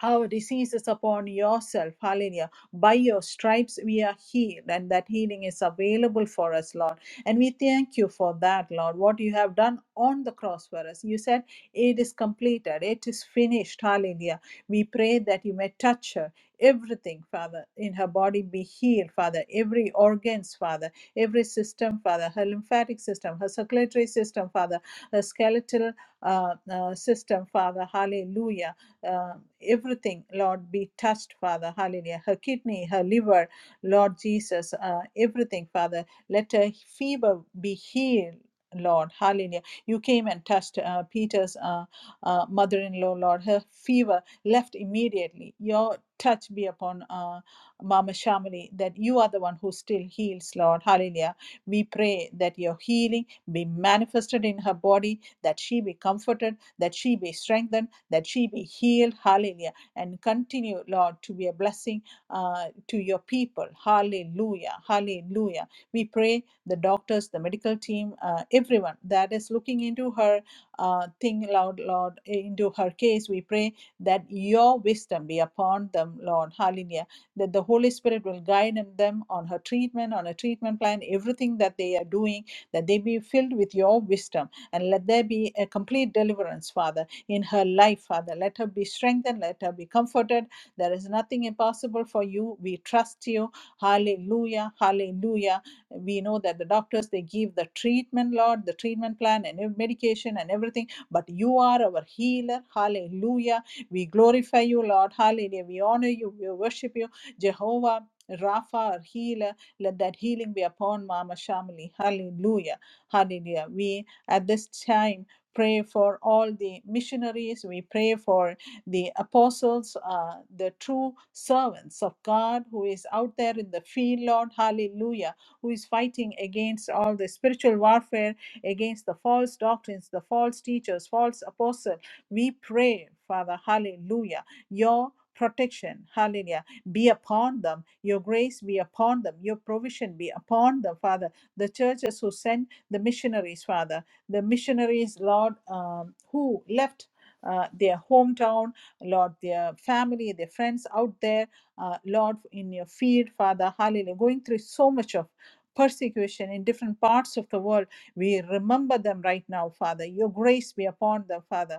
Speaker 1: our diseases upon yourself. Hallelujah. By your stripes we are healed, and that healing is available for us, Lord. And we thank you for that, Lord, what you have done on the cross for us. You said, It is completed, it is finished. Hallelujah. We pray that you may touch her. Everything, Father, in her body be healed, Father. Every organs, Father. Every system, Father. Her lymphatic system, her circulatory system, Father. Her skeletal uh, uh, system, Father. Hallelujah uh, everything, Lord, be touched, Father. Hallelujah. Her kidney, her liver, Lord Jesus, uh, everything, Father. Let her fever be healed. Lord, hallelujah. You came and touched uh, Peter's uh, uh, mother in law, Lord. Her fever left immediately. Your touch be upon uh, Mama Shamali, that you are the one who still heals, Lord. Hallelujah. We pray that your healing be manifested in her body, that she be comforted, that she be strengthened that she be healed. Hallelujah. And continue, Lord, to be a blessing uh, to your people. Hallelujah. Hallelujah. We pray the doctors, the medical team, uh, everyone that is looking into her uh, thing, Lord, Lord, into her case. We pray that your wisdom be upon them, Lord. Hallelujah. That the Holy Spirit will guide them on her treatment, on a treatment plan, everything that they are doing, that they be filled with your wisdom. And let there be a complete deliverance, Father in her life, Father. Let her be strengthened, let her be comforted. There is nothing impossible for you. We trust you. Hallelujah, hallelujah. We know that the doctors they give the treatment, Lord, the treatment plan and medication and everything, but you are our healer. Hallelujah. We glorify you, Lord. Hallelujah. We honor you, we worship you, Jehovah. Rapha, our healer, let that healing be upon Mama Shamali. Hallelujah. Hallelujah. We at this time pray for all the missionaries. We pray for the apostles, uh, the true servants of God who is out there in the field, Lord, hallelujah, who is fighting against all the spiritual warfare, against the false doctrines, the false teachers, false apostles. We pray, Father, hallelujah, your protection, hallelujah, be upon them, your grace be upon them, your provision be upon them, Father. The churches who sent the missionaries, Father, the missionaries, Lord, um, who left. Uh, their hometown, Lord, their family, their friends out there, uh, Lord, in your field, Father, hallelujah, going through so much of persecution in different parts of the world. We remember them right now, Father. Your grace be upon them, Father.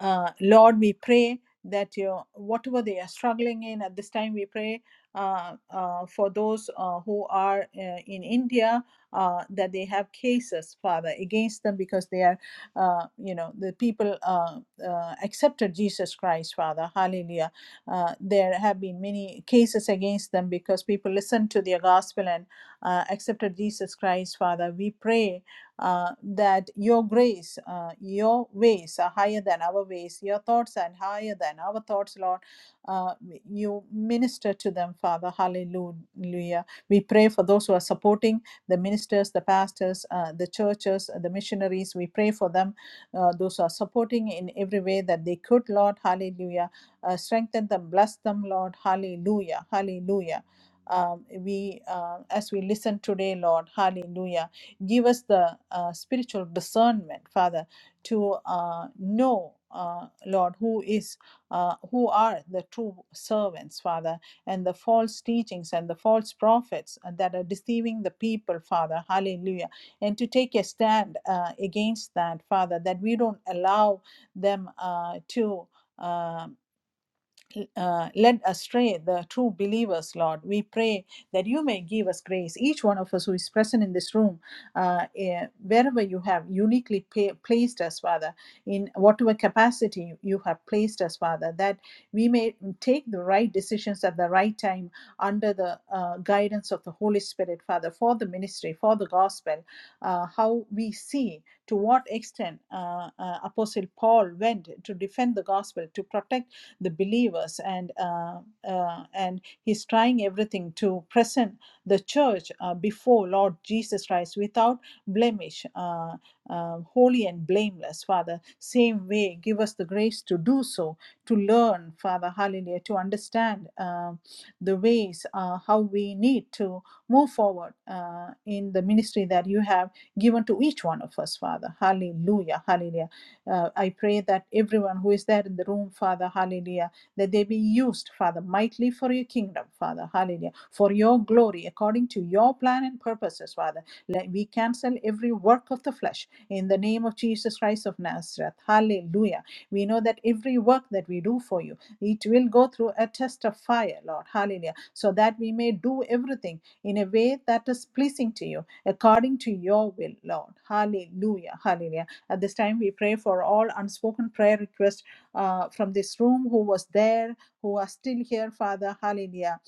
Speaker 1: Uh, Lord, we pray that your whatever they are struggling in at this time, we pray uh, uh, for those uh, who are uh, in India uh, that they have cases, Father, against them because they are, uh, you know, the people uh, uh, accepted Jesus Christ, Father. Hallelujah. Uh, there have been many cases against them because people listened to their gospel and uh, accepted Jesus Christ, Father. We pray uh, that your grace, uh, your ways are higher than our ways, your thoughts are higher than our thoughts, Lord. Uh, you minister to them, Father. Hallelujah. We pray for those who are supporting the ministers, the pastors, uh, the churches, uh, the missionaries. We pray for them, uh, those who are supporting in every way that they could, Lord. Hallelujah. Uh, strengthen them, bless them, Lord. Hallelujah. Hallelujah um, we uh, as we listen today lord hallelujah give us the uh, spiritual discernment father to uh, know uh, lord who is uh, who are the true servants father and the false teachings and the false prophets that are deceiving the people father hallelujah and to take a stand uh, against that father that we don't allow them uh, to um uh, led astray the true believers, Lord. We pray that you may give us grace, each one of us who is present in this room, uh, eh, wherever you have uniquely pa- placed us, Father, in whatever capacity you have placed us, Father, that we may take the right decisions at the right time under the uh, guidance of the Holy Spirit, Father, for the ministry, for the gospel, uh, how we see to what extent uh, uh, Apostle Paul went to defend the gospel, to protect the believers and uh, uh, and he's trying everything to present the church uh, before lord jesus christ without blemish uh, uh, holy and blameless father same way give us the grace to do so to learn father hallelujah to understand uh, the ways uh, how we need to move forward uh, in the ministry that you have given to each one of us, Father. Hallelujah. Hallelujah. Uh, I pray that everyone who is there in the room, Father, hallelujah, that they be used, Father, mightily for your kingdom, Father, hallelujah, for your glory, according to your plan and purpose purposes, Father. Let we cancel every work of the flesh in the name of Jesus Christ of Nazareth. Hallelujah. We know that every work that we do for you, it will go through a test of fire, Lord. Hallelujah. So that we may do everything in a way that is pleasing to you, according to your will, Lord. Hallelujah. Hallelujah. At this time, we pray for all unspoken prayer requests uh, from this room who was there, who are still here, Father. Hallelujah.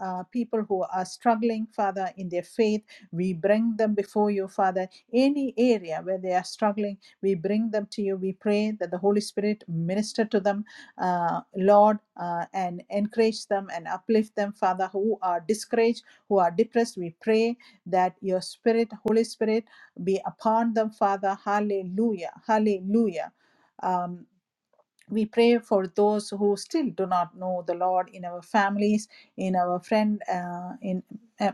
Speaker 1: Uh, people who are struggling, Father, in their faith we bring them before you, Father. Any area where they are struggling, we bring them to you. We pray that the Holy Spirit minister to them, uh, Lord, uh, and encourage them and uplift them, Father, who are discouraged, who are depressed. We pray that your Spirit, Holy Spirit, be upon them, Father. Hallelujah. Hallelujah. Um, we pray for those who still do not know the lord in our families in our friend uh, in uh,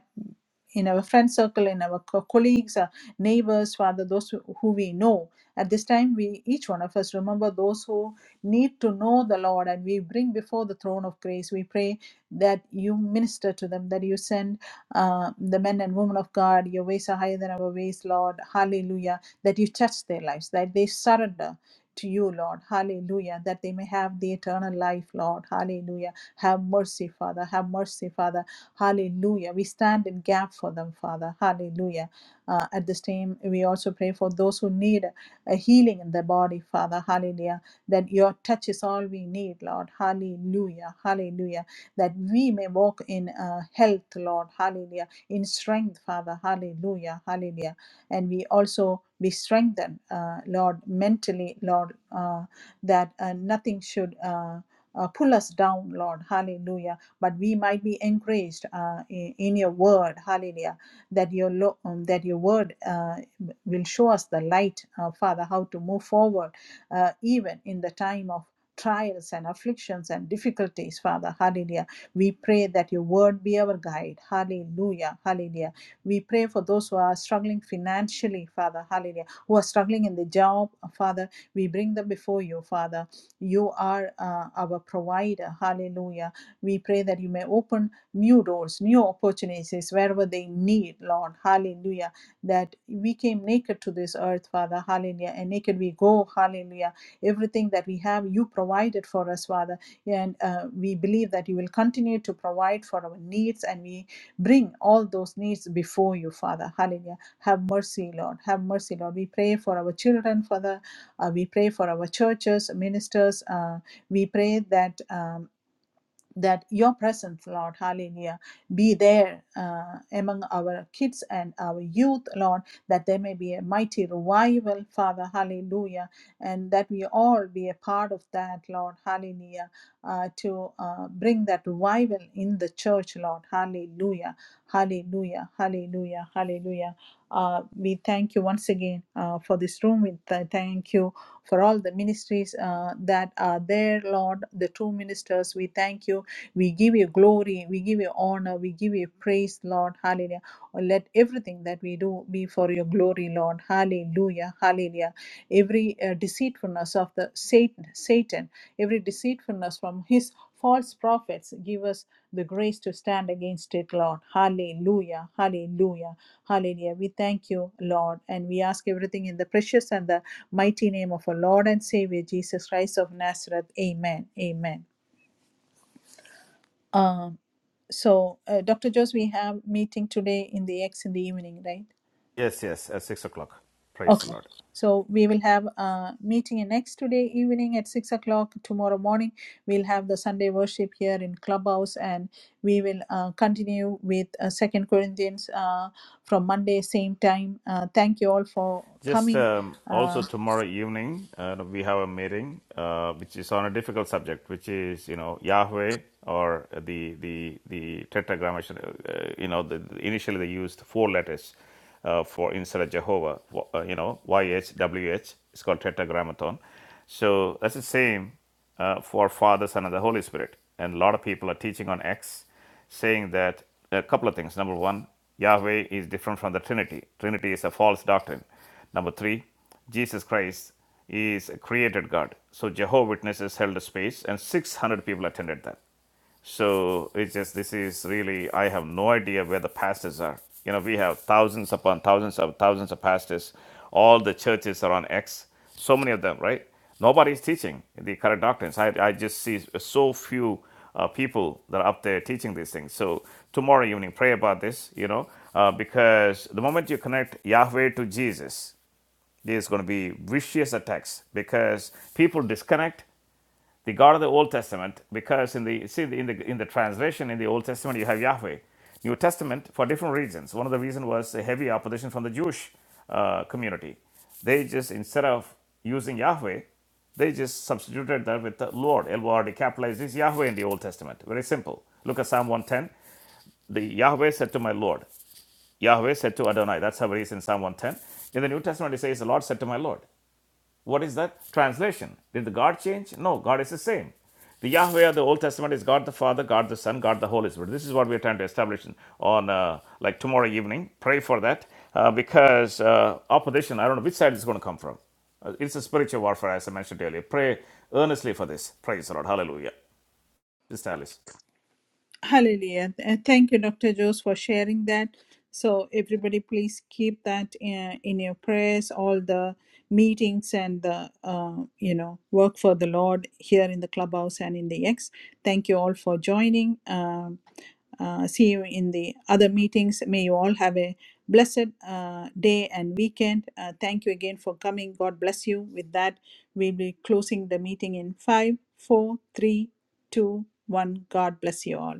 Speaker 1: in our friend circle in our co- colleagues uh, neighbors father those who who we know at this time we each one of us remember those who need to know the lord and we bring before the throne of grace we pray that you minister to them that you send uh, the men and women of god your ways are higher than our ways lord hallelujah that you touch their lives that they surrender to you, Lord. Hallelujah. That they may have the eternal life, Lord. Hallelujah. Have mercy, Father. Have mercy, Father. Hallelujah. We stand in gap for them, Father. Hallelujah. Uh, at this time, we also pray for those who need a healing in their body, Father. Hallelujah. That your touch is all we need, Lord. Hallelujah. Hallelujah. That we may walk in uh, health, Lord. Hallelujah. In strength, Father. Hallelujah. Hallelujah and we also be strengthened, uh, Lord, mentally, Lord, uh, that uh, nothing should. Uh, uh, pull us down, Lord, hallelujah. But we might be encouraged uh, in, in your word, hallelujah, that your, lo- um, that your word uh, will show us the light, uh, Father, how to move forward, uh, even in the time of trials and afflictions and difficulties, Father, hallelujah. We pray that your word be our guide, hallelujah, hallelujah we pray for those who are struggling financially, Father, hallelujah, who are struggling in the job, Father. We bring them before you, Father. You are uh, our provider, hallelujah. We pray that you may open new doors, new opportunities wherever they need, Lord, hallelujah. That we came naked to this earth, Father, hallelujah, and naked we go, hallelujah. Everything that we have, you provided for us, Father, and uh, we believe that you will continue to provide for our needs, and we Bring all those needs before you, Father. Hallelujah. Have mercy, Lord. Have mercy, Lord. We pray for our children, Father. Uh, we pray for our churches, ministers. Uh, we pray that. um, that your presence, Lord, hallelujah, be there uh, among our kids and our youth, Lord, that there may be a mighty revival, Father, hallelujah, and that we all be a part of that, Lord, hallelujah, uh, to uh, bring that revival in the church, Lord, hallelujah, hallelujah, hallelujah, hallelujah. Uh, we thank you once again uh, for this room. We th- thank you for all the ministries uh, that are there, Lord, the true ministers. We thank you we give you glory, we give you honor, we give you praise, Lord. Hallelujah. Oh, let everything that we do be for your glory, Lord. Hallelujah. Hallelujah. Every uh, deceitfulness of the Satan, Satan, every deceitfulness from his false prophets, give us the grace to stand against it, Lord. Hallelujah. Hallelujah. Hallelujah. We thank you, Lord, and we ask everything in the precious and the mighty name of our Lord and Savior Jesus Christ of Nazareth. Amen. Amen. Um, so, uh, Dr. Jose, we have meeting today in the X in the evening, right?
Speaker 2: Yes, yes, at 6 o'clock. Praise the
Speaker 1: Okay.
Speaker 2: Lord.
Speaker 1: So we will have a meeting in X today evening at six o'clock. Tomorrow morning, we'll have the Sunday worship here in Clubhouse, and we will uh, continue with uh, Second Corinthians uh, from Monday same time. Uh, thank you all for
Speaker 2: Just
Speaker 1: coming.
Speaker 2: um,
Speaker 1: Uh,
Speaker 2: also tomorrow evening, uh, we have a meeting uh, which is on a difficult subject, which is you know Yahweh or the the the tetragrammaton. Uh, you know, the, initially they used four letters uh, for instead of Jehovah. Uh, you know, Y H W H. It's called tetragrammaton. So that's the same uh, for Father, Son, and the Holy Spirit. And a lot of people are teaching on X, saying that a couple of things. Number one, Yahweh is different from the Trinity. Trinity is a false doctrine. Number three, Jesus Christ is a created God. So Jehovah Witnesses held a space, and 600 people attended that. So it's just this is really I have no idea where the pastors are. You know, we have thousands upon thousands of thousands of pastors. All the churches are on X. So many of them, right? Nobody is teaching the correct doctrines. I, I just see so few uh, people that are up there teaching these things. So tomorrow evening, pray about this, you know, uh, because the moment you connect Yahweh to Jesus, there's going to be vicious attacks because people disconnect the God of the Old Testament because in the see in the in the translation in the Old Testament you have Yahweh. New Testament for different reasons. One of the reasons was a heavy opposition from the Jewish uh, community. They just instead of using Yahweh, they just substituted that with the Lord. L-O-R-D capitalized is Yahweh in the Old Testament. Very simple. Look at Psalm 110. The Yahweh said to my Lord. Yahweh said to Adonai. That's how it is in Psalm 110. In the New Testament, it says, the Lord said to my Lord. What is that translation? Did the God change? No, God is the same. The Yahweh of the Old Testament is God the Father, God the Son, God the Holy Spirit. This is what we're trying to establish on uh, like tomorrow evening. Pray for that uh, because uh, opposition, I don't know which side it's going to come from. Uh, it's a spiritual warfare, as I mentioned earlier. Pray earnestly for this. Praise the Lord. Hallelujah. Sister Alice.
Speaker 1: Hallelujah. Uh, Thank you, Dr. Jose, for sharing that. So, everybody, please keep that in, in your prayers, all the meetings and the, uh, you know, work for the Lord here in the clubhouse and in the X. Thank you all for joining. Um, uh, see you in the other meetings. May you all have a blessed uh, day and weekend. Uh, thank you again for coming. God bless you. With that, we'll be closing the meeting in five, four, three, two, one. God bless you all.